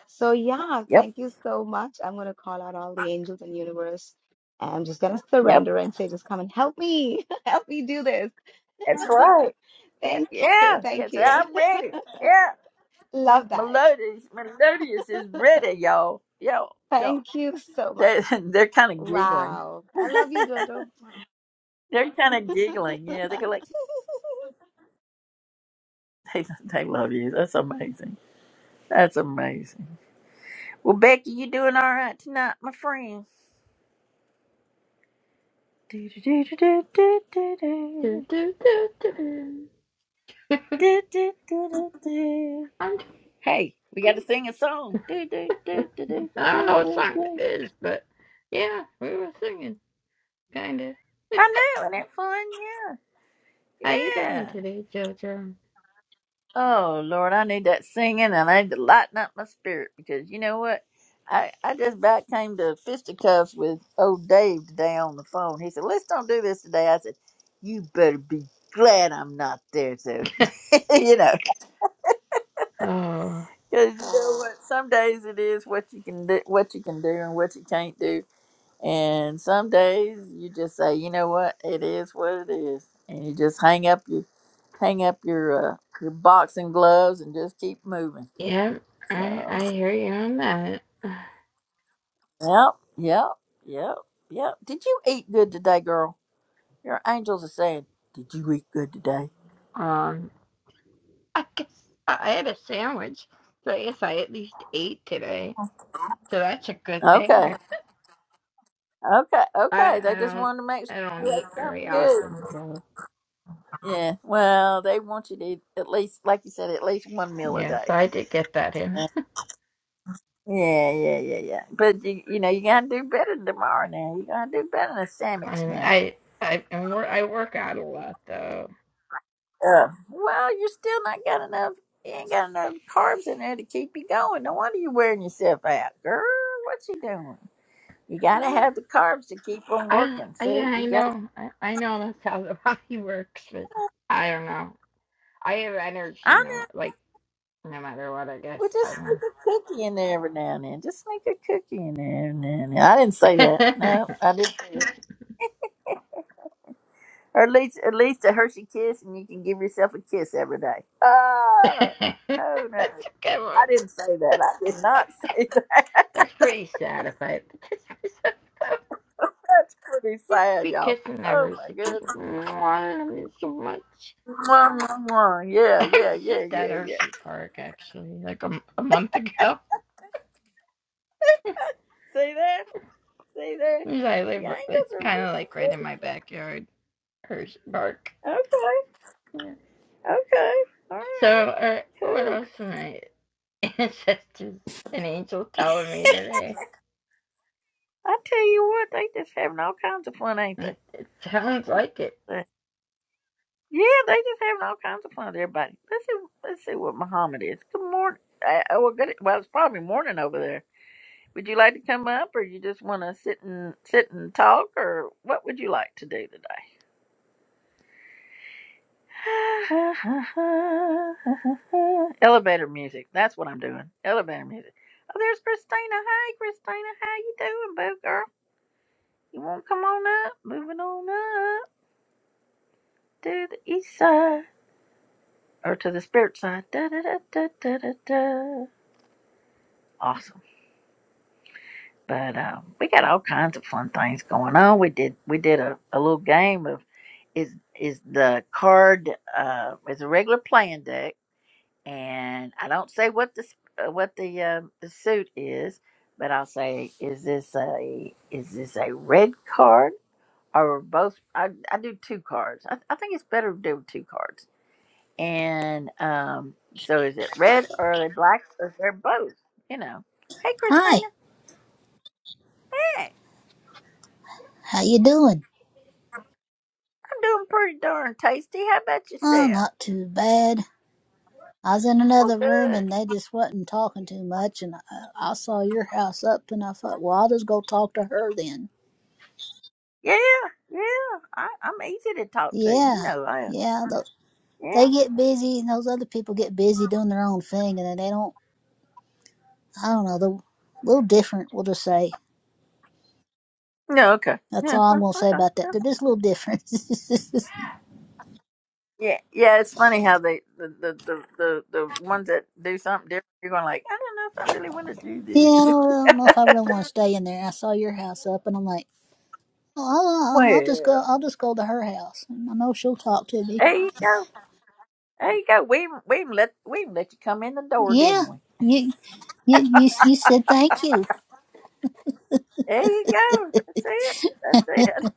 Speaker 14: So, yeah,
Speaker 1: Yep.
Speaker 14: thank you so much. I'm going to call out all the angels and universe. And I'm just going to
Speaker 1: Yep.
Speaker 14: surrender and say, just come and help me. Help me do this.
Speaker 1: That's right. Yeah.
Speaker 14: Thank you.
Speaker 1: Yeah. Yes,
Speaker 14: Thank you.
Speaker 1: I'm ready. Yeah.
Speaker 14: Love that.
Speaker 1: Melodious. Melodious is ready, y'all. Yo. Yo.
Speaker 14: Thank you so much.
Speaker 1: They, they're kind of giggling.
Speaker 14: Wow. I love you, Jojo.
Speaker 1: They're kind of giggling. Yeah, they're like, they, they love you. That's amazing. That's amazing. Well, Becky, you doing all right tonight, my friend? Do, do, do, do, do, do,
Speaker 15: Do,
Speaker 1: do,
Speaker 15: do, do, do.
Speaker 1: do. Do, do, do, do, do.
Speaker 15: I'm,
Speaker 1: Hey, we got to sing a song. Do, do, do, do, do,
Speaker 15: I don't
Speaker 1: do,
Speaker 15: know what
Speaker 1: do,
Speaker 15: song that
Speaker 1: do.
Speaker 15: is, but yeah, we were singing, kind of.
Speaker 1: I know, isn't it fun?
Speaker 15: How
Speaker 1: Yeah.
Speaker 15: you doing
Speaker 1: yeah.
Speaker 15: today, JoJo?
Speaker 1: Oh Lord, I need that singing and I need to lighten up my spirit because you know what? I, I just about came to fisticuffs with old Dave today on the phone. He said, Let's don't do this today. I said, You better be glad I'm not there so you know.
Speaker 15: Oh,
Speaker 1: Because you know what? Some days it is what you can do what you can do and what you can't do. And some days you just say, you know what, it is what it is and you just hang up your hang up your uh, your boxing gloves and just keep moving.
Speaker 15: yeah, I
Speaker 1: So,
Speaker 15: I hear you on that.
Speaker 1: yep, yep, yep, yep. Did you eat good today, girl? Your angels are saying, Did you eat good today?
Speaker 15: Um, I guess I had a sandwich, so I guess I at least ate today, so that's a good
Speaker 1: Okay,
Speaker 15: thing.
Speaker 1: okay,
Speaker 15: I
Speaker 1: okay. They
Speaker 15: I
Speaker 1: just
Speaker 15: don't
Speaker 1: wanted to make sure
Speaker 15: I don't
Speaker 1: you
Speaker 15: eat
Speaker 1: ate
Speaker 15: very
Speaker 1: something good.
Speaker 15: often, so
Speaker 1: Yeah, well, they want you to eat at least, like you said, at least one meal a
Speaker 15: yeah, so
Speaker 1: day.
Speaker 15: I did get that in,
Speaker 1: Yeah, yeah, yeah, yeah. But you, you know, you gotta do better tomorrow. Now you gotta do better than a sandwich.
Speaker 15: and
Speaker 1: Now.
Speaker 15: I I and wor- I work out a lot though.
Speaker 1: Uh, well, you're still not got enough. You ain't got enough carbs in there to keep you going. No wonder you're wearing yourself out, girl. What you doing? You gotta have the carbs to keep on
Speaker 15: I,
Speaker 1: working.
Speaker 15: I yeah,
Speaker 1: See,
Speaker 15: I
Speaker 1: you got.
Speaker 15: know. I, I know that's how the body works, but I don't know. I have
Speaker 1: I
Speaker 15: energy
Speaker 1: know.
Speaker 15: no like no matter what, I guess.
Speaker 1: Well, just
Speaker 15: I
Speaker 1: sneak
Speaker 15: don't
Speaker 1: a cookie in there every now and then. Just sneak a cookie in there every now and then. I didn't say that. No, I didn't. Or at least, at least a Hershey kiss, and you can give yourself a kiss every day. Oh, oh no,
Speaker 15: That's
Speaker 1: I
Speaker 15: a good one.
Speaker 1: didn't say that. I did not say that.
Speaker 15: That's pretty sad if I because
Speaker 1: That's pretty sad,
Speaker 15: be
Speaker 1: y'all.
Speaker 15: kissing the
Speaker 1: Oh my
Speaker 15: Hershey kiss.
Speaker 1: goodness.
Speaker 15: I wanted him so much.
Speaker 1: Mwah, mwah, mwah. Yeah,
Speaker 15: I
Speaker 1: yeah,
Speaker 15: was just
Speaker 1: yeah,
Speaker 15: at
Speaker 1: yeah, yeah.
Speaker 15: Hershey Park actually, like a a month ago. 'Cause
Speaker 1: See that? See that?
Speaker 15: I live
Speaker 1: Yankees
Speaker 15: it's
Speaker 1: are
Speaker 15: kinda like right
Speaker 1: big.
Speaker 15: in my backyard, Hershey Park.
Speaker 1: Okay,
Speaker 15: Yeah.
Speaker 1: okay. All
Speaker 15: So,
Speaker 1: right,
Speaker 15: uh, what
Speaker 1: cool.
Speaker 15: else are my ancestors and angels telling me today?
Speaker 1: I tell you what, they just having all kinds of fun, ain't they?
Speaker 15: It, it sounds
Speaker 1: Uh,
Speaker 15: like it.
Speaker 1: uh, Yeah, they just having all kinds of fun with everybody. Let's see, let's see what Muhammad is. Good morning. Uh, oh, well, good. Well, it's probably morning over there. Would you like to come up, or you just want to sit and sit and talk, or what would you like to do today? Elevator music. That's what I'm doing. Elevator music. Oh, there's Christina. Hi, Christina. How you doing, boo girl? You want to come on up? Moving on up to the east side or to the spirit side. Da, da, da, da, da, da, da. Awesome. But um, we got all kinds of fun things going on. We did we did a, a little game of is is the card uh is a regular playing deck and I don't say what the uh, what the uh, the suit is, but I'll say is this a is this a red card or both? I, I do two cards. I, I think it's better to do two cards. And um, so is it red or are they black or they're both? You know. Hey,
Speaker 16: Hi,
Speaker 1: Christina. Hey,
Speaker 16: how you doing?
Speaker 1: I'm doing pretty darn tasty. How about
Speaker 16: Oh,
Speaker 1: yourself?
Speaker 16: not too bad. I was in
Speaker 1: Well,
Speaker 16: another room
Speaker 1: good.
Speaker 16: and they just wasn't talking too much, and I, I saw your house up, and I thought, well, I'll just go talk to her then.
Speaker 1: Yeah, yeah. I, I'm easy to talk to. You
Speaker 16: Yeah,
Speaker 1: know, I
Speaker 16: yeah. tho-
Speaker 1: yeah.
Speaker 16: they get busy, and those other people get busy doing their own thing, and then they don't. I don't know. They're a little different. We'll just say
Speaker 1: No, okay.
Speaker 16: that's
Speaker 1: Yeah,
Speaker 16: all I'm
Speaker 1: uh,
Speaker 16: gonna say
Speaker 1: okay.
Speaker 16: about
Speaker 1: yeah."
Speaker 16: that. They're just a little different.
Speaker 1: Yeah, yeah, it's funny how they the the the the, the ones that do something different, you're going like, I don't know if I really want to do
Speaker 16: yeah, I
Speaker 1: this.
Speaker 16: don't, I don't know if I really want to stay in there. I saw your house up, and I'm like. Well, I'll, I'll I'll just go.
Speaker 1: well,
Speaker 16: I'll just go to her house, and I know she'll talk to me.
Speaker 1: there you go, there you go. We even- we even let we even let you come in the door,
Speaker 16: Yeah,
Speaker 1: didn't we?
Speaker 16: you, you, you, you said thank you.
Speaker 1: There you go. That's it. That's it.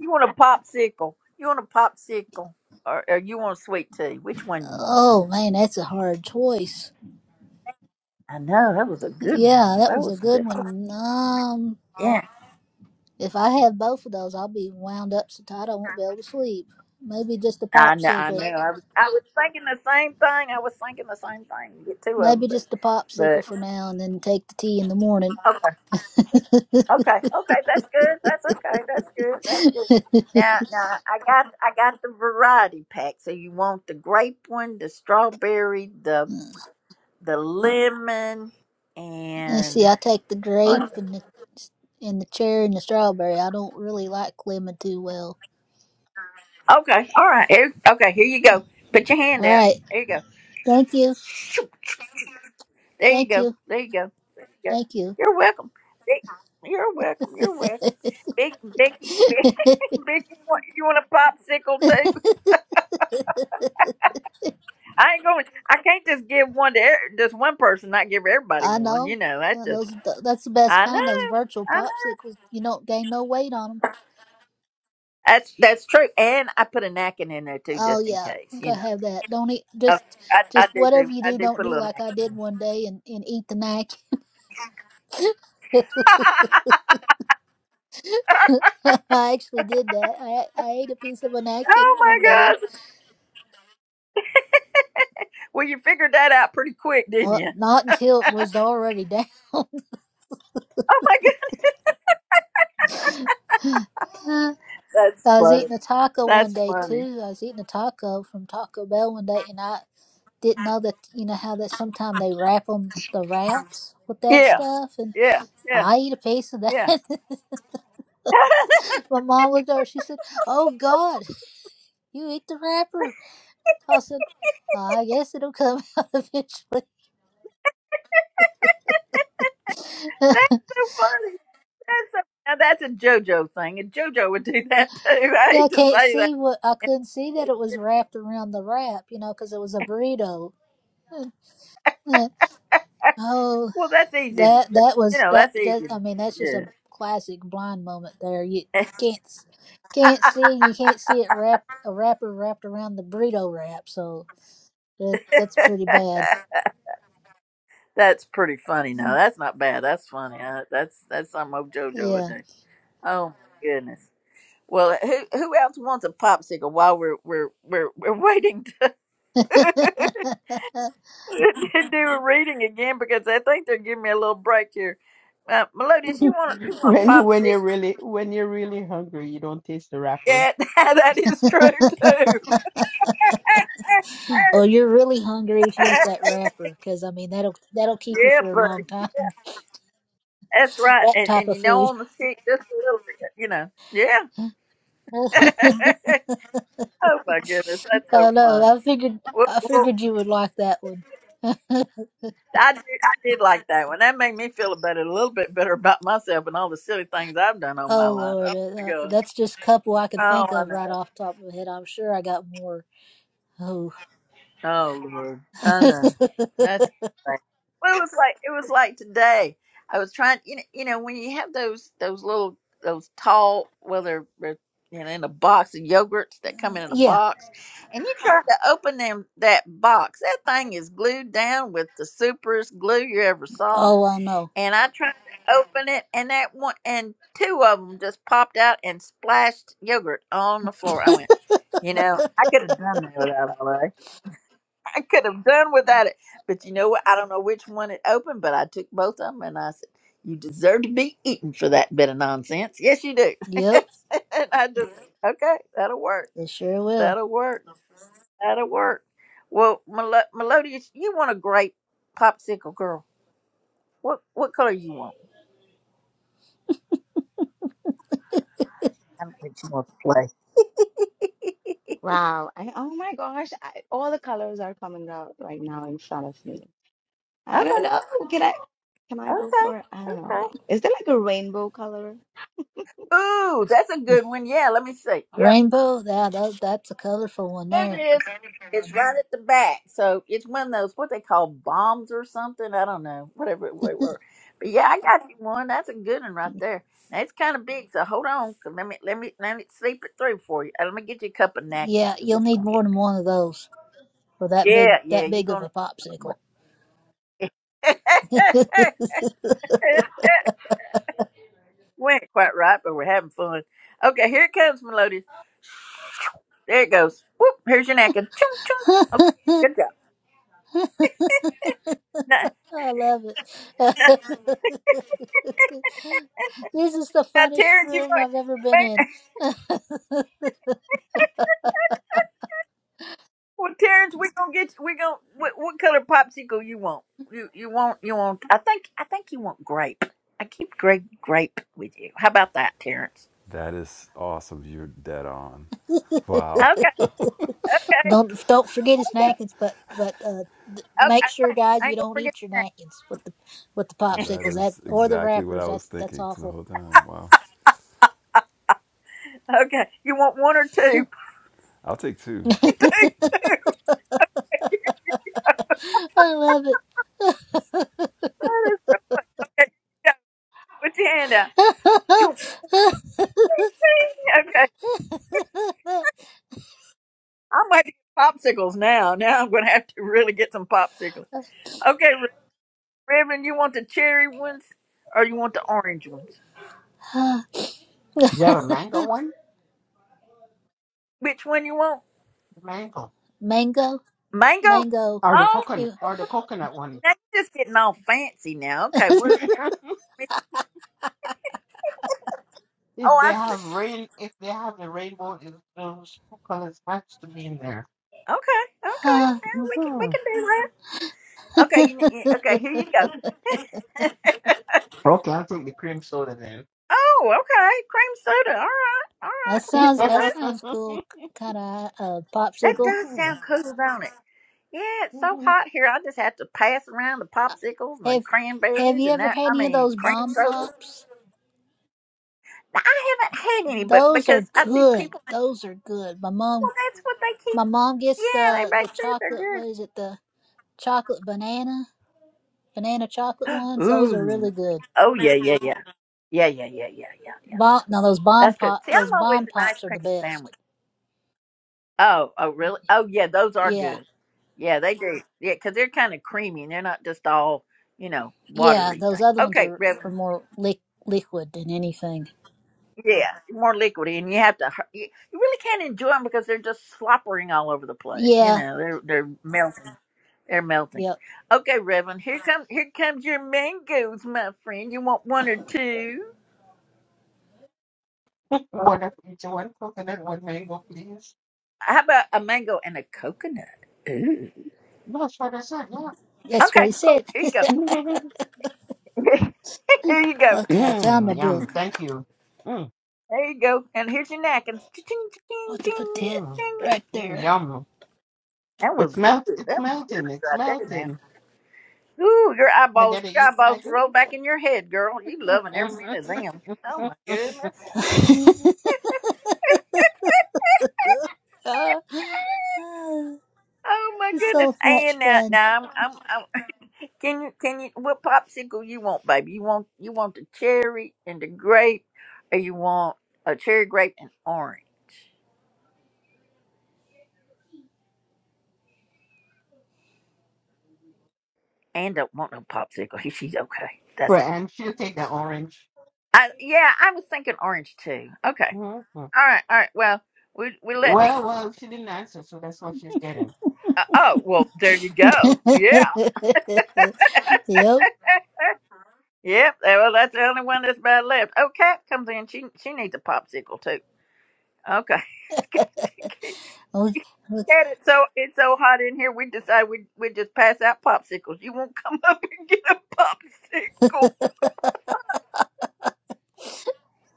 Speaker 1: You want a popsicle? You want a popsicle, or or you want a sweet tea? Which one you want?
Speaker 16: Oh man, that's a hard choice.
Speaker 1: I know that was a good one
Speaker 16: Yeah,
Speaker 1: though.
Speaker 16: that
Speaker 1: That
Speaker 16: was a
Speaker 1: was some
Speaker 16: good
Speaker 1: good.
Speaker 16: one. Um, if I have both of those, I'll be wound up so tight I won't be able to sleep. Maybe just a
Speaker 1: I know, I know.
Speaker 16: popsicle.
Speaker 1: I was, I was thinking the same thing. I was thinking the same thing. Get two of
Speaker 16: Maybe
Speaker 1: them,
Speaker 16: just a
Speaker 1: but,
Speaker 16: popsicle for now, and then take the tea in the morning.
Speaker 1: but okay, okay, okay. That's good. That's okay. That's good. That's good. Now, now I got, I got the variety pack. So you want the grape one, the strawberry, the,
Speaker 16: Uh,
Speaker 1: the lemon,
Speaker 16: Let's
Speaker 1: and
Speaker 16: see. I take the
Speaker 1: what-
Speaker 16: grape
Speaker 1: is it?
Speaker 16: and the and the cherry and the strawberry. I don't really like lemon too well.
Speaker 1: okay, all right. Here, okay, here you go. Put your hand
Speaker 16: All
Speaker 1: out.
Speaker 16: right.
Speaker 1: There you go.
Speaker 16: Thank you.
Speaker 1: There you
Speaker 16: Thank
Speaker 1: go.
Speaker 16: you.
Speaker 1: There you go. There you go.
Speaker 16: Thank you.
Speaker 1: You're welcome. Big- You're welcome. You're welcome. Big Vicky, Big, Vicky, you want you want a popsicle too? I ain't going. I can't just give one to every- just one person. Not give everybody
Speaker 16: I
Speaker 1: one. You
Speaker 16: know.
Speaker 1: know, that's
Speaker 16: Uh,
Speaker 1: just.
Speaker 16: Those th- that's the best
Speaker 1: I know.
Speaker 16: kind. Those virtual
Speaker 1: I know.
Speaker 16: popsicles. You don't gain no weight on them.
Speaker 1: That's that's true. And I put a napkin in there too,
Speaker 16: Oh
Speaker 1: just in
Speaker 16: yeah,
Speaker 1: case.
Speaker 16: I'm
Speaker 1: You
Speaker 16: gonna
Speaker 1: know.
Speaker 16: have that. Don't eat just
Speaker 1: Okay. I, I
Speaker 16: just
Speaker 1: do
Speaker 16: whatever
Speaker 1: do.
Speaker 16: you
Speaker 1: I
Speaker 16: do.
Speaker 1: do
Speaker 16: Don't
Speaker 1: put
Speaker 16: do
Speaker 1: a little
Speaker 16: like
Speaker 1: napkin.
Speaker 16: I
Speaker 1: In there.
Speaker 16: did one day and, and eat the napkin. I actually did that. I I ate a piece of a napkin
Speaker 1: oh
Speaker 16: one day.
Speaker 1: my gosh! Well, you figured that out pretty quick, didn't
Speaker 16: Well,
Speaker 1: you?
Speaker 16: not until it was already down.
Speaker 1: Oh my gosh! that's
Speaker 16: I was
Speaker 1: funny.
Speaker 16: eating a taco one
Speaker 1: That's
Speaker 16: day
Speaker 1: funny.
Speaker 16: too. I was eating a taco from Taco Bell one day, and I didn't know that you know how that sometimes they wrap them the wraps with that
Speaker 1: Yeah,
Speaker 16: stuff and
Speaker 1: yeah, yeah,
Speaker 16: i eat a piece of that
Speaker 1: yeah. that's
Speaker 16: my mom looked over she said oh god you eat the wrapper i said i guess it'll come out eventually
Speaker 1: so funny. That's so, now that's a JoJo thing, and JoJo would do that too. I
Speaker 16: i
Speaker 1: hate to
Speaker 16: can't
Speaker 1: say that.
Speaker 16: see what i couldn't see that it was wrapped around the wrap you know because it was a burrito oh
Speaker 1: Well, that's easy to do.
Speaker 16: That that
Speaker 1: You
Speaker 16: was
Speaker 1: know,
Speaker 16: that
Speaker 1: that's easy
Speaker 16: that
Speaker 1: to
Speaker 16: I
Speaker 1: do.
Speaker 16: mean that's just a classic blind moment there. You
Speaker 1: Yeah,
Speaker 16: can't s- can't see you can't see it wrap a wrapper wrapped around the burrito wrap, so that that's pretty bad.
Speaker 1: that's pretty funny. Now that's not bad. That's funny. Uh, that's that's something old JoJo would
Speaker 16: Yeah.
Speaker 1: do. Oh my goodness. Well, who who else wants a popsicle while we're we're we're we're waiting to? to do a reading again because I think they're giving me a little break here. Uh, Melodious, you want you want
Speaker 10: When you
Speaker 1: pop
Speaker 10: when you're
Speaker 1: six?
Speaker 10: really when you're really hungry, you don't taste the wrapper.
Speaker 1: Yeah, that is true too.
Speaker 16: oh, you're really hungry if you eat that wrapper, because I mean that'll that'll keep you
Speaker 1: yeah,
Speaker 16: for a
Speaker 1: buddy,
Speaker 16: long time.
Speaker 1: that's right.
Speaker 16: That
Speaker 1: And
Speaker 16: type
Speaker 1: and
Speaker 16: of
Speaker 1: you know
Speaker 16: food.
Speaker 1: on the stick just a little bit, you know. Yeah. oh my goodness, that's so
Speaker 16: Oh no,
Speaker 1: funny.
Speaker 16: I figured
Speaker 1: Well,
Speaker 16: I
Speaker 1: well,
Speaker 16: figured you would like that one.
Speaker 1: I did I did like that one. That made me feel about it a little bit better about myself and all the silly things I've done all my
Speaker 16: Oh
Speaker 1: life. Oh
Speaker 16: Lord,
Speaker 1: my
Speaker 16: uh,
Speaker 1: god.
Speaker 16: that's just a couple I could
Speaker 1: Oh,
Speaker 16: think
Speaker 1: I
Speaker 16: of
Speaker 1: know.
Speaker 16: right off the top of my head. I'm sure I got more. Oh,
Speaker 1: Oh Lord, I know. That's right. Well, it was like it was like today. I was trying, you know, you know, when you have those those little those tall, well, they're, they're you know in a box of yogurts that come in a
Speaker 16: yeah.
Speaker 1: box, and you try to open them that box, that thing is glued down with the superest glue you ever saw.
Speaker 16: Oh, I know.
Speaker 1: And I tried to open it, and that one and two of them just popped out and splashed yogurt on the floor. I went, you know, I could have done that without all that. I could have done without it. But you know what? I don't know which one it opened, but I took both of them and I said, You deserve to be eaten for that bit of nonsense. Yes, you do.
Speaker 16: Yep,
Speaker 1: and I just, okay, that'll work.
Speaker 16: it sure will.
Speaker 1: That'll work. That'll work. Well, Melo- Melodious, you want a great popsicle girl. What what color you want? I don't think she wants to play.
Speaker 14: Wow. I, oh my gosh. I, all the colors are coming out right now in front of me. I don't
Speaker 1: Okay,
Speaker 14: know. Can I can I go for it? I
Speaker 1: okay,
Speaker 14: don't know.
Speaker 1: okay.
Speaker 14: Is there like a rainbow color?
Speaker 1: Ooh, that's a good one. Yeah, let me see. Yep.
Speaker 16: Rainbow, that, that that's a colorful one
Speaker 1: There it
Speaker 16: there.
Speaker 1: is. It's right at the back. So it's one of those what they call bombs or something. I don't know. Whatever they were. But yeah, I got you one. That's a good one right there. Now it's kind of big, so hold on. 'cause let me let me let me sleep it through for you. Uh, Let me get you a couple of napkins
Speaker 16: Yeah,
Speaker 1: because
Speaker 16: you'll
Speaker 1: it's
Speaker 16: need
Speaker 1: gonna
Speaker 16: more
Speaker 1: get
Speaker 16: than
Speaker 1: me.
Speaker 16: one of those for that big
Speaker 1: Yeah, yeah,
Speaker 16: that
Speaker 1: you're
Speaker 16: big of
Speaker 1: gonna
Speaker 16: a
Speaker 1: need one.
Speaker 16: popsicle.
Speaker 1: Went quite right, but we're having fun. Okay, here it comes, Melodious. There it goes. Whoop, here's your napkin. Chung chung. Okay, good job. Now,
Speaker 16: I love it. this is the
Speaker 1: now
Speaker 16: funnest
Speaker 1: Terrence, you
Speaker 16: room I've ever been
Speaker 1: might.
Speaker 16: in.
Speaker 1: Well, Terrence, we gonna get we gonna what, what color popsicle you want? You you want you want? I think I think you want grape. I keep grape grape with you. How about that, Terrence?
Speaker 13: That is awesome. You're dead on.
Speaker 1: Okay,
Speaker 13: Wow.
Speaker 1: okay, okay.
Speaker 16: Don't don't forget his napkins, but but uh, th-
Speaker 1: okay.
Speaker 16: make sure,
Speaker 1: okay.
Speaker 16: guys,
Speaker 1: I
Speaker 16: you
Speaker 1: ain't gonna
Speaker 16: don't
Speaker 1: forget
Speaker 16: eat your napkins with the with the
Speaker 1: that.
Speaker 13: That
Speaker 16: popsicles that
Speaker 13: is
Speaker 16: or the
Speaker 13: exactly what
Speaker 16: wrappers.
Speaker 13: I was
Speaker 16: That's that's
Speaker 13: thinking the
Speaker 16: awful.
Speaker 13: whole time. Wow.
Speaker 1: okay, you want one or two?
Speaker 13: I'll take two.
Speaker 1: two, two.
Speaker 16: I love it.
Speaker 1: That is okay. Yeah, put your hand out. Choo, ching. Okay, I'm gonna have to get popsicles now. Now I'm gonna have to really get some popsicles. Okay, Reverend, you want the cherry ones or you want the orange ones?
Speaker 10: Do you have a mango one?
Speaker 1: Which one you want?
Speaker 10: The mango.
Speaker 16: mango,
Speaker 1: Mango.
Speaker 16: mango.
Speaker 10: Or the
Speaker 1: Oh,
Speaker 10: coconut
Speaker 16: Ew.
Speaker 10: or the coconut one.
Speaker 1: now you're just getting all fancy now. Okay, well,
Speaker 10: If
Speaker 1: oh,
Speaker 10: they
Speaker 1: I see.
Speaker 10: have rain if they have the rainbow it- those two colors have to be in there.
Speaker 1: Okay, okay,
Speaker 16: that
Speaker 1: yeah, we can we
Speaker 10: Mhm.
Speaker 1: can do that. Okay, you, you- okay, here you go.
Speaker 10: Okay, I'll take the cream soda then.
Speaker 1: oh, okay, cream soda. All right, all right, we can
Speaker 16: sounds
Speaker 1: do
Speaker 16: that
Speaker 1: that.
Speaker 16: sounds cool. Kind of uh,
Speaker 1: That
Speaker 16: popsicle.
Speaker 1: does
Speaker 10: Mhm.
Speaker 1: sound cool, don't it? Yeah, it's so
Speaker 10: Mhm.
Speaker 1: hot here. I just have to pass around the
Speaker 16: Uh,
Speaker 1: popsicles and the
Speaker 16: Have Have
Speaker 1: cranberries
Speaker 16: you
Speaker 1: and
Speaker 16: ever
Speaker 1: that.
Speaker 16: had
Speaker 1: I
Speaker 16: any of
Speaker 1: mean,
Speaker 16: those
Speaker 1: cream
Speaker 16: bomb
Speaker 1: soda.
Speaker 16: pops?
Speaker 1: I haven't had any, but
Speaker 16: Those are
Speaker 1: because I see
Speaker 16: good.
Speaker 1: people,
Speaker 16: Those are good. My mom,
Speaker 1: well, that's what they keep.
Speaker 16: my mom gets
Speaker 1: Yeah, they
Speaker 16: the the
Speaker 1: make says they're
Speaker 16: chocolate.
Speaker 1: good.
Speaker 16: What is it? The chocolate banana, banana chocolate ones. Those are
Speaker 1: Ooh.
Speaker 16: really good.
Speaker 1: Oh yeah, yeah, yeah. Yeah, yeah, yeah, yeah, yeah, yeah,
Speaker 16: Bomb,
Speaker 1: yeah.
Speaker 16: now those bomb
Speaker 1: That's good.
Speaker 16: pop,
Speaker 1: See,
Speaker 16: those
Speaker 1: I'm always
Speaker 16: bomb
Speaker 1: an ice
Speaker 16: pops are the
Speaker 1: cream
Speaker 16: best.
Speaker 1: sandwich. Oh, oh really? Oh yeah, those are
Speaker 16: Yeah,
Speaker 1: good. Yeah, they do. Yeah, because they're kind of creamy and they're not just all, you know,
Speaker 16: yeah.
Speaker 1: watery
Speaker 16: Those
Speaker 1: things.
Speaker 16: other ones
Speaker 1: Okay,
Speaker 16: are are
Speaker 1: Reverend.
Speaker 16: more li- liquid than anything.
Speaker 1: Yeah, more liquidy, and you have to. hu- You you really can't enjoy them because they're just sloppering all over the place. You
Speaker 16: Yeah,
Speaker 1: know, they're they're melting. They're melting.
Speaker 16: yep.
Speaker 1: Okay, Reverend. Here comes here comes your mangoes, my friend. You want one or two?
Speaker 10: One of each one coconut, one mango, please.
Speaker 1: How about a mango and a coconut? Ooh.
Speaker 10: No, that's what I said, yeah.
Speaker 16: That's what
Speaker 1: Okay,
Speaker 16: he said.
Speaker 1: cool. Here you go. Here you go.
Speaker 16: Okay, I found my
Speaker 10: Mmm, yum.
Speaker 16: book.
Speaker 10: Thank you. Mm,
Speaker 1: There you go. And here's your napkins. Ching, ching,
Speaker 16: What to put
Speaker 1: ching,
Speaker 16: that
Speaker 10: mm,
Speaker 1: ching.
Speaker 16: right
Speaker 10: mm,
Speaker 16: there?
Speaker 10: yum.
Speaker 1: That was
Speaker 10: It's
Speaker 1: good.
Speaker 10: melt. It's
Speaker 1: That was good
Speaker 10: melting. It's
Speaker 1: right there, man.
Speaker 10: melting.
Speaker 1: Ooh, your
Speaker 10: I
Speaker 1: eyeballs,
Speaker 10: gotta
Speaker 1: your
Speaker 10: eat. I
Speaker 1: eyeballs
Speaker 10: go.
Speaker 1: roll back in your head, girl. You loving every minute of them. Oh my goodness.
Speaker 16: Ah, ah,
Speaker 1: Oh my
Speaker 16: it's
Speaker 1: goodness.
Speaker 16: so
Speaker 1: And
Speaker 16: much
Speaker 1: now,
Speaker 16: fun.
Speaker 1: now I'm, I'm, I'm. Can you, can you? What popsicle you want, baby? You want, you want the cherry and the grape, or you want a cherry grape and orange? Anne don't want no popsicle. He- She's okay. That's all.
Speaker 10: right, and she'll take the orange.
Speaker 1: I, yeah. I was thinking orange too. Okay.
Speaker 10: Mhm.
Speaker 1: All right. All right. Well, we we let. Nick-
Speaker 10: Well, well, she didn't answer, so that's what she's getting.
Speaker 1: Uh, oh well, there you go. Yeah.
Speaker 16: Yep.
Speaker 1: eh, Yep. eh, Well, that's the only one that's bad left. Oh, Cat comes in. She she needs a popsicle too. Okay. Cat,
Speaker 16: Okay. okay.
Speaker 1: it's so it's so hot in here. We decide we we just pass out popsicles. You won't come up and get a popsicle.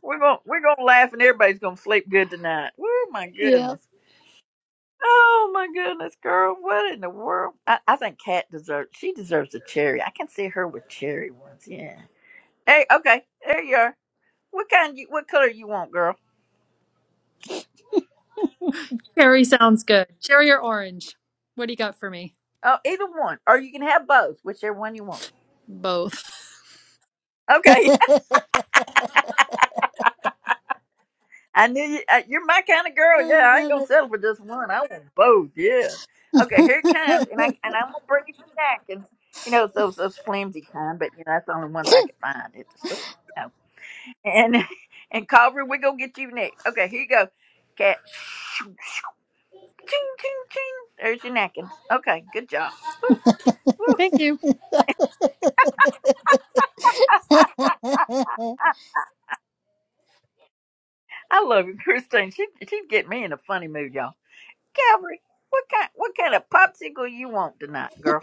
Speaker 1: We're gonna we're gonna laugh and everybody's gonna sleep good tonight. Oh my
Speaker 16: Yeah.
Speaker 1: goodness. Oh my goodness, girl! What in the world? I, I think Kat deserves. She deserves a cherry. I can see her with cherry ones. Yeah. Hey, okay, there you are. What kind? You, what color you want, girl?
Speaker 17: Cherry sounds good. Cherry or orange? What do you got for me?
Speaker 1: Oh, either one, or you can have both, whichever one you want.
Speaker 17: Both.
Speaker 1: Okay. I knew you. uh, You're my kind of
Speaker 16: I
Speaker 1: girl. Yeah, I ain't
Speaker 16: love
Speaker 1: gonna settle for just one. I want both. Yeah. Okay,
Speaker 16: it.
Speaker 1: here it comes, and I and I'm gonna bring you some napkins. You know, it's those those flimsy kind, but you know that's the only ones I could find at the store. And and Calvary, we're gonna get you next. Okay, here you go. Cat ching ching ching. There's your napkins. Okay, good job. Woo, woo.
Speaker 17: Thank you.
Speaker 1: I love you, Christine. She she'd get me in a funny mood, y'all. Calvary, what kind what kind of popsicle you want tonight, girl?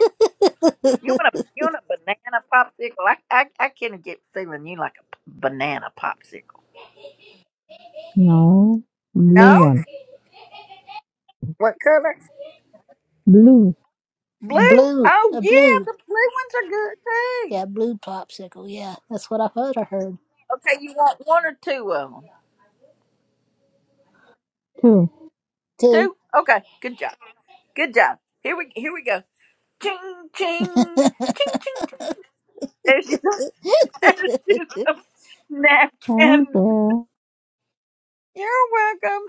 Speaker 1: You want a you want a banana popsicle? I I I can't get feeling you like a p- banana popsicle.
Speaker 18: No, blue
Speaker 1: No?
Speaker 18: one.
Speaker 1: What color?
Speaker 18: Blue
Speaker 1: Blue?
Speaker 16: blue.
Speaker 1: Oh
Speaker 16: A
Speaker 1: yeah,
Speaker 16: blue.
Speaker 1: the blue ones are good too.
Speaker 16: Yeah, blue popsicle. Yeah, that's what I thought I heard
Speaker 1: Okay, you want one or two of them?
Speaker 18: too.
Speaker 16: too.
Speaker 1: Two? Okay. Good job. Good job. Here we here we go. Ching ching ching ching ching. There's your, there's your some
Speaker 18: Thank
Speaker 1: napkins.
Speaker 18: you.
Speaker 1: You're welcome.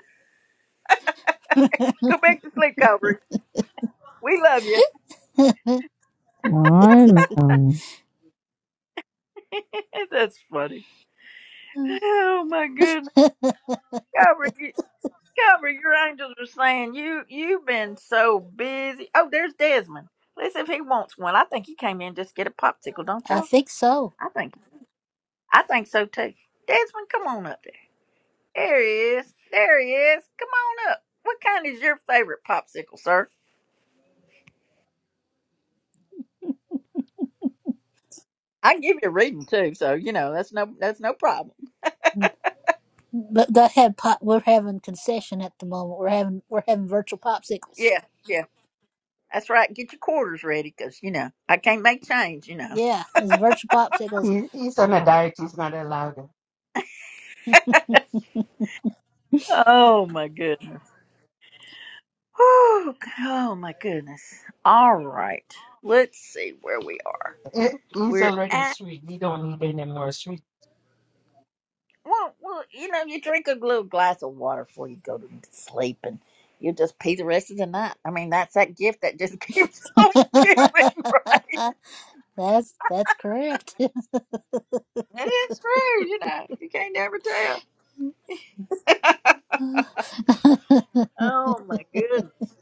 Speaker 1: Go back to sleep, Cobra. We love you.
Speaker 18: I know.
Speaker 1: That's funny. Oh my goodness, Cobra, you- Cobra, your angels are saying you you've been so busy. Oh, there's Desmond. Let's see if he wants one. I think he came in just to get a popsicle, don't
Speaker 16: I
Speaker 1: y'all?
Speaker 16: think so.
Speaker 1: I think I think so too. Desmond, come on up. There he is. There he is. Come on up. What kind is your favorite popsicle, sir? I can give you a reading too, so you know that's no that's no problem.
Speaker 16: But they had pop. We're having concession at the moment. We're having we're having virtual popsicles.
Speaker 1: Yeah, yeah, that's right. Get your quarters ready, cause you know I can't make change. You know.
Speaker 16: Yeah, it's virtual popsicles.
Speaker 10: He, he's on a diet. He's not allowed.
Speaker 1: Oh my goodness. Whew. Oh my goodness. All right. Let's see where we are.
Speaker 10: it. He's
Speaker 1: We're
Speaker 10: already
Speaker 1: at.
Speaker 10: sweet. He don't need any more sweet.
Speaker 1: well, well, you know, you drink a little glass of water before you go to sleep, and you just pee the rest of the night. I mean, that's that gift that just keeps on giving, right?
Speaker 16: that's that's correct.
Speaker 1: It is true, you know. You can't never tell. Oh my goodness.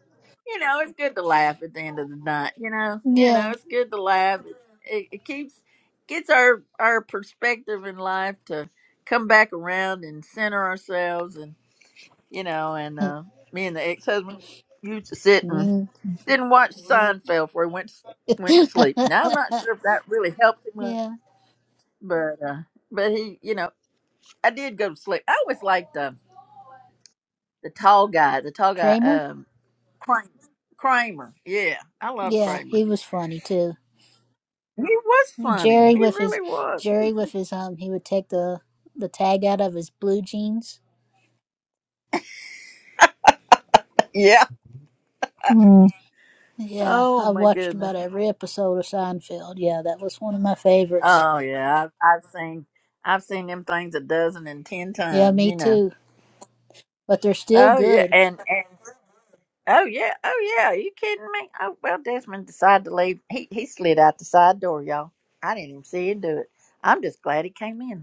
Speaker 1: You know, it's good to laugh at the end of the night. You know, you know,
Speaker 16: yeah.
Speaker 1: it's good to laugh. It, it keeps gets our our perspective in life to come back around and center ourselves, and you know, and uh, me and the ex husband used to sit and
Speaker 16: Mm.
Speaker 1: Didn't watch Seinfeld before he went went to sleep. Now I'm not sure if that really helped him much,
Speaker 16: Yeah.
Speaker 1: but uh, but he, you know, I did go to sleep. I always liked um, the tall guy, the tall guy,
Speaker 16: Kramer?
Speaker 1: um, Kramer. Kramer, yeah, I love
Speaker 16: Yeah,
Speaker 1: Kramer.
Speaker 16: he was funny too.
Speaker 1: He was funny.
Speaker 16: Jerry
Speaker 1: He
Speaker 16: with his
Speaker 1: really was.
Speaker 16: Jerry with his um he would take the the tag out of his blue jeans.
Speaker 1: Yeah.
Speaker 18: Mm,
Speaker 16: Yeah,
Speaker 1: Oh
Speaker 16: I
Speaker 1: my
Speaker 16: watched
Speaker 1: goodness.
Speaker 16: about every episode of Seinfeld. Yeah, that was one of my favorites.
Speaker 1: Oh yeah. I've, I've seen I've seen them things a dozen and ten
Speaker 16: Yeah,
Speaker 1: times.
Speaker 16: me
Speaker 1: You know.
Speaker 16: too. But they're still
Speaker 1: Oh yeah.
Speaker 16: good.
Speaker 1: And and Oh yeah, oh yeah. Are you kidding me? Oh well, Desmond decided to leave. He he slid out the side door, y'all. I didn't even see him do it. I'm just glad he came in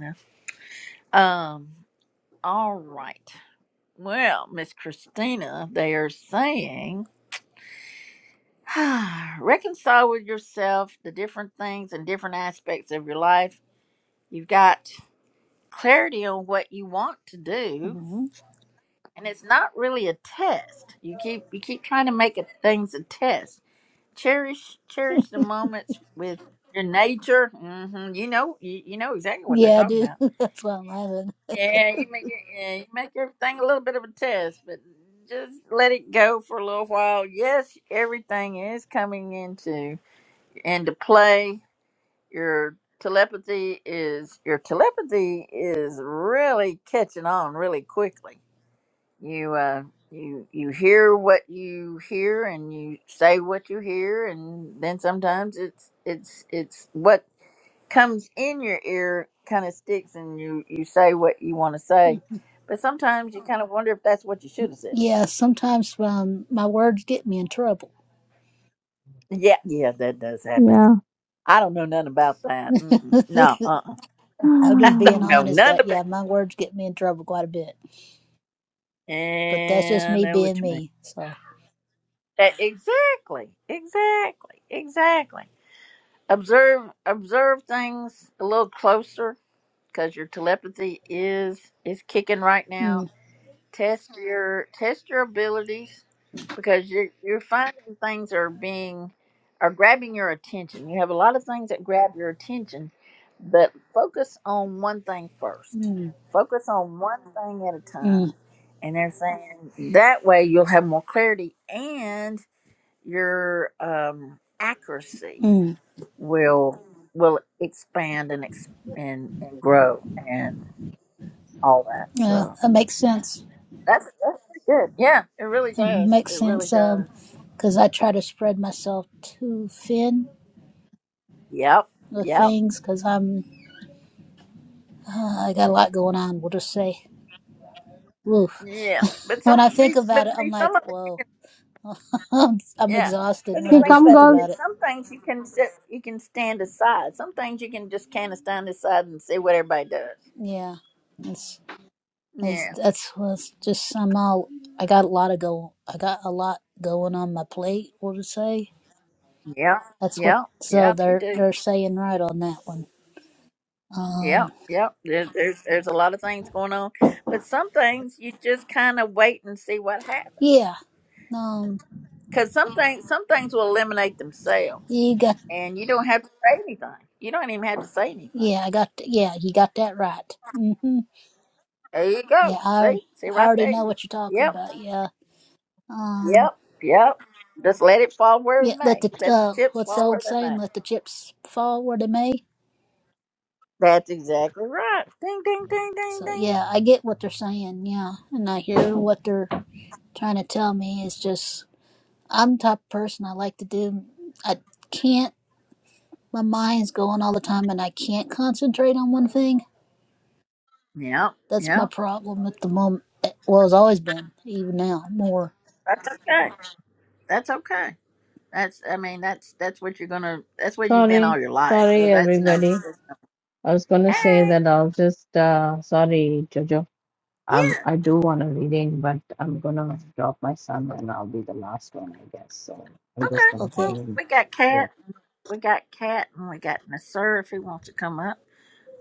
Speaker 1: though. Um. All right. Well, Miss Christina, they are saying reconcile with yourself the different things and different aspects of your life. You've got clarity on what you want to do,
Speaker 16: hmm
Speaker 1: and it's not really a test. You keep you keep trying to make it, things a test Cherish, cherish the moments with your nature. hmm You know, you, you know exactly what they're
Speaker 16: Yeah, I
Speaker 1: talking
Speaker 16: do.
Speaker 1: about.
Speaker 16: That's why I'm laughing.
Speaker 1: Yeah, you make it, yeah, you make everything a little bit of a test, but just let it go for a little while. Yes, everything is coming into into play. Your telepathy is your telepathy is really catching on really quickly you uh you you hear what you hear and you say what you hear and then sometimes it's it's it's what comes in your ear kind of sticks and you you say what you want to say but sometimes you kind of wonder if that's what you should have said
Speaker 16: Yeah, sometimes um, my words get me in trouble.
Speaker 1: yeah yeah that does happen
Speaker 18: yeah.
Speaker 1: i don't know nothing about that Mm-mm. no uh-uh.
Speaker 16: I'm
Speaker 1: i
Speaker 16: just being
Speaker 1: don't know
Speaker 16: honest
Speaker 1: nothing
Speaker 16: that,
Speaker 1: about
Speaker 16: yeah, my words get me in trouble quite a bit.
Speaker 1: it.
Speaker 16: But that's just
Speaker 1: and
Speaker 16: me
Speaker 1: i know what
Speaker 16: being
Speaker 1: you mean
Speaker 16: me. So,
Speaker 1: That- exactly exactly exactly observe observe things a little closer because your telepathy is is kicking right now
Speaker 16: mm.
Speaker 1: test your test your abilities because you're you're finding things are being are grabbing your attention you have a lot of things that grab your attention but focus on one thing first
Speaker 16: Mm.
Speaker 1: focus on one thing at a
Speaker 16: Mm,
Speaker 1: time and they're saying that way you'll have more clarity and your um accuracy
Speaker 16: mm.
Speaker 1: will will expand and ex- and and grow and all that.
Speaker 16: Yeah,
Speaker 1: So
Speaker 16: that makes sense.
Speaker 1: that's that's pretty good. Yeah, it really
Speaker 16: That
Speaker 1: does.
Speaker 16: makes
Speaker 1: It really
Speaker 16: sense.
Speaker 1: does.
Speaker 16: Um, because I try to spread myself too thin
Speaker 1: Yep.
Speaker 16: with
Speaker 1: Yep.
Speaker 16: things because I'm uh, I got a lot going on. We'll just say. Woof.
Speaker 1: Yeah. But
Speaker 16: When
Speaker 1: some
Speaker 16: I
Speaker 1: see,
Speaker 16: think about
Speaker 1: but
Speaker 16: it, I'm
Speaker 1: see
Speaker 16: like,
Speaker 1: some of it.
Speaker 16: whoa, I'm, I'm
Speaker 1: Yeah.
Speaker 16: exhausted
Speaker 1: But
Speaker 16: when
Speaker 1: the
Speaker 18: Okay,
Speaker 16: I
Speaker 1: thing
Speaker 16: just
Speaker 18: come,
Speaker 1: about
Speaker 16: think
Speaker 1: it
Speaker 18: girls.
Speaker 16: about
Speaker 1: is,
Speaker 16: it.
Speaker 1: some things you can sit, you can stand aside. Some things you can just kind of stand aside and see what everybody does.
Speaker 16: Yeah, it's it's
Speaker 1: Yeah.
Speaker 16: that's was just I'm all I got a lot of go I got a lot going on my plate. We'll just say
Speaker 1: Yeah.
Speaker 16: that's what
Speaker 1: Yep.
Speaker 16: so
Speaker 1: Yep. You
Speaker 16: they're
Speaker 1: do.
Speaker 16: they're saying right on that one.
Speaker 1: Yep,
Speaker 16: Um,
Speaker 1: yep. There's, there's there's a lot of things going on, but some things you just kind of wait and see what happens.
Speaker 16: Yeah. Um.
Speaker 1: Because some things some things will eliminate themselves,
Speaker 16: You got.
Speaker 1: and you don't have to say anything. You don't even have to say anything.
Speaker 16: Yeah. I got. Yeah. You got that right. hmm
Speaker 1: There you
Speaker 16: Yeah.
Speaker 1: go. See,
Speaker 16: I.
Speaker 1: see
Speaker 16: I
Speaker 1: right
Speaker 16: already
Speaker 1: there.
Speaker 16: know what you're talking
Speaker 1: Yep,
Speaker 16: about. Yeah. Um.
Speaker 1: yep, yep. Just let it fall where it
Speaker 16: Yeah. Let
Speaker 1: may.
Speaker 16: the.
Speaker 1: Let the
Speaker 16: Uh.
Speaker 1: chips
Speaker 16: What's the
Speaker 1: fall where
Speaker 16: old
Speaker 1: they
Speaker 16: saying?
Speaker 1: may.
Speaker 16: Let the chips fall where they may.
Speaker 1: That's exactly right. Ding, ding, ding, ding,
Speaker 16: So
Speaker 1: ding.
Speaker 16: yeah, I get what they're saying. Yeah, and I hear what they're trying to tell me. It's just I'm the type of person I like to do. I can't. My mind's going all the time, and I can't concentrate on one thing.
Speaker 1: Yep,
Speaker 16: That's my
Speaker 1: yep.
Speaker 16: problem at the moment. Well, it's always been, even now, more.
Speaker 1: That's okay. That's okay. That's I mean that's that's what you're gonna that's where you've been
Speaker 18: Sorry,
Speaker 1: all your life.
Speaker 18: sorry,
Speaker 1: So that's no,
Speaker 18: everybody.
Speaker 1: that's no
Speaker 18: I was gonna say
Speaker 1: Hey.
Speaker 18: that I'll just. Uh, sorry, Jojo. Um,
Speaker 1: Yeah.
Speaker 18: I do want a reading, but I'm gonna drop my son, and I'll be the last one, I guess. So I'm
Speaker 1: Okay.
Speaker 18: just gonna hang
Speaker 16: Okay.
Speaker 1: Well
Speaker 18: in.
Speaker 1: we got
Speaker 18: here.
Speaker 1: Cat. We got Cat and we got Nasir if he wants to come up.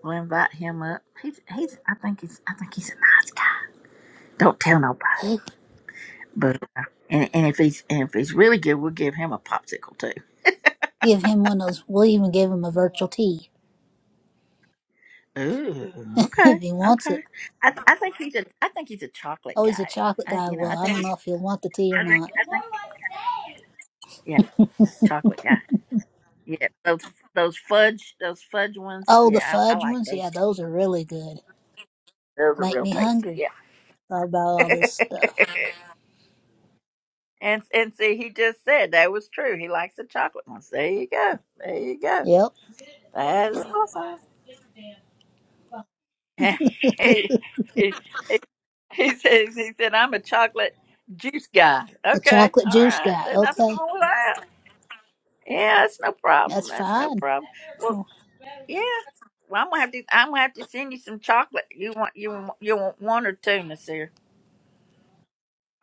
Speaker 1: We'll invite him up. He's he's I think he's I think he's a nice guy. Don't tell nobody. But uh, and, and if he's and if he's really good, we'll give him a popsicle too.
Speaker 16: Give him one of those. We'll even give him a virtual tea
Speaker 1: Ooh,
Speaker 16: if
Speaker 1: okay,
Speaker 16: he wants it.
Speaker 1: okay. I I think he's a I think he's a chocolate
Speaker 16: Oh, he's a
Speaker 1: guy.
Speaker 16: chocolate
Speaker 1: I
Speaker 16: guy.
Speaker 1: you know
Speaker 16: Well,
Speaker 1: I
Speaker 16: I
Speaker 1: think
Speaker 16: don't
Speaker 1: I
Speaker 16: know
Speaker 1: think
Speaker 16: if he'll want the tea or
Speaker 1: I
Speaker 16: not.
Speaker 1: think he's, yeah chocolate guy. Yeah, those those fudge those fudge ones.
Speaker 16: Oh, the
Speaker 1: Yeah, I, I
Speaker 16: fudge
Speaker 1: like
Speaker 16: ones? Yeah,
Speaker 1: those. Too.
Speaker 16: those are really good.
Speaker 1: Those are
Speaker 16: Make
Speaker 1: real
Speaker 16: me
Speaker 1: tasty.
Speaker 16: hungry.
Speaker 1: Yeah.
Speaker 16: Thought about all this stuff.
Speaker 1: and and see, he just said that was true. He likes the chocolate ones. There you go. There you go.
Speaker 16: Yep.
Speaker 1: That is awesome. he, he, he says he said I'm a chocolate juice guy.
Speaker 16: The
Speaker 1: Okay,
Speaker 16: chocolate
Speaker 1: all
Speaker 16: juice
Speaker 1: right.
Speaker 16: guy.
Speaker 1: There's nothing
Speaker 16: Okay.
Speaker 1: wrong with that. Yeah, that's no problem.
Speaker 16: That's
Speaker 1: That's no
Speaker 16: fine.
Speaker 1: problem. Well, Yeah. Well, I'm gonna have to. I'm gonna have to send you some chocolate. You want you want- you want one or two, Miss Sarah.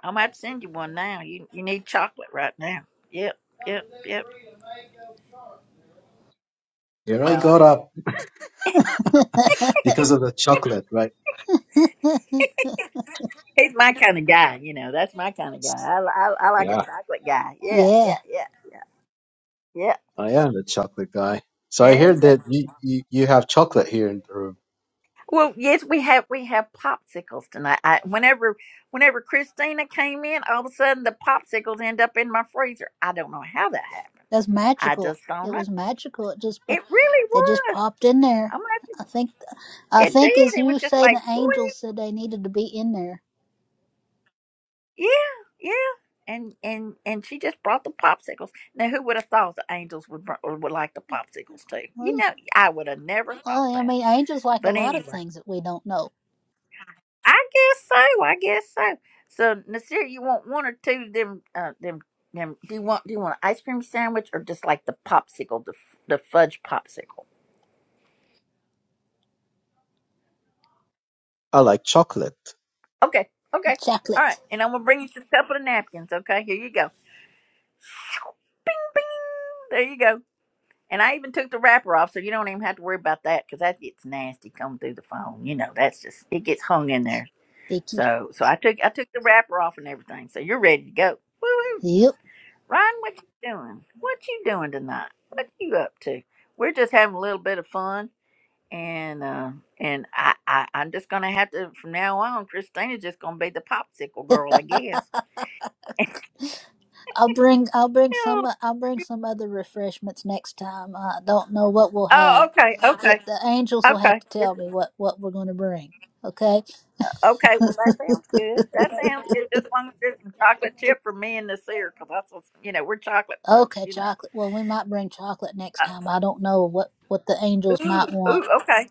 Speaker 1: I'm gonna have to send you one now. You you need chocolate right now. Yep, yep, yep.
Speaker 19: Here I got up because of the chocolate, right?
Speaker 1: He's my kind of guy. You know, that's my kind of guy. I, li- I I like a
Speaker 19: Yeah,
Speaker 1: chocolate guy. Yeah,
Speaker 16: yeah.
Speaker 1: yeah, yeah, yeah, yeah.
Speaker 19: I am the chocolate guy. So I
Speaker 1: There
Speaker 19: hear
Speaker 1: you go.
Speaker 19: that you, you, you have chocolate here in the room.
Speaker 1: Well, yes, we have we have popsicles tonight. I, whenever whenever Christina came in, all of a sudden the popsicles end up in my freezer. I don't know how that happened.
Speaker 16: That's
Speaker 1: I
Speaker 16: magical.
Speaker 1: just don't
Speaker 16: It
Speaker 1: know.
Speaker 16: was magical. It just, po-
Speaker 1: It really
Speaker 16: they just
Speaker 1: was.
Speaker 16: popped in there.
Speaker 1: I'm gonna have to
Speaker 16: I think, I
Speaker 1: It did.
Speaker 16: think as
Speaker 1: It
Speaker 16: you
Speaker 1: was just
Speaker 16: say, the
Speaker 1: like, boing.
Speaker 16: angels said they needed to be in there.
Speaker 1: yeah, yeah. And and and she just brought the popsicles. Now, who would have thought the angels would br- would like the popsicles too?
Speaker 16: Well,
Speaker 1: You know, I would have never thought
Speaker 16: Well, I
Speaker 1: that.
Speaker 16: mean, angels like a
Speaker 1: But
Speaker 16: lot of
Speaker 1: anyway,
Speaker 16: things that we don't know.
Speaker 1: I guess so. I guess so. So, Nasir, you want one or two of them? Uh, them. Them, do you want do you want an ice cream sandwich or just like the popsicle, the f- the fudge popsicle?
Speaker 19: I like chocolate.
Speaker 1: Okay, okay, all right.
Speaker 16: Chocolate,
Speaker 1: And I'm gonna bring you just a couple of napkins. Okay, here you go. Bing! There you go. And I even took the wrapper off, so you don't even have to worry about that because that gets nasty coming through the phone. You know, that's just it gets hung in there.
Speaker 16: Vicky.
Speaker 1: So, so I took I took the wrapper off and everything. So you're ready to go. Woo woo!
Speaker 16: Yep.
Speaker 1: Ryan, what you doing? What you doing tonight? What you up to? We're just having a little bit of fun, and uh, and I, I I'm just gonna have to from now on. Christina's just gonna be the popsicle girl, I guess.
Speaker 16: I'll bring. I'll bring
Speaker 1: Yeah.
Speaker 16: some. I'll bring some other refreshments next time. I don't know what we'll have.
Speaker 1: Oh, okay,
Speaker 16: It,
Speaker 1: okay,
Speaker 16: the angels will have to
Speaker 1: okay.
Speaker 16: tell me what what we're going to bring. Okay.
Speaker 1: Okay, well that sounds good. That sounds good. Just as long as there's some chocolate chip for me and this here, 'cause that's what's you know we're chocolate folks,
Speaker 16: Okay.
Speaker 1: you know.
Speaker 16: Chocolate. Well, we might bring chocolate next
Speaker 1: Uh,
Speaker 16: time. I don't know what what the angels
Speaker 1: ooh,
Speaker 16: might want.
Speaker 1: ooh, okay,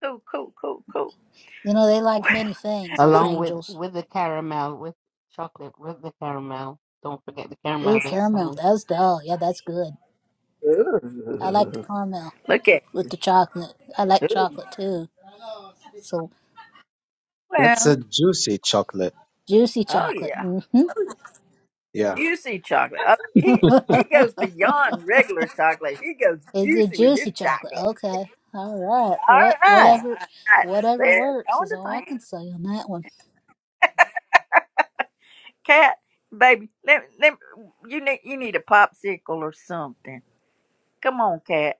Speaker 1: cool, cool, cool, cool.
Speaker 16: You know, they like many things. Those
Speaker 10: Along with
Speaker 16: angels.
Speaker 10: with the caramel, with chocolate, with the caramel. Don't forget the caramel
Speaker 16: Ooh,
Speaker 10: this
Speaker 16: caramel.
Speaker 10: time.
Speaker 16: That's dull. Yeah, that's good. I like the
Speaker 1: Ooh.
Speaker 16: caramel
Speaker 1: Look at,
Speaker 16: with the chocolate. I like
Speaker 1: ooh.
Speaker 16: chocolate too. So
Speaker 19: That's
Speaker 1: well,
Speaker 19: a juicy chocolate.
Speaker 16: Juicy
Speaker 1: oh
Speaker 16: chocolate.
Speaker 1: yeah,
Speaker 16: hmm
Speaker 19: Yeah.
Speaker 1: juicy chocolate. Oh, he he goes beyond regular chocolate. He goes
Speaker 16: It's a
Speaker 1: juicy with his
Speaker 16: juicy chocolate.
Speaker 1: chocolate.
Speaker 16: Okay. All right.
Speaker 1: All
Speaker 16: What
Speaker 1: right,
Speaker 16: whatever
Speaker 1: all right, that's
Speaker 16: whatever
Speaker 1: it.
Speaker 16: works
Speaker 1: Going
Speaker 16: is
Speaker 1: to
Speaker 16: all I
Speaker 1: town,
Speaker 16: can say on that one.
Speaker 1: cat, baby. Let, let you need you need a popsicle or something. Come on, cat.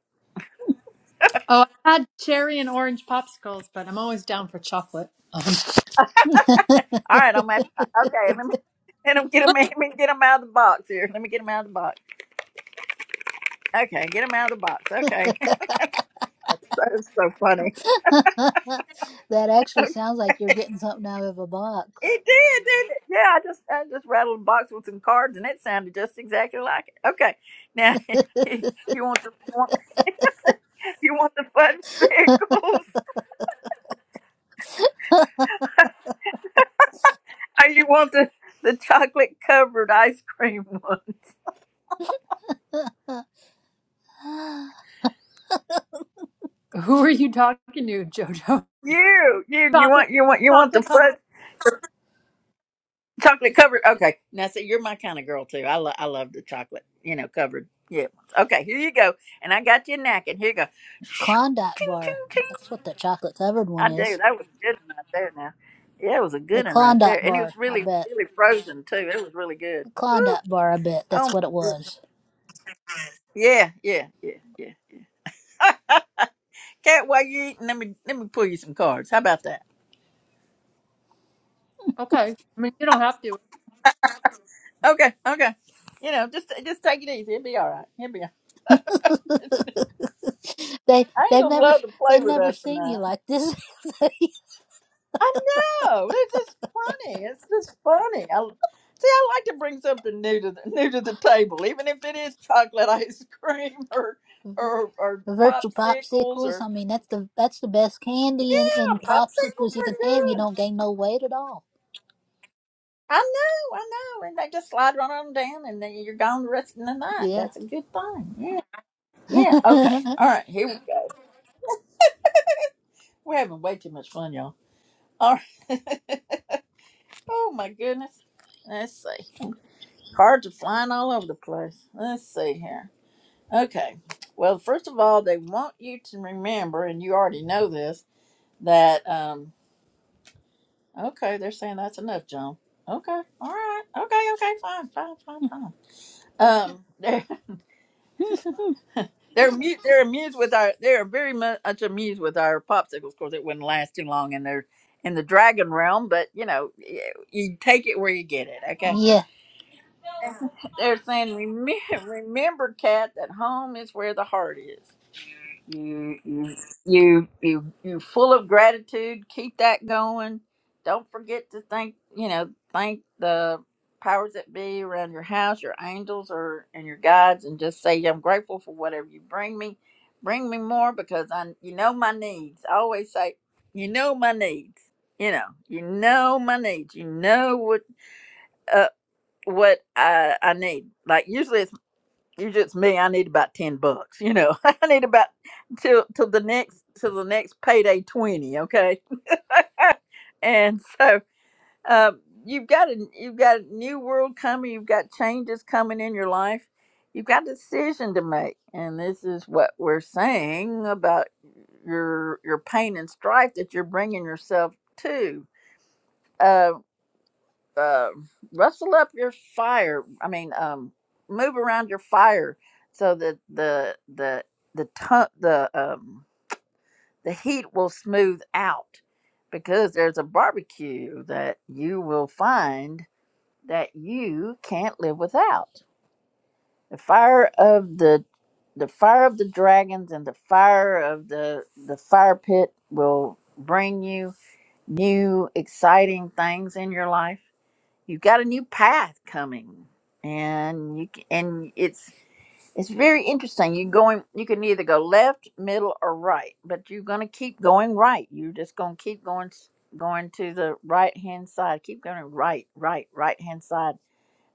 Speaker 17: Oh, I had cherry and orange popsicles, but I'm always down for chocolate. Um,
Speaker 1: All right, I'm at, okay. Let me let him get him. Let me get him out of the box here. Let me get him out of the box. Okay, get him out of the box. Okay, that is so funny.
Speaker 16: that actually
Speaker 1: Okay.
Speaker 16: sounds like you're getting something out of a box.
Speaker 1: It did, did it? Yeah, I just I just rattled a box with some cards, and it sounded just exactly like it. Okay, now you want the you want, you want the fudge sickles, or you want the the chocolate covered ice cream one?
Speaker 16: Uh,
Speaker 17: who are you talking to, Jojo?
Speaker 1: You you you
Speaker 17: Chocolate,
Speaker 1: want you want you want the
Speaker 17: chocolate covered.
Speaker 1: fudge? chocolate covered. Okay, now so you're my kind of girl too. I love I love the chocolate, you know, covered. Yeah. Okay, here you go, and I got you knacking. Here you go.
Speaker 16: Klondike
Speaker 1: Ting ting
Speaker 16: bar.
Speaker 1: ting.
Speaker 16: That's what that chocolate covered one
Speaker 1: I do.
Speaker 16: is.
Speaker 1: That was a good one right there. Now, yeah, it was a
Speaker 16: A
Speaker 1: good one right
Speaker 16: Klondike
Speaker 1: there, and it
Speaker 16: bar,
Speaker 1: was
Speaker 16: I
Speaker 1: really
Speaker 16: bet.
Speaker 1: really frozen too. It was really good.
Speaker 16: A
Speaker 1: Woo.
Speaker 16: Klondike bar, I bet.
Speaker 1: Oh
Speaker 16: That's what it was.
Speaker 1: yeah yeah yeah yeah. Cat, while you eating, let me let me pull you some cards. How about that?
Speaker 17: Okay. I mean, you don't have to.
Speaker 1: Okay okay. You know, just just take it easy. It'll be all right. It'll be. All
Speaker 16: they
Speaker 1: right.
Speaker 16: they've
Speaker 1: Angels
Speaker 16: never
Speaker 1: love to
Speaker 16: they
Speaker 1: play with
Speaker 16: never
Speaker 1: us
Speaker 16: seen you
Speaker 1: tonight.
Speaker 16: like this.
Speaker 1: I know. It's just funny. It's just funny. I, see, I like to bring something new to the, new to the table, even if it is chocolate ice cream or or or
Speaker 16: virtual
Speaker 1: popsicles
Speaker 16: popsicles.
Speaker 1: or
Speaker 16: I mean, that's the that's the best candy and,
Speaker 1: yeah,
Speaker 16: and
Speaker 1: popsicles
Speaker 16: popsicles you can
Speaker 1: are
Speaker 16: have. You
Speaker 1: good.
Speaker 16: don't gain no weight at all.
Speaker 1: I know, I know, and they just slide right on down, and then you're gone the rest of the night.
Speaker 16: Yeah.
Speaker 1: That's a good thing. Yeah, yeah. Okay, all right. Here we go. We're having way too much fun, y'all. All right. oh my goodness. Let's see. Cards are flying all over the place. Let's see here. Okay. Well, first of all, they want you to remember, and you already know this, that, um, okay, they're saying that's enough, John. Okay. All right. Okay. Okay. Fine. Fine. Fine. Fine. Um, they're, they're, amu- they're amused with our, they're very much amused with our popsicles. Of course, it wouldn't last too long in their, in the dragon realm, but you know, you, you take it where you get it. Okay.
Speaker 16: yeah.
Speaker 1: They're saying, remember, remember, cat, that home is where the heart is. You you you you you full of gratitude. Keep that going. Don't forget to thank you know thank the powers that be around your house, your angels, or and your guides, and just say I'm grateful for whatever you bring me. Bring me more because I you know my needs. I always say you know my needs. You know you know my needs. You know what uh what I I need. Like usually it's you're just me. I need about ten bucks. You know, I need about till till the next till the next payday twenty. Okay, and so um, you've got a you've got a new world coming. You've got changes coming in your life. You've got a decision to make, and this is what we're saying about your your pain and strife that you're bringing yourself to. uh, uh, rustle up your fire. I mean, um, move around your fire so that the the the tu- the um, the heat will smooth out because there's a barbecue that you will find that you can't live without. The fire of the the fire of the dragons and the fire of the the fire pit will bring you new exciting things in your life you've got a new path coming and you c- and it's it's very interesting you're going you can either go left middle or right but you're going to keep going right you're just going to keep going s- going to the right hand side keep going right right right hand side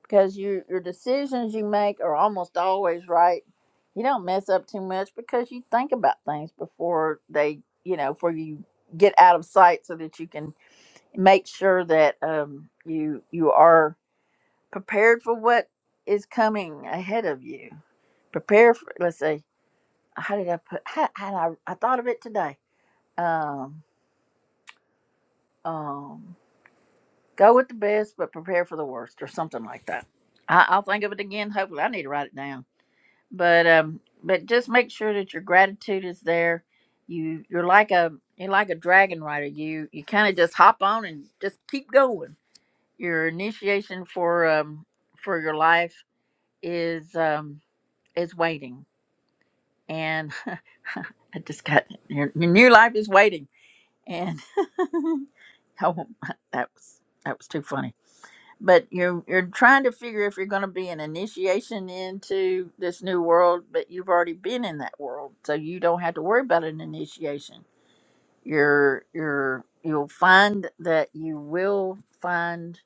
Speaker 1: because your your decisions you make are almost always right you don't mess up too much because you think about things before they you know before you get out of sight so that you can make sure that um, you you are prepared for what is coming ahead of you. Prepare for let's see, how did I put how, how I I thought of it today. Um um go with the best but prepare for the worst or something like that. I, I'll think of it again. Hopefully I need to write it down. But um but just make sure that your gratitude is there. You you're like a you're like a dragon rider. You you kinda just hop on and just keep going. Your initiation for um for your life is um is waiting and I just got your, your new life is waiting, and oh, that was that was too funny. But you're you're trying to figure if you're going to be an initiation into this new world, but you've already been in that world, so you don't have to worry about an initiation. You're you're you'll find that you will find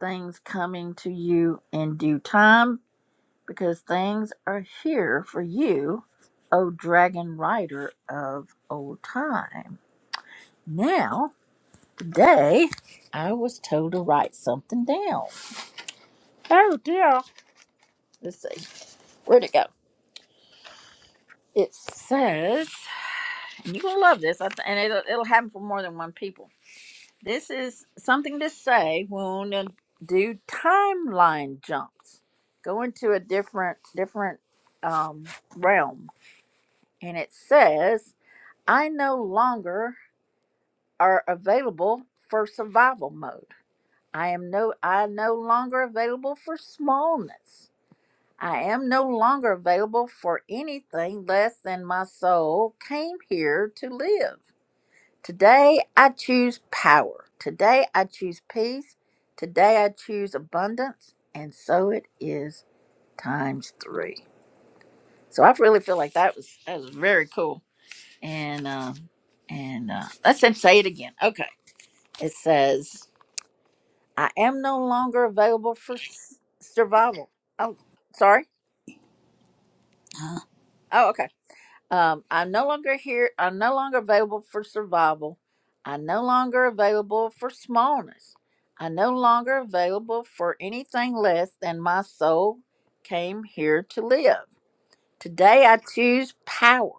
Speaker 1: things coming to you in due time because things are here for you, O dragon rider of old time. Now, today, I was told to write something down. Oh dear. Let's see. Where'd it go? It says, and you're going to love this, I th- and it'll, it'll happen for more than one people. This is something to say when you do timeline jumps, go into a different, different um, realm. And it says, I no longer are available for survival mode. I am no I no longer available for smallness. I am no longer available for anything less than my soul came here to live. Today I choose power. Today I choose peace. Today I choose abundance. And so it is times three. So I really feel like that was that was very cool. And um and uh, let's then say it again. Okay. It says, I am no longer available for s- survival. Oh, sorry.
Speaker 16: Uh,
Speaker 1: Oh, okay. Um, I'm no longer here. I'm no longer available for survival. I'm no longer available for smallness. I'm no longer available for anything less than my soul came here to live. Today I choose power.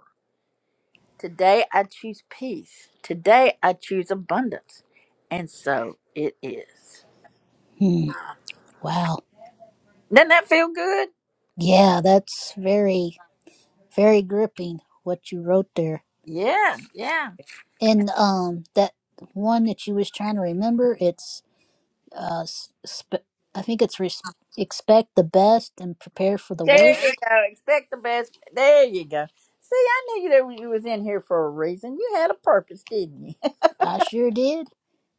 Speaker 1: Today I choose peace. Today I choose abundance. And so it is.
Speaker 16: hmm. Wow.
Speaker 1: Doesn't that feel good?
Speaker 16: Yeah, that's very very gripping what you wrote there.
Speaker 1: Yeah, yeah.
Speaker 16: And um, that one that you was trying to remember, it's uh, sp- I think it's res- expect the best and prepare for the
Speaker 1: There you
Speaker 16: worst.
Speaker 1: go. Expect the best. There you go. See, I knew you that you was in here for a reason. You had a purpose, didn't you?
Speaker 16: I sure did.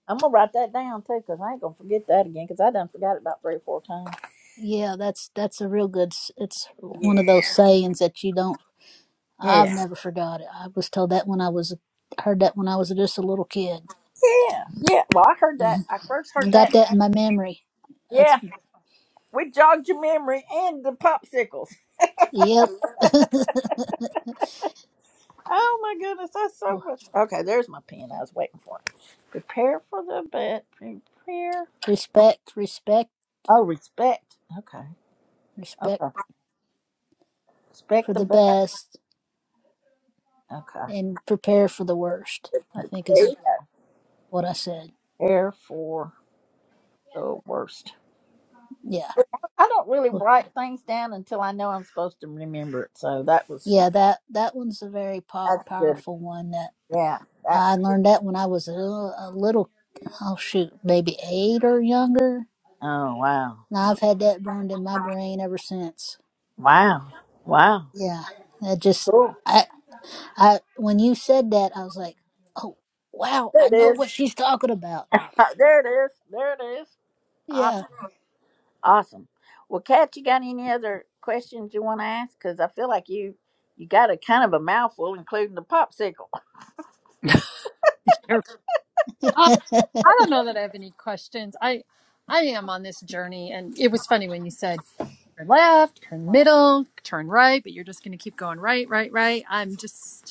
Speaker 1: I'm gonna write that down too, cause I ain't gonna forget that again, cause I done forgot it about three or four times.
Speaker 16: Yeah, that's that's a real good. s- It's one of those sayings that you don't I've
Speaker 1: Yeah,
Speaker 16: never forgot it. I was told that when I was heard that when I was just a little kid.
Speaker 1: yeah, yeah. Well, I heard that.
Speaker 16: Mhm.
Speaker 1: I first
Speaker 16: I
Speaker 1: heard that.
Speaker 16: got that in my memory. That's
Speaker 1: Yeah, we jogged your memory and the popsicles.
Speaker 16: yep.
Speaker 1: Oh my goodness, that's so much. Okay, there's my pen. I was waiting for it. Prepare for the bet. Prepare.
Speaker 16: respect, respect,
Speaker 1: Oh, respect. Okay.
Speaker 16: respect
Speaker 1: Okay. Respect
Speaker 16: for
Speaker 1: the
Speaker 16: the
Speaker 1: bet.
Speaker 16: best,
Speaker 1: Okay.
Speaker 16: and prepare for the worst. I think is what I said.
Speaker 1: Therefore, the worst.
Speaker 16: Yeah,
Speaker 1: I don't really write things down until I know I'm supposed to remember it. So that was
Speaker 16: yeah. That that one's a very po-
Speaker 1: that's good.
Speaker 16: powerful one. That
Speaker 1: Yeah. That.
Speaker 16: I learned that when I was a, a little. Oh shoot, maybe eight or younger.
Speaker 1: Oh wow.
Speaker 16: And I've
Speaker 1: Okay.
Speaker 16: had that burned in my brain ever since.
Speaker 1: Wow. Wow.
Speaker 16: Yeah, I just
Speaker 1: Cool.
Speaker 16: I I when you said that, I was like, oh wow,
Speaker 1: There
Speaker 16: I
Speaker 1: it
Speaker 16: know
Speaker 1: is.
Speaker 16: what she's talking about.
Speaker 1: Uh, There it is. There it is.
Speaker 16: Yeah,
Speaker 1: Awesome. Awesome. Well, Kat, you got any other questions you want to ask? Because I feel like you you got a kind of a mouthful, including the popsicle.
Speaker 17: You're- Uh, I don't know that I have any questions. I, I am on this journey, and it was funny when you said turn left, turn middle, turn right, but you're just going to keep going right, right, right. I'm just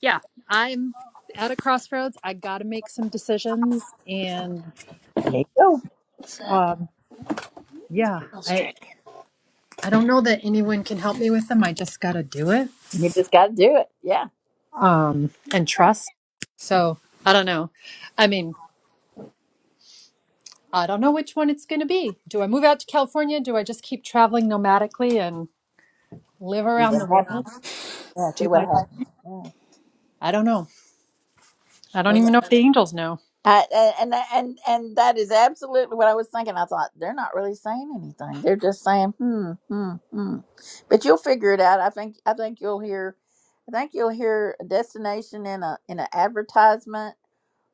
Speaker 17: yeah, I'm at a crossroads. I got to make some decisions, and
Speaker 1: There you go.
Speaker 16: So, that
Speaker 17: um, yeah,
Speaker 16: was
Speaker 17: I I don't know that anyone can help me with them. I just got to do it
Speaker 1: You just got to do it. Yeah.
Speaker 17: um, and trust. So I don't know. I mean, I don't know which one it's going to be. Do I move out to California? Do I just keep traveling nomadically and live
Speaker 1: Yeah. See
Speaker 17: around the
Speaker 1: what
Speaker 17: world?
Speaker 1: happens. Yeah. See
Speaker 17: Do
Speaker 1: what
Speaker 17: my
Speaker 1: happens.
Speaker 17: I don't know. I don't even know if the angels know.
Speaker 1: I, and and and and that is absolutely what I was thinking. I thought they're not really saying anything. They're just saying hmm hmm hmm. But you'll figure it out. I think I think you'll hear, I think you'll hear a destination in a in an advertisement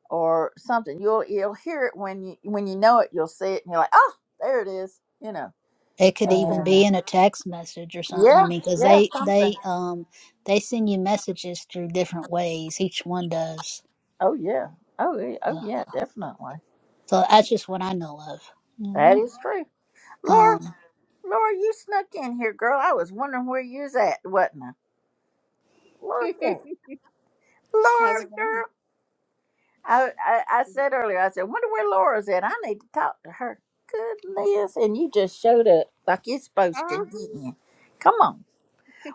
Speaker 1: or something. You'll you'll hear it when you when you know it. You'll see it and you're like, oh, there it is. You know.
Speaker 16: It could even
Speaker 1: And
Speaker 16: be in a text message or something. I
Speaker 1: yeah,
Speaker 16: mean, because
Speaker 1: yeah,
Speaker 16: they
Speaker 1: something.
Speaker 16: they um they send you messages through different ways. Each one does.
Speaker 1: Oh yeah. Oh yeah. Oh
Speaker 16: So,
Speaker 1: yeah. Definitely.
Speaker 16: so that's just what I know of. hmm
Speaker 1: That is true. Laura.
Speaker 16: Um.
Speaker 1: Laura, you snuck in here, girl. I was wondering where you was at, wasn't I? Look at
Speaker 20: How's it
Speaker 1: Laura,
Speaker 20: going?
Speaker 1: girl. I, I I
Speaker 20: Mhm.
Speaker 1: said earlier, I said, wonder where Laura's at. I need to talk to her. Goodness, and you just showed up like you're supposed to,
Speaker 20: Um,
Speaker 1: didn't you? Come on.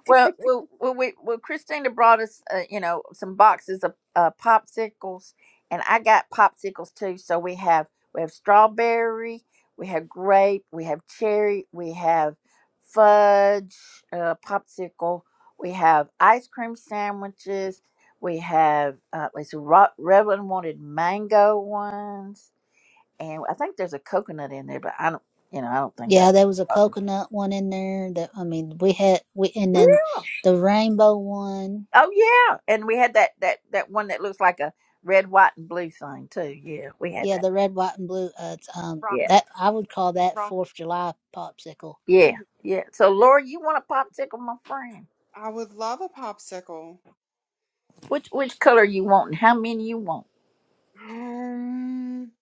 Speaker 1: Well, well, well, we, well Christina brought us, uh, you know, some boxes of uh, popsicles, and I got popsicles too. So we have we have strawberry, we have grape, we have cherry, we have fudge uh, popsicle, we have ice cream sandwiches, we have uh, let's see, Ro- Revlon wanted mango ones, and I think there's a coconut in there, but I don't, you know, I don't think
Speaker 16: Yeah,
Speaker 1: that's.
Speaker 16: there was a coconut one in there. That I mean, we had we and then the rainbow one.
Speaker 1: Oh yeah, and we had that that that one that looks like a red, white, and blue thing too. Yeah, we had
Speaker 16: Yeah,
Speaker 1: that.
Speaker 16: the red, white, and blue. Uh, it's, um,
Speaker 1: Yeah,
Speaker 16: that
Speaker 20: rocket,
Speaker 16: I would call that Fourth
Speaker 20: rocket
Speaker 16: of
Speaker 20: ship.
Speaker 16: July popsicle.
Speaker 1: yeah,
Speaker 20: Mhm.
Speaker 1: yeah. So Laura, you want a popsicle, my friend?
Speaker 20: I would love a popsicle.
Speaker 1: Which which color you want, and how many you want?
Speaker 20: Um,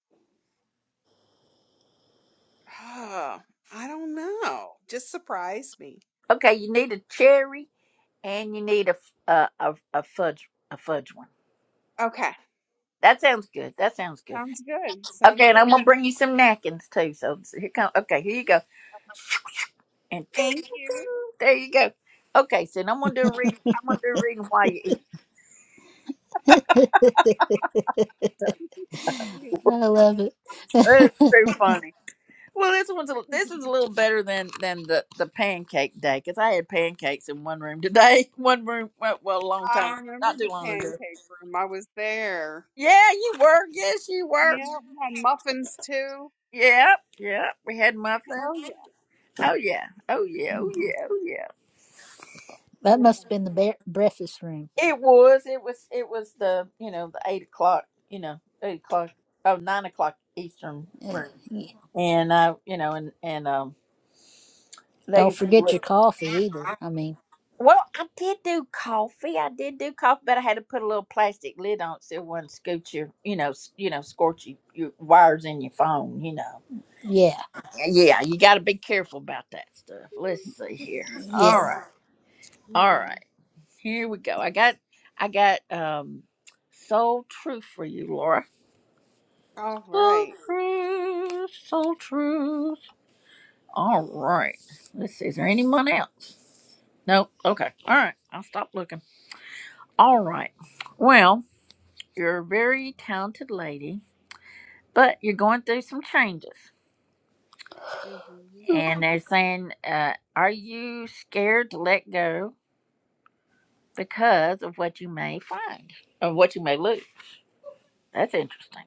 Speaker 20: ah, I don't know. Just surprise me.
Speaker 1: Okay, you need a cherry, and you need a f- a a, a fudge a fudge one.
Speaker 20: Okay,
Speaker 1: That sounds good. That sounds good.
Speaker 20: sounds good. Sounds
Speaker 1: Okay, and I'm
Speaker 20: good.
Speaker 1: gonna bring you some napkins too. So so here come. Okay, here you go. And ching,
Speaker 20: Thank
Speaker 1: ching,
Speaker 20: you.
Speaker 1: ching. there you go. Okay, so now I'm gonna do a reading. I'm gonna do a reading while you eat.
Speaker 16: I love it.
Speaker 1: That's too funny. Well, this one's a, this is a little better than than the the pancake day because I had pancakes in one room today. One room, well, well, a long
Speaker 20: I
Speaker 1: time,
Speaker 20: remember
Speaker 1: not too
Speaker 20: the
Speaker 1: long ago.
Speaker 20: pancake room. I was there.
Speaker 1: Yeah, you were. Yes, you were.
Speaker 20: Yeah, we had muffins too.
Speaker 1: Yep, yep. We had muffins.
Speaker 20: Oh yeah.
Speaker 1: Oh yeah. Oh yeah. Oh yeah. Oh yeah.
Speaker 16: That must have been the bre- breakfast room.
Speaker 1: It was. It was. It was the you know the eight o'clock. You know eight o'clock. Oh nine o'clock Eastern.
Speaker 16: Uh, yeah.
Speaker 1: And uh, you know, and and um,
Speaker 16: Don't forget
Speaker 1: legacy.
Speaker 16: your coffee either. I mean,
Speaker 1: Well, I did do coffee. I did do coffee, but I had to put a little plastic lid on it so it wouldn't scoot your, you know, s- you know, scorch your, your wires in your phone. You know.
Speaker 16: yeah,
Speaker 1: Yeah, yeah, you got to be careful about that stuff. Let's see here.
Speaker 16: yeah.
Speaker 1: All right, all
Speaker 20: Mm.
Speaker 1: right. Here we go. I got, I got, um, soul truth for you, Laura.
Speaker 20: All
Speaker 1: Soul
Speaker 20: right.
Speaker 1: truth, soul truth. All right. Let's see. Is there anyone else? Nope. Okay. All right. I'll stop looking. All right. Well. you're a very talented lady, but you're going through some changes.
Speaker 20: Mm-hmm.
Speaker 1: And they're saying, uh, are you scared to let go because of what you may find or what you may lose? That's interesting.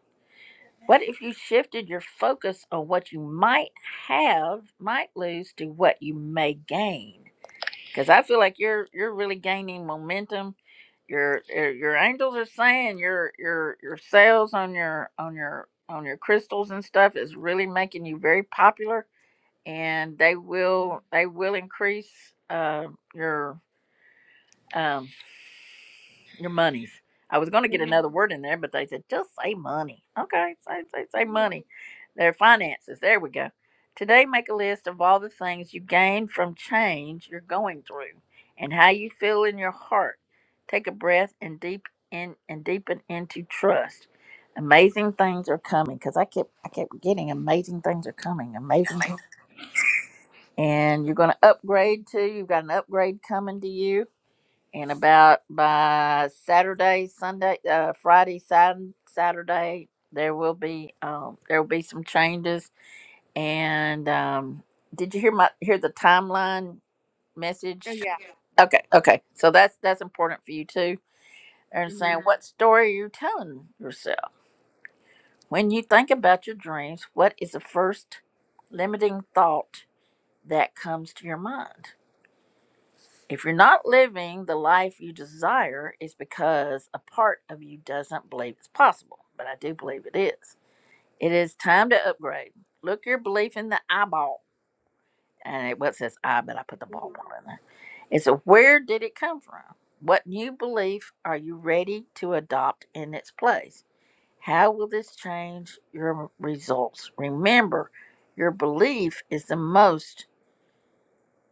Speaker 1: What if you shifted your focus on what you might have, might lose, to what you may gain? because I feel like you're you're really gaining momentum. Your your your angels are saying your your your sales on your on your on your crystals and stuff is really making you very popular, and they will they will increase uh, your um, your monies. I was going to get another
Speaker 20: Mm-hmm.
Speaker 1: word in there, but they said just say money. Okay, say, say, say money. Their finances. There we go. Today, make a list of all the things you gained from change you're going through and how you feel in your heart. Take a breath and deep in and deepen into trust. Amazing things are coming because I kept I kept getting amazing things are coming. Amazing, things. and you're going to upgrade too. You've got an upgrade coming to you and about by Saturday, Sunday, uh, Friday, Saturday, Saturday, there will be um, there will be some changes. And um, did you hear my hear the timeline message?
Speaker 20: Oh yeah.
Speaker 1: Okay, okay. So that's that's important for you too. And saying
Speaker 20: Mm-hmm.
Speaker 1: what story are you telling yourself when you think about your dreams? What is the first limiting thought that comes to your mind? If you're not living the life you desire, it's because a part of you doesn't believe it's possible, but I do believe it is. It is time to upgrade. Look your belief in the eyeball. And it what says I, but I put the ball
Speaker 20: Mm-hmm.
Speaker 1: one in there. It's a where did it come from? What new belief are you ready to adopt in its place? How will this change your results? Remember, your belief is the most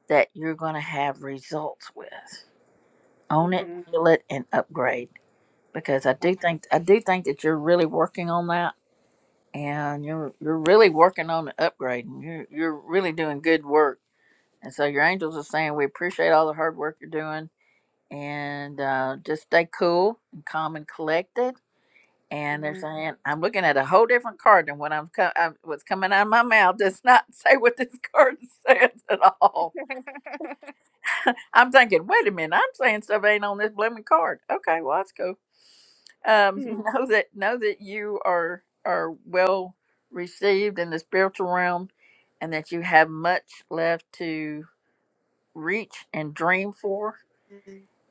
Speaker 1: that you're going to have results with. own it,
Speaker 20: Mm-hmm.
Speaker 1: feel it, and upgrade. Because I do think I do think that you're really working on that, and you're you're really working on the upgrading. You're you're really doing good work, and so your angels are saying we appreciate all the hard work you're doing, and uh, just stay cool and calm and collected. And they're
Speaker 20: Mhm.
Speaker 1: saying I'm looking at a whole different card than what I'm, co- I'm what's coming out of my mouth does not say what this card says at all. I'm thinking, wait a minute, I'm saying stuff ain't on this blooming card. Okay, well that's cool
Speaker 20: Mhm.
Speaker 1: um, know that know that you are are well received in the spiritual realm, and that you have much left to reach and dream for,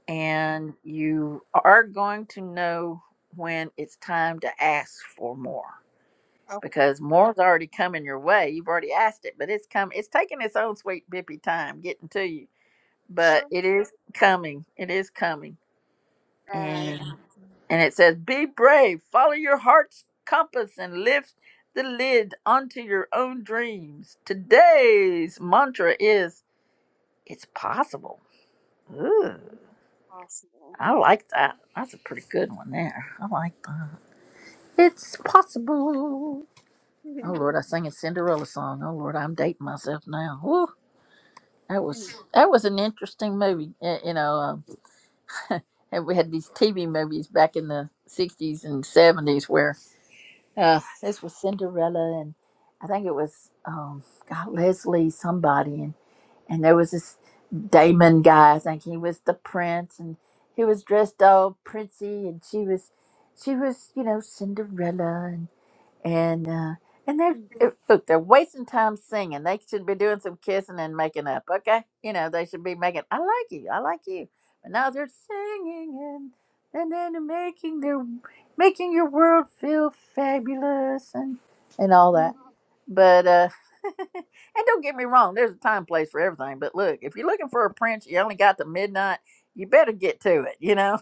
Speaker 1: and you are going to know when it's time to ask for more
Speaker 20: Oh,
Speaker 1: because more's already coming your way. You've already asked it, but it's come. It's taking its own sweet bippy time getting to you, but
Speaker 20: sure.
Speaker 1: it is coming. It is coming,
Speaker 20: All right.
Speaker 1: and.
Speaker 20: Awesome.
Speaker 1: And it says, Be brave, follow your heart's compass, and lift the lid onto your own dreams. Today's mantra is, It's possible. Ooh,
Speaker 20: Possible.
Speaker 1: I like that. That's a pretty good one there. I like that. It's possible. Oh
Speaker 20: Mm.
Speaker 1: Lord, I sang a Cinderella song. Oh Lord, I'm dating myself now. Woo, that was that was an interesting movie. Eh, You know, um, and we had these TV movies back in the '60s and '70s where Uh, this was Cinderella, and I think it was um, God Leslie somebody, and and there was this Damon guy. I think he was the prince, and he was dressed all princey, and she was she was you know Cinderella, and uh, and they're it- look, they're wasting time singing. They should be doing some kissing and making up. Okay, you know they should be making. I like you. I like you. But now they're singing and and then they're making their making your world feel fabulous and and all that. But uh, and don't get me wrong, there's a time place for everything. But look, if you're looking for a prince, you only got to midnight. You better get to it. You know,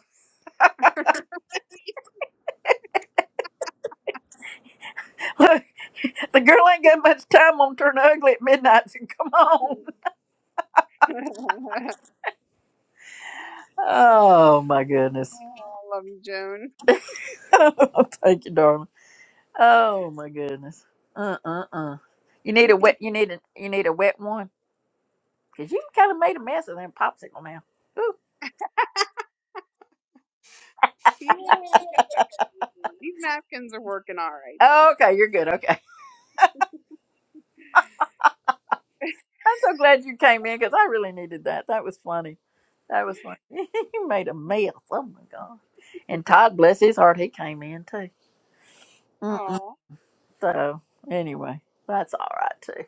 Speaker 1: look, the girl ain't got much time on turn ugly at midnight. So come on.
Speaker 20: I
Speaker 1: Oh my goodness.
Speaker 20: love you, Joan.
Speaker 1: Thank you, darling. Oh my goodness. Uh uh uh. You need
Speaker 20: yeah,
Speaker 1: a wet. You need a. You need a wet one because you kind of made a mess of that popsicle now. Ooh.
Speaker 20: I guess I could use one. These napkins are working all right, though.
Speaker 1: Oh, okay, you're good. Okay. I'm so glad you came in because I really needed that. That was funny. That was funny. you made a mess. Oh my god. And Todd, bless his heart, he came in too. Mm-mm.
Speaker 20: Oh.
Speaker 1: So anyway, that's all right too.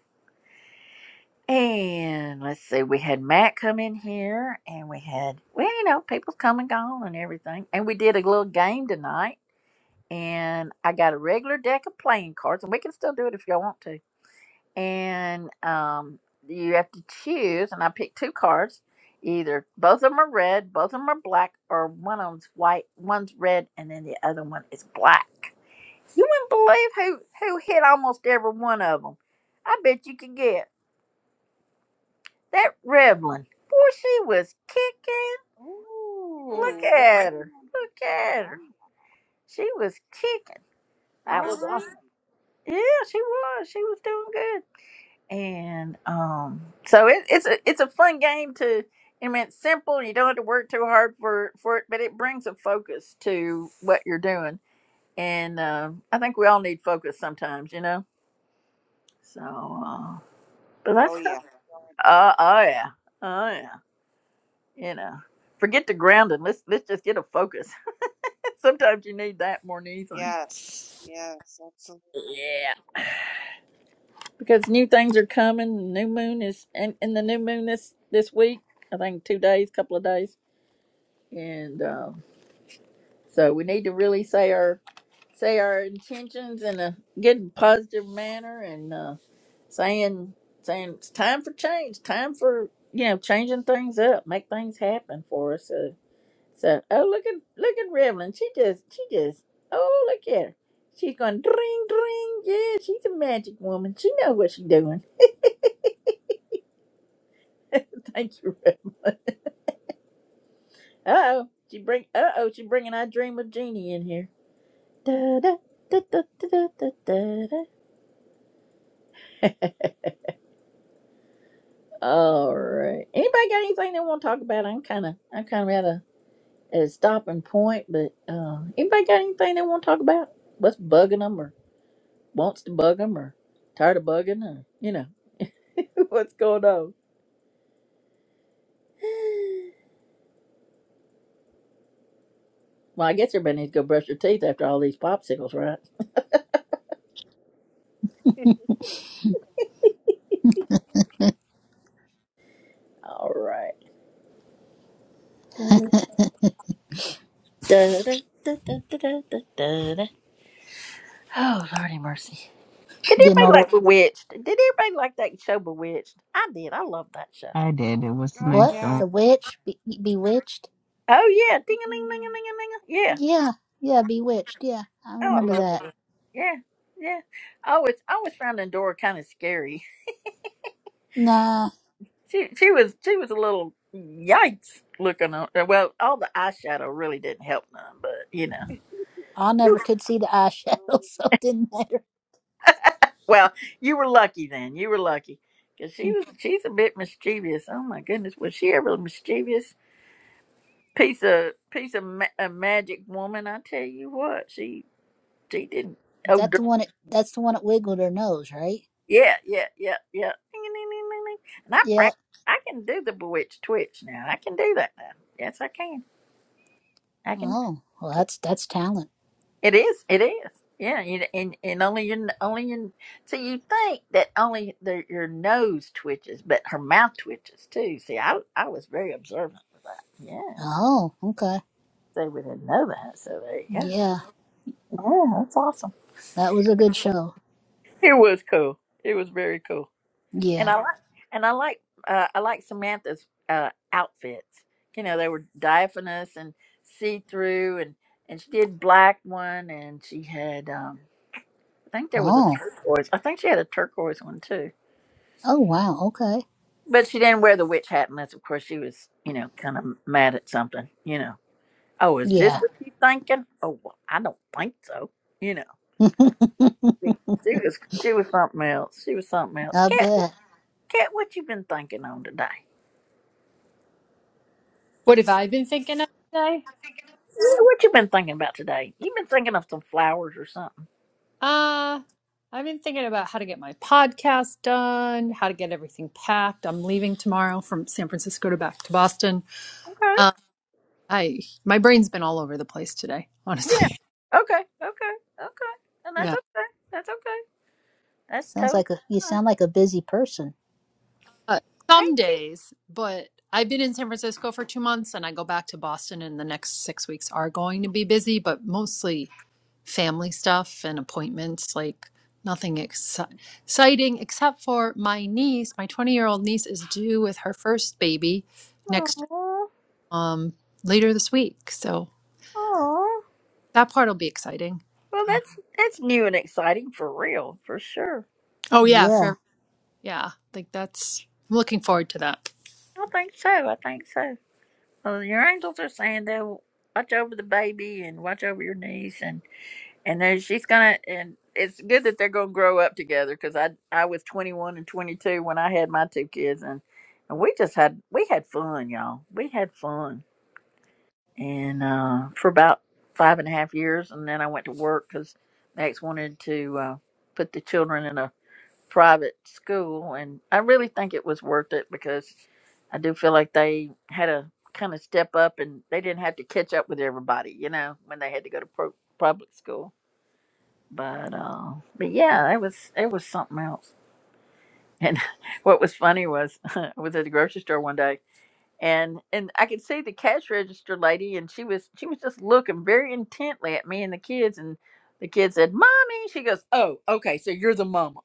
Speaker 1: And let's see, we had Matt come in here, and we had, well, you know, people come and gone and everything. And we did a little game tonight, and I got a regular deck of playing cards, and we can still do it if y'all want to. And um, you have to choose, and I picked two cards. Either both of them are red, both of them are black, or one of them's white, one's red, and then the other one is black. You wouldn't believe who who hit almost every one of them. I bet you could guess. That Revlon, boy, she was kicking. Look
Speaker 20: Ooh, red
Speaker 1: at her.
Speaker 20: one.
Speaker 1: Look at
Speaker 20: Wow.
Speaker 1: her. She was kicking. That
Speaker 20: All
Speaker 1: was
Speaker 20: right.
Speaker 1: awesome. Yeah, she was. She was doing good. And um, so it, it's a it's a fun game to. I mean, it's simple. You don't have to work too hard for for it, but it brings a focus to what you're doing. And um, I think we all need focus sometimes, you know. So, uh, but
Speaker 20: Oh,
Speaker 1: that's.
Speaker 20: yeah. Yeah, I do.
Speaker 1: Uh, oh yeah. Oh yeah. You know, forget the grounding. Let's let's just get a focus. Sometimes you need that more than anything
Speaker 20: Yes. Yes, absolutely.
Speaker 1: because new things are coming. New moon is and, and the new moon this this week. I think two days, couple of days, and um, so we need to really say our say our intentions in a good positive manner and uh, saying saying it's time for change time for you know changing things up make things happen for us So So oh look at look at Revlon. She just she just oh look at her. She's going dring dring. Yeah, she's a magic woman. She knows what she's doing. Thank you, Revlon. Uh oh, she bring uh oh she bringing I dream of Jeannie in here. Da da da da da da da da. All right. Anybody got anything they want to talk about? I'm kind of I'm kind of at a at a stopping point, but uh, anybody got anything they want to talk about? What's bugging them or wants to bug them or tired of bugging or you know. What's going on? Well, I guess everybody needs to go brush their teeth after all these popsicles, right? All right. Da, da, da, da, da, da, da, da, da. Oh, Lordy mercy. Did
Speaker 16: Didn't
Speaker 1: anybody
Speaker 16: all the
Speaker 1: like Bewitched? Did anybody like that show Bewitched? I did. I love that show.
Speaker 10: I did. It was
Speaker 20: Oh,
Speaker 10: nice
Speaker 16: what
Speaker 20: yeah.
Speaker 10: show.
Speaker 16: the witch be- bewitched?
Speaker 1: Oh, yeah. Ding a ling,
Speaker 20: Mhm.
Speaker 1: ling a ling a ling. Yeah.
Speaker 16: Yeah, yeah, bewitched. Yeah, I
Speaker 1: Oh,
Speaker 16: remember
Speaker 1: I love
Speaker 16: that.
Speaker 1: that. Yeah. Yeah. I always, I always found Endora kind of scary.
Speaker 16: Nah,
Speaker 1: She, she was, she was a little yikes looking on. Well, all the eyeshadow really didn't help none, but you know.
Speaker 16: I never could see the eyeshadow, so it didn't matter.
Speaker 1: Well, you were lucky then. You were lucky because she was. She's a bit mischievous. Oh my goodness, was she ever a mischievous piece of piece of ma- a magic woman? I tell you what, she she didn't. Oh
Speaker 16: That's the
Speaker 1: dur-
Speaker 16: one. It, that's the one that wiggled her nose, right?
Speaker 1: yeah, yeah, yeah, yeah. Ding, ding, ding, ding, ding. And I
Speaker 16: Yeah.
Speaker 1: practice. I can do the bewitched twitch now. I can do that now. Yes, I can. I can.
Speaker 16: Oh, well, that's that's talent.
Speaker 1: It is. It is. Yeah. You, and and only your only your. So you think that only the, your nose twitches, but her mouth twitches too. See, I I was very observant of that. Yeah.
Speaker 16: Oh, okay.
Speaker 1: They we didn't know that. So there you go.
Speaker 16: Yeah,
Speaker 1: Yeah, that's awesome.
Speaker 16: that was a good show.
Speaker 1: It was cool. It was very cool. And
Speaker 16: Yeah.
Speaker 1: I like and I like uh, I like Samantha's uh, outfits. You know, they were diaphanous and see through, and and she did black one, and she had um. I think there was a
Speaker 16: Oh.
Speaker 1: turquoise. I think she had a turquoise one too.
Speaker 16: Oh wow. Okay.
Speaker 1: But she didn't wear the witch hat unless, of course, she was, you know, kind of mad at something, you know. Oh, is this
Speaker 16: Yeah.
Speaker 1: what you thinking? Oh, well, I don't think so. You know, she she was she was something else. She was something else.
Speaker 16: I
Speaker 1: Cat,
Speaker 16: bet.
Speaker 1: cat, what you been thinking on today?
Speaker 17: What have I been thinking of today?
Speaker 1: Yeah, what you been thinking about today? You been thinking of some flowers or something?
Speaker 17: Uh, I've been thinking about how to get my podcast done, how to get everything packed. I'm leaving tomorrow from San Francisco to back to Boston.
Speaker 1: Okay,
Speaker 17: Uh, I my brain's been all over the place today,
Speaker 1: yeah,
Speaker 17: honestly.
Speaker 1: okay, okay, okay, and that's
Speaker 17: Yeah.
Speaker 1: okay. That's okay. That's
Speaker 16: Sounds
Speaker 1: totally
Speaker 16: like a you
Speaker 1: fine,
Speaker 16: sound like a busy person.
Speaker 17: Uh, some
Speaker 1: ain't she?
Speaker 17: days, but I've been in San Francisco for two months, and I go back to Boston, and the next six weeks are going to be busy, but mostly family stuff and appointments, like nothing ex- exciting except for my niece. My 20 year old niece is due with her first baby next um, later this week. So
Speaker 1: Aww,
Speaker 17: that part will be exciting.
Speaker 1: Well,
Speaker 17: Uh,
Speaker 1: that's that's new and exciting for real, for sure.
Speaker 17: oh yeah,
Speaker 16: Yeah.
Speaker 17: for yeah, like that's I'm looking forward to that.
Speaker 1: I think so. I think so. Well, your angels are saying they'll watch over the baby and watch over your niece, and and then she's gonna. And it's good that they're gonna grow up together because I I was 21 and 22 when I had my two kids, and and we just had we had fun, y'all. We had fun, and uh, for about five and a half years, and then I went to work because Max wanted to uh, put the children in a private school and I really think it was worth it because I do feel like they had a kind of step up and they didn't have to catch up with everybody, you know, when they had to go to pro- public school. But uh but yeah, it was it was something else. And what was funny was I was at the grocery store one day and and I could see the cash register lady and she was she was just looking very intently at me and the kids and the kid said, "Mommy," she goes, "Oh, okay, so you're the mama."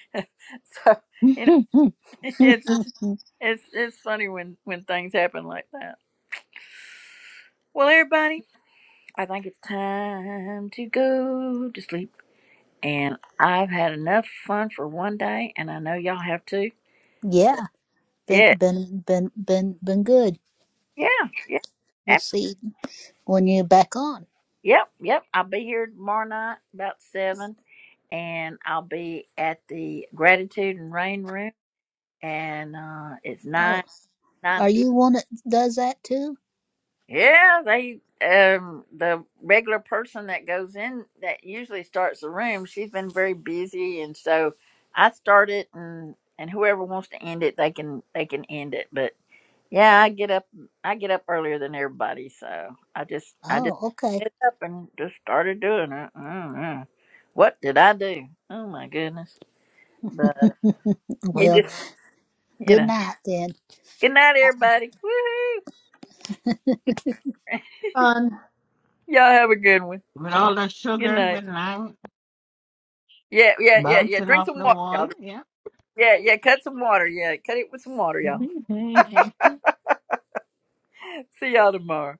Speaker 1: so, you it's just, it's it's funny when when things happen like that. Well, everybody, I think it's time to go to sleep, and I've had enough fun for one day, and I know y'all have too.
Speaker 16: yeah. Been
Speaker 1: Yeah,
Speaker 16: been been been been good.
Speaker 1: yeah, yeah,
Speaker 16: We'll
Speaker 1: absolutely.
Speaker 16: see when you're back on.
Speaker 1: Yep, yep. I'll be here tomorrow night about seven, and I'll be at the Gratitude and Rain Room, and uh, it's
Speaker 16: Oh,
Speaker 1: nine nine.
Speaker 16: are you one that does that too?
Speaker 1: Yeah, they um the regular person that goes in that usually starts the room, she's been very busy and so I start it and and whoever wants to end it they can they can end it. But yeah, I get up I get up earlier than everybody, so I just I just
Speaker 16: Oh, okay.
Speaker 1: get up and just started doing it. I don't know. What did I do? Oh my goodness. But you
Speaker 16: Well,
Speaker 1: just you
Speaker 16: good
Speaker 1: know.
Speaker 16: night then.
Speaker 1: Good night everybody. Woohoo.
Speaker 17: Fun.
Speaker 1: Y'all have a good one.
Speaker 10: With all the
Speaker 1: Good
Speaker 10: sugar,
Speaker 1: night.
Speaker 10: the lime
Speaker 1: Yeah, yeah, yeah, yeah.
Speaker 10: bouncing
Speaker 1: Drink
Speaker 10: off
Speaker 1: some
Speaker 10: the
Speaker 1: water, y'all.
Speaker 10: wall. yeah.
Speaker 1: Yeah, yeah. Cut some water. Yeah, cut it with some water, y'all.
Speaker 10: Mhm.
Speaker 1: See y'all tomorrow.